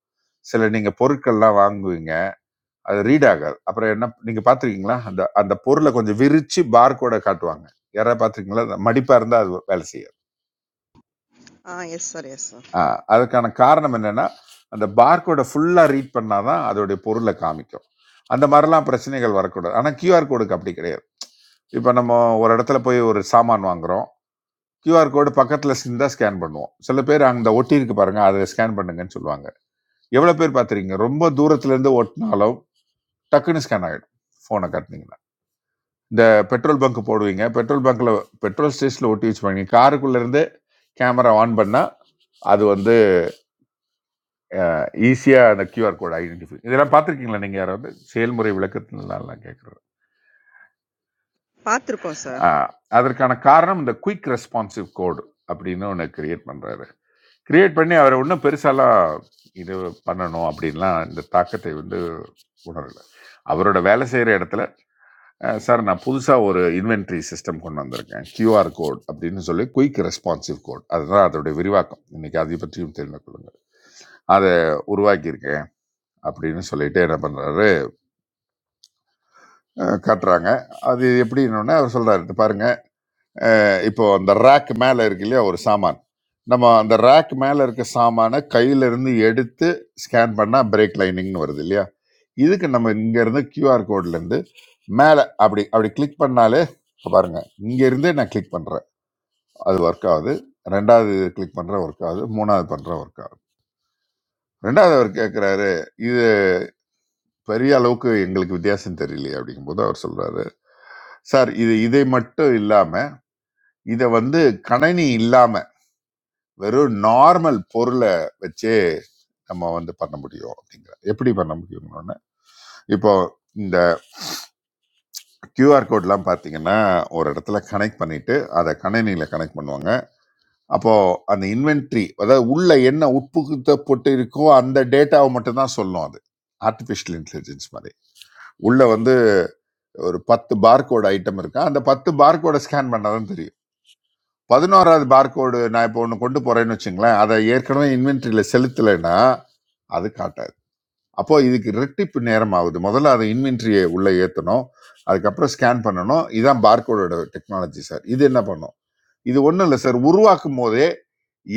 F: சில நீங்கள் பொருட்கள்லாம் வாங்குவீங்க அது ரீட் ஆகாது அப்புறம் என்ன நீங்கள் பார்த்துருக்கீங்களா அந்த அந்த பொருளை கொஞ்சம் விரிச்சு barcode-அ காட்டுவாங்க யாராவது பார்த்துருக்கீங்களா மடிப்பாக இருந்தால் அது வேலை செய்யாது
C: ஆ எஸ் சார், எஸ் சார்.
F: ஆ, அதுக்கான காரணம் என்னன்னா அந்த பார்கோடை ஃபுல்லாக ரீட் பண்ணாதான் அதோடைய பொருளை காமிக்கும் அந்த மாதிரிலாம் பிரச்சனைகள் வரக்கூடாது ஆனால் கியூஆர் கோடுக்கு அப்படி கிடையாது இப்போ நம்ம ஒரு இடத்துல போய் ஒரு சாமான் வாங்குறோம் கியூஆர் கோடு பக்கத்தில் இருந்தா ஸ்கேன் பண்ணுவோம் சில பேர் அந்த ஒட்டி இருக்கு பாருங்க அதை ஸ்கேன் பண்ணுங்கன்னு சொல்லுவாங்க எவ்வளோ பேர் பார்த்துருக்கீங்க ரொம்ப தூரத்துல இருந்து ஒட்டினாலும் டக்குன்னு ஸ்கேன் ஆகிடும் ஃபோனை கட்டினீங்கன்னா இந்த பெட்ரோல் பங்க் போடுவீங்க பெட்ரோல் பங்க்ல பெட்ரோல் ஸ்டேஷனில் ஒட்டி வச்சு பண்ணி காருக்குள்ளேருந்து கேமரா ஆன் பண்ணால் அது வந்து ஈஸியாக அந்த கியூஆர் கோட் ஐடென்டிஃபை இதெல்லாம் பார்த்துருக்கீங்களா நீங்கள் யாராவது செயல்முறை விளக்கத்தினால நான் கேட்குறேன்
C: பார்த்துருக்கோம் சார்.
F: அதற்கான காரணம் இந்த குயிக் ரெஸ்பான்சிவ் கோடு அப்படின்னு ஒன்று கிரியேட் பண்ணுறாரு கிரியேட் பண்ணி அவரை இன்னும் பெருசாலாம் இது பண்ணணும் அப்படின்லாம் இந்த தாக்கத்தை வந்து உணரலை அவரோட வேலை செய்கிற இடத்துல அஹ், சார் நான் புதுசாக ஒரு இன்வென்ட்ரி சிஸ்டம் கொண்டு வந்திருக்கேன் QR கோட் அப்படின்னு சொல்லி குயிக் ரெஸ்பான்சிவ் கோட் அதுதான் அதோடைய விரிவாக்கம் இன்னைக்கு அதை பற்றியும் தெரிந்து கொள்ளுங்கள் அதை உருவாக்கியிருக்கேன் அப்படின்னு சொல்லிட்டு என்ன பண்ணுறாரு அஹ், காட்டுறாங்க அது எப்படின்னு அவர் சொல்றாரு பாருங்க இப்போ அந்த ரேக் மேல இருக்கு இல்லையா ஒரு சாமான் நம்ம அந்த ரேக் மேல இருக்க சாமானை கையில இருந்து எடுத்து ஸ்கேன் பண்ணா பிரேக் லைனிங்னு வருது இல்லையா இதுக்கு நம்ம இங்க இருந்து கியூஆர் கோட்ல இருந்து மேல அப்படி அப்படி கிளிக் பண்ணாலே இப்ப பாருங்க இங்க இருந்தே நான் கிளிக் பண்றேன் அது ஒர்க் ஆகுது ரெண்டாவது கிளிக் பண்ற ஒர்க் ஆகுது மூணாவது பண்ற ஒர்க் ஆகுது ரெண்டாவது அவர் கேட்கிறாரு இது பெரிய அளவுக்கு எங்களுக்கு வித்தியாசம் தெரியலையே அப்படிங்கும்போது அவர் சொல்றாரு சார் இது இதை மட்டும் இல்லாம இத வந்து கணனி இல்லாம வெறும் நார்மல் பொருளை வச்சே நம்ம வந்து பண்ண முடியும் அப்படிங்கிற எப்படி பண்ண முடியும்னு இப்போ இந்த QR கோட்லாம் பார்த்தீங்கன்னா ஒரு இடத்துல கனெக்ட் பண்ணிட்டு அதை கணினியில கனெக்ட் பண்ணுவாங்க அப்போ அந்த இன்வென்ட்ரி அதாவது உள்ள என்ன உட்புகுத்தப்பட்டு இருக்கோ அந்த டேட்டாவை மட்டும் தான் சொல்லும் அது ஆர்டிஃபிஷியல் இன்டெலிஜென்ஸ் மாதிரி உள்ள வந்து ஒரு பத்து பார்கோட் ஐட்டம் இருக்கா அந்த பத்து பார்கோடை ஸ்கேன் பண்ணாதான் தெரியும் பதினோராவது பார்கோடு நான் இப்போ ஒன்று கொண்டு போறேன்னு வச்சுங்களேன் அதை ஏற்கனவே இன்வென்ட்ரியில செலுத்தலைன்னா அது காட்டாது அப்போ இதுக்கு ரெட்டிப்பு நேரம் ஆகுது முதல்ல அதை இன்வென்ட்ரியை உள்ள ஏற்றணும் அதுக்கப்புறம் ஸ்கேன் பண்ணணும் இதுதான் பார்கோடோட டெக்னாலஜி சார் இது என்ன பண்ணும் இது ஒன்றும் இல்லை சார் உருவாக்கும் போதே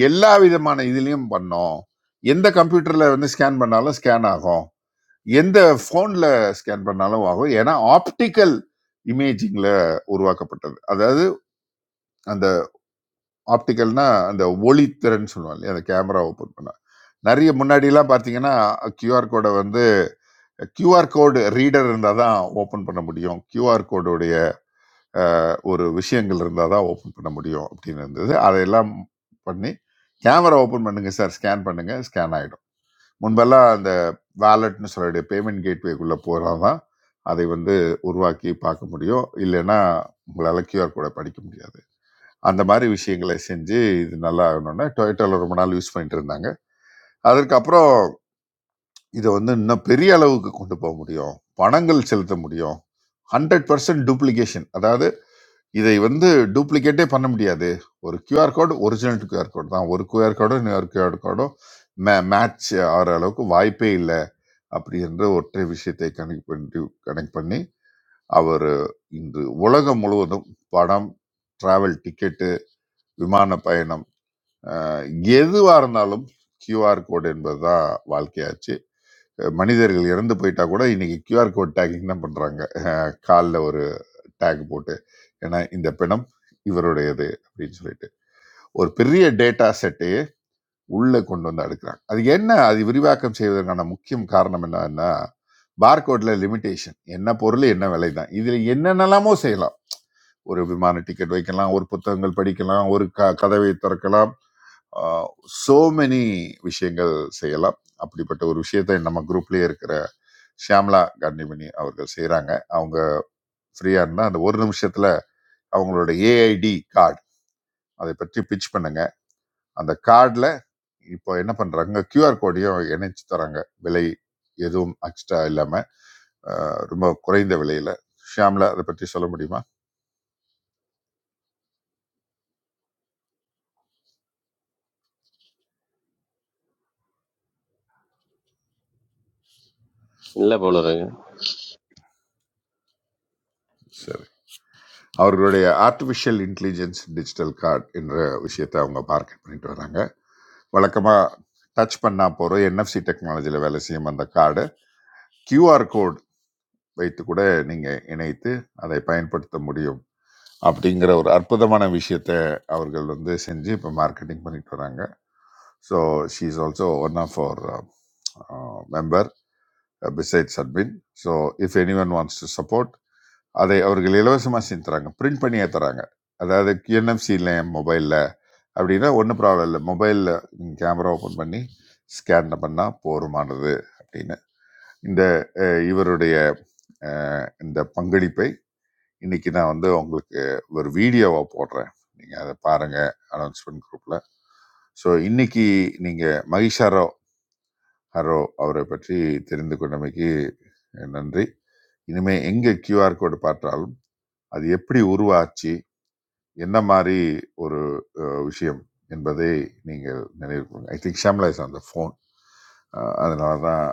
F: எல்லா விதமான இதுலேயும் பண்ணோம் எந்த கம்ப்யூட்டரில் வந்து ஸ்கேன் பண்ணாலும் ஸ்கேன் ஆகும் எந்த ஃபோனில் ஸ்கேன் பண்ணாலும் ஆகும் ஏன்னா ஆப்டிக்கல் இமேஜிங்கில் உருவாக்கப்பட்டது அதாவது அந்த ஆப்டிகல்னா அந்த ஒளித்திறன் சொல்லுவாங்க இல்லையா அந்த கேமரா ஓப்பன் பண்ணா நிறைய முன்னாடிலாம் பார்த்தீங்கன்னா கியூஆர் கோடை வந்து கியூஆர் கோடு ரீடர் இருந்தால் தான் ஓப்பன் பண்ண முடியும் கியூஆர் கோடுடைய ஒரு விஷயங்கள் இருந்தால் தான் ஓப்பன் பண்ண முடியும் அப்படின்னு இருந்தது அதையெல்லாம் பண்ணி கேமரா ஓப்பன் பண்ணுங்க சார் ஸ்கேன் பண்ணுங்க ஸ்கேன் ஆகிடும் முன்பெல்லாம் அந்த வேலட்னு சொல்லக்கூடிய பேமெண்ட் கேட்வேக்குள்ளே போகிறதா தான் அதை வந்து உருவாக்கி பார்க்க முடியும் இல்லைன்னா உங்களால் கியூஆர் கோடை படிக்க முடியாது அந்த மாதிரி விஷயங்களை செஞ்சு இது நல்லா ஆகணும்னா டொயோட்டோவில் ரொம்ப நாள் யூஸ் பண்ணிட்டு இருந்தாங்க அதற்கப்புறம் இதை வந்து இன்னும் பெரிய அளவுக்கு கொண்டு போக முடியும் பணங்கள் செலுத்த முடியும் ஹண்ட்ரட் பர்சன்ட் டூப்ளிகேஷன் அதாவது இதை வந்து டூப்ளிகேட்டே பண்ண முடியாது ஒரு QR code original QR code தான் ஒரு கியூஆர் கோடும் இன்னொரு கியூஆர் கோடும் மே மேட்ச் ஆகிற அளவுக்கு வாய்ப்பே இல்லை அப்படின்ற ஒற்றை விஷயத்தை கனெக்ட் பண்ணி கனெக்ட் பண்ணி அவர் இன்று உலகம் முழுவதும் படம் டிராவல் டிக்கெட்டு விமான பயணம் அஹ் எதுவாக இருந்தாலும் கியூஆர் கோட் என்பது தான் வாழ்க்கையாச்சு அஹ் மனிதர்கள் இறந்து போயிட்டா கூட இன்னைக்கு கியூஆர் கோட் டேக்கிங் தான் பண்ணுறாங்க காலில் ஒரு டேக் போட்டு ஏன்னா இந்த பிணம் இவருடையது அப்படின்னு சொல்லிட்டு ஒரு பெரிய டேட்டா செட்டையே உள்ளே கொண்டு வந்து அடுக்குறாங்க அது என்ன அது விரிவாக்கம் செய்வதற்கான முக்கியம் காரணம் என்னன்னா பார்கோட்ல லிமிடேஷன் என்ன பொருள் என்ன விலை தான் இதில் என்னென்னலாமோ செய்யலாம் ஒரு விமான டிக்கெட் வைக்கலாம் ஒரு புத்தகங்கள் படிக்கலாம் ஒரு க கதவை திறக்கலாம் சோ மெனி விஷயங்கள் செய்யலாம் அப்படிப்பட்ட ஒரு விஷயத்தை நம்ம குரூப்லயே இருக்கிற ஷியாம்லா காந்திமணி அவர்கள் செய்கிறாங்க அவங்க ஃப்ரீயா இருந்தா அந்த ஒரு நிமிஷத்துல அவங்களோட ஏஐடி கார்டு அதை பற்றி பிச் பண்ணுங்க அந்த கார்டில் இப்போ என்ன பண்றாங்க QR கோடையும் இணைச்சு தராங்க விலை எதுவும் எக்ஸ்ட்ரா இல்லாம அஹ், ரொம்ப குறைந்த விலையில ஷியாம்லா அதை பற்றி சொல்ல முடியுமா
J: இல்ல போல இருக்கு
F: சரி. அவர்களுடைய ஆர்டிஃபிஷியல் இன்டெலிஜென்ஸ் டிஜிட்டல் கார்டு என்ற விஷயத்தை அவங்க மார்க்கெட் பண்ணிட்டு வராங்க வழக்கமாக டச் பண்ணா போகிற என்எஃப்சி டெக்னாலஜியில் வேலை செய்யும் அந்த கார்டு QR கோட் வைத்து கூட நீங்கள் இணைத்து அதை பயன்படுத்த முடியும் அப்படிங்கிற ஒரு அற்புதமான விஷயத்தை அவர்கள் வந்து செஞ்சு இப்போ மார்க்கெட்டிங் பண்ணிட்டு வராங்க so she is also one of our member besides admin so if any one wants to support அதை அவர்கள் இலவசமாக செஞ்சு தராங்க பிரிண்ட் பண்ணியே தராங்க அதாவது QNFC இல்லை என் மொபைலில் அப்படின்னா ஒன்றும் ப்ராப்ளம் இல்லை மொபைலில் நீங்கள் கேமரா ஓப்பன் பண்ணி ஸ்கேன் பண்ணால் போருமானது அப்படின்னு இந்த அஹ், இவருடைய அஹ், இந்த பங்களிப்பை இன்னைக்கு நான் வந்து உங்களுக்கு ஒரு வீடியோவா போடுறேன் நீங்க அதை பாருங்க அனௌன்ஸ்மெண்ட் குரூப்ல ஸோ இன்னைக்கு நீங்க மகிஷாரோ ஹரோ அவரை பற்றி தெரிந்து கொண்டமைக்கு நன்றி இனிமே எங்க QR கோடு பார்த்தாலும் அது எப்படி உருவாச்சு என்ன மாதிரி ஒரு அஹ், விஷயம் என்பதை நீங்கள் நினைவு ஐ திங்க் ஷாம்லா இஸ் அந்த ஃபோன் அதனால தான்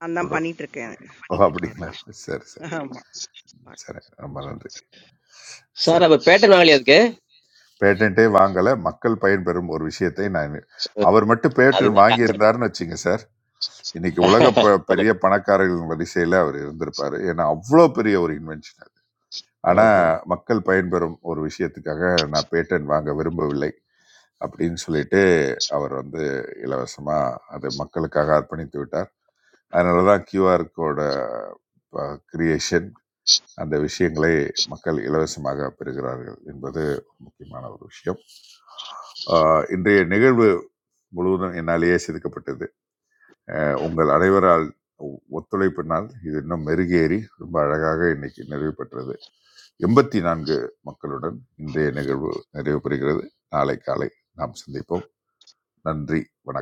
C: நான் தான் பண்ணிட்டு இருக்கேன்.
F: ஓ அப்படிங்களா
C: பார்க்கலாம்.
F: சரி சரி
C: ஆமா.
F: சரி ரொம்ப நன்றி
J: சார்
F: சரி
J: அப்ப பேட்டன் வாங்கலையா அதுக்கு
F: பேட்டன்ட்டே வாங்கலை மக்கள் பயன்பெறும் ஒரு விஷயத்தை நான் அவர் மட்டும் பேட்டன்
J: அதுதான் கான்செப்ட்
F: வாங்கியிருந்தாருன்னு வச்சுங்க சார் இன்னைக்கு உலக ப பெரிய பணக்காரர்களின் வரிசையில் அவர் இருந்திருப்பார் ஏன்னா அவ்வளோ பெரிய ஒரு இன்வென்ஷன் அது ஆனால்
J: சொல்லுங்க
F: மக்கள் பயன்பெறும் ஒரு விஷயத்துக்காக நான் பேட்டன் வாங்க விரும்பவில்லை அப்படின்னு சொல்லிட்டு அவர் வந்து இலவசமாக அது மக்களுக்காக அர்ப்பணித்து விட்டார் அதனால தான் கியூஆர் கோட கிரியேஷன் அந்த விஷயங்களை மக்கள் இலவசமாக பெறுகிறார்கள் என்பது முக்கியமான ஒரு விஷயம் ஆஹ் இன்றைய நிகழ்வு முழுவதும் என்னாலேயே செதுக்கப்பட்டது ஆஹ் உங்கள் அனைவரால் ஒ- ஒத்துழைப்பினால் இது இன்னும் மெருகேறி ரொம்ப அழகாக இன்னைக்கு நிறைவு பெற்றது எண்பத்தி நான்கு மக்களுடன் இன்றைய நிகழ்வு நிறைவு பெறுகிறது நாளை காலை நாம் சந்திப்போம் நன்றி வணக்கம்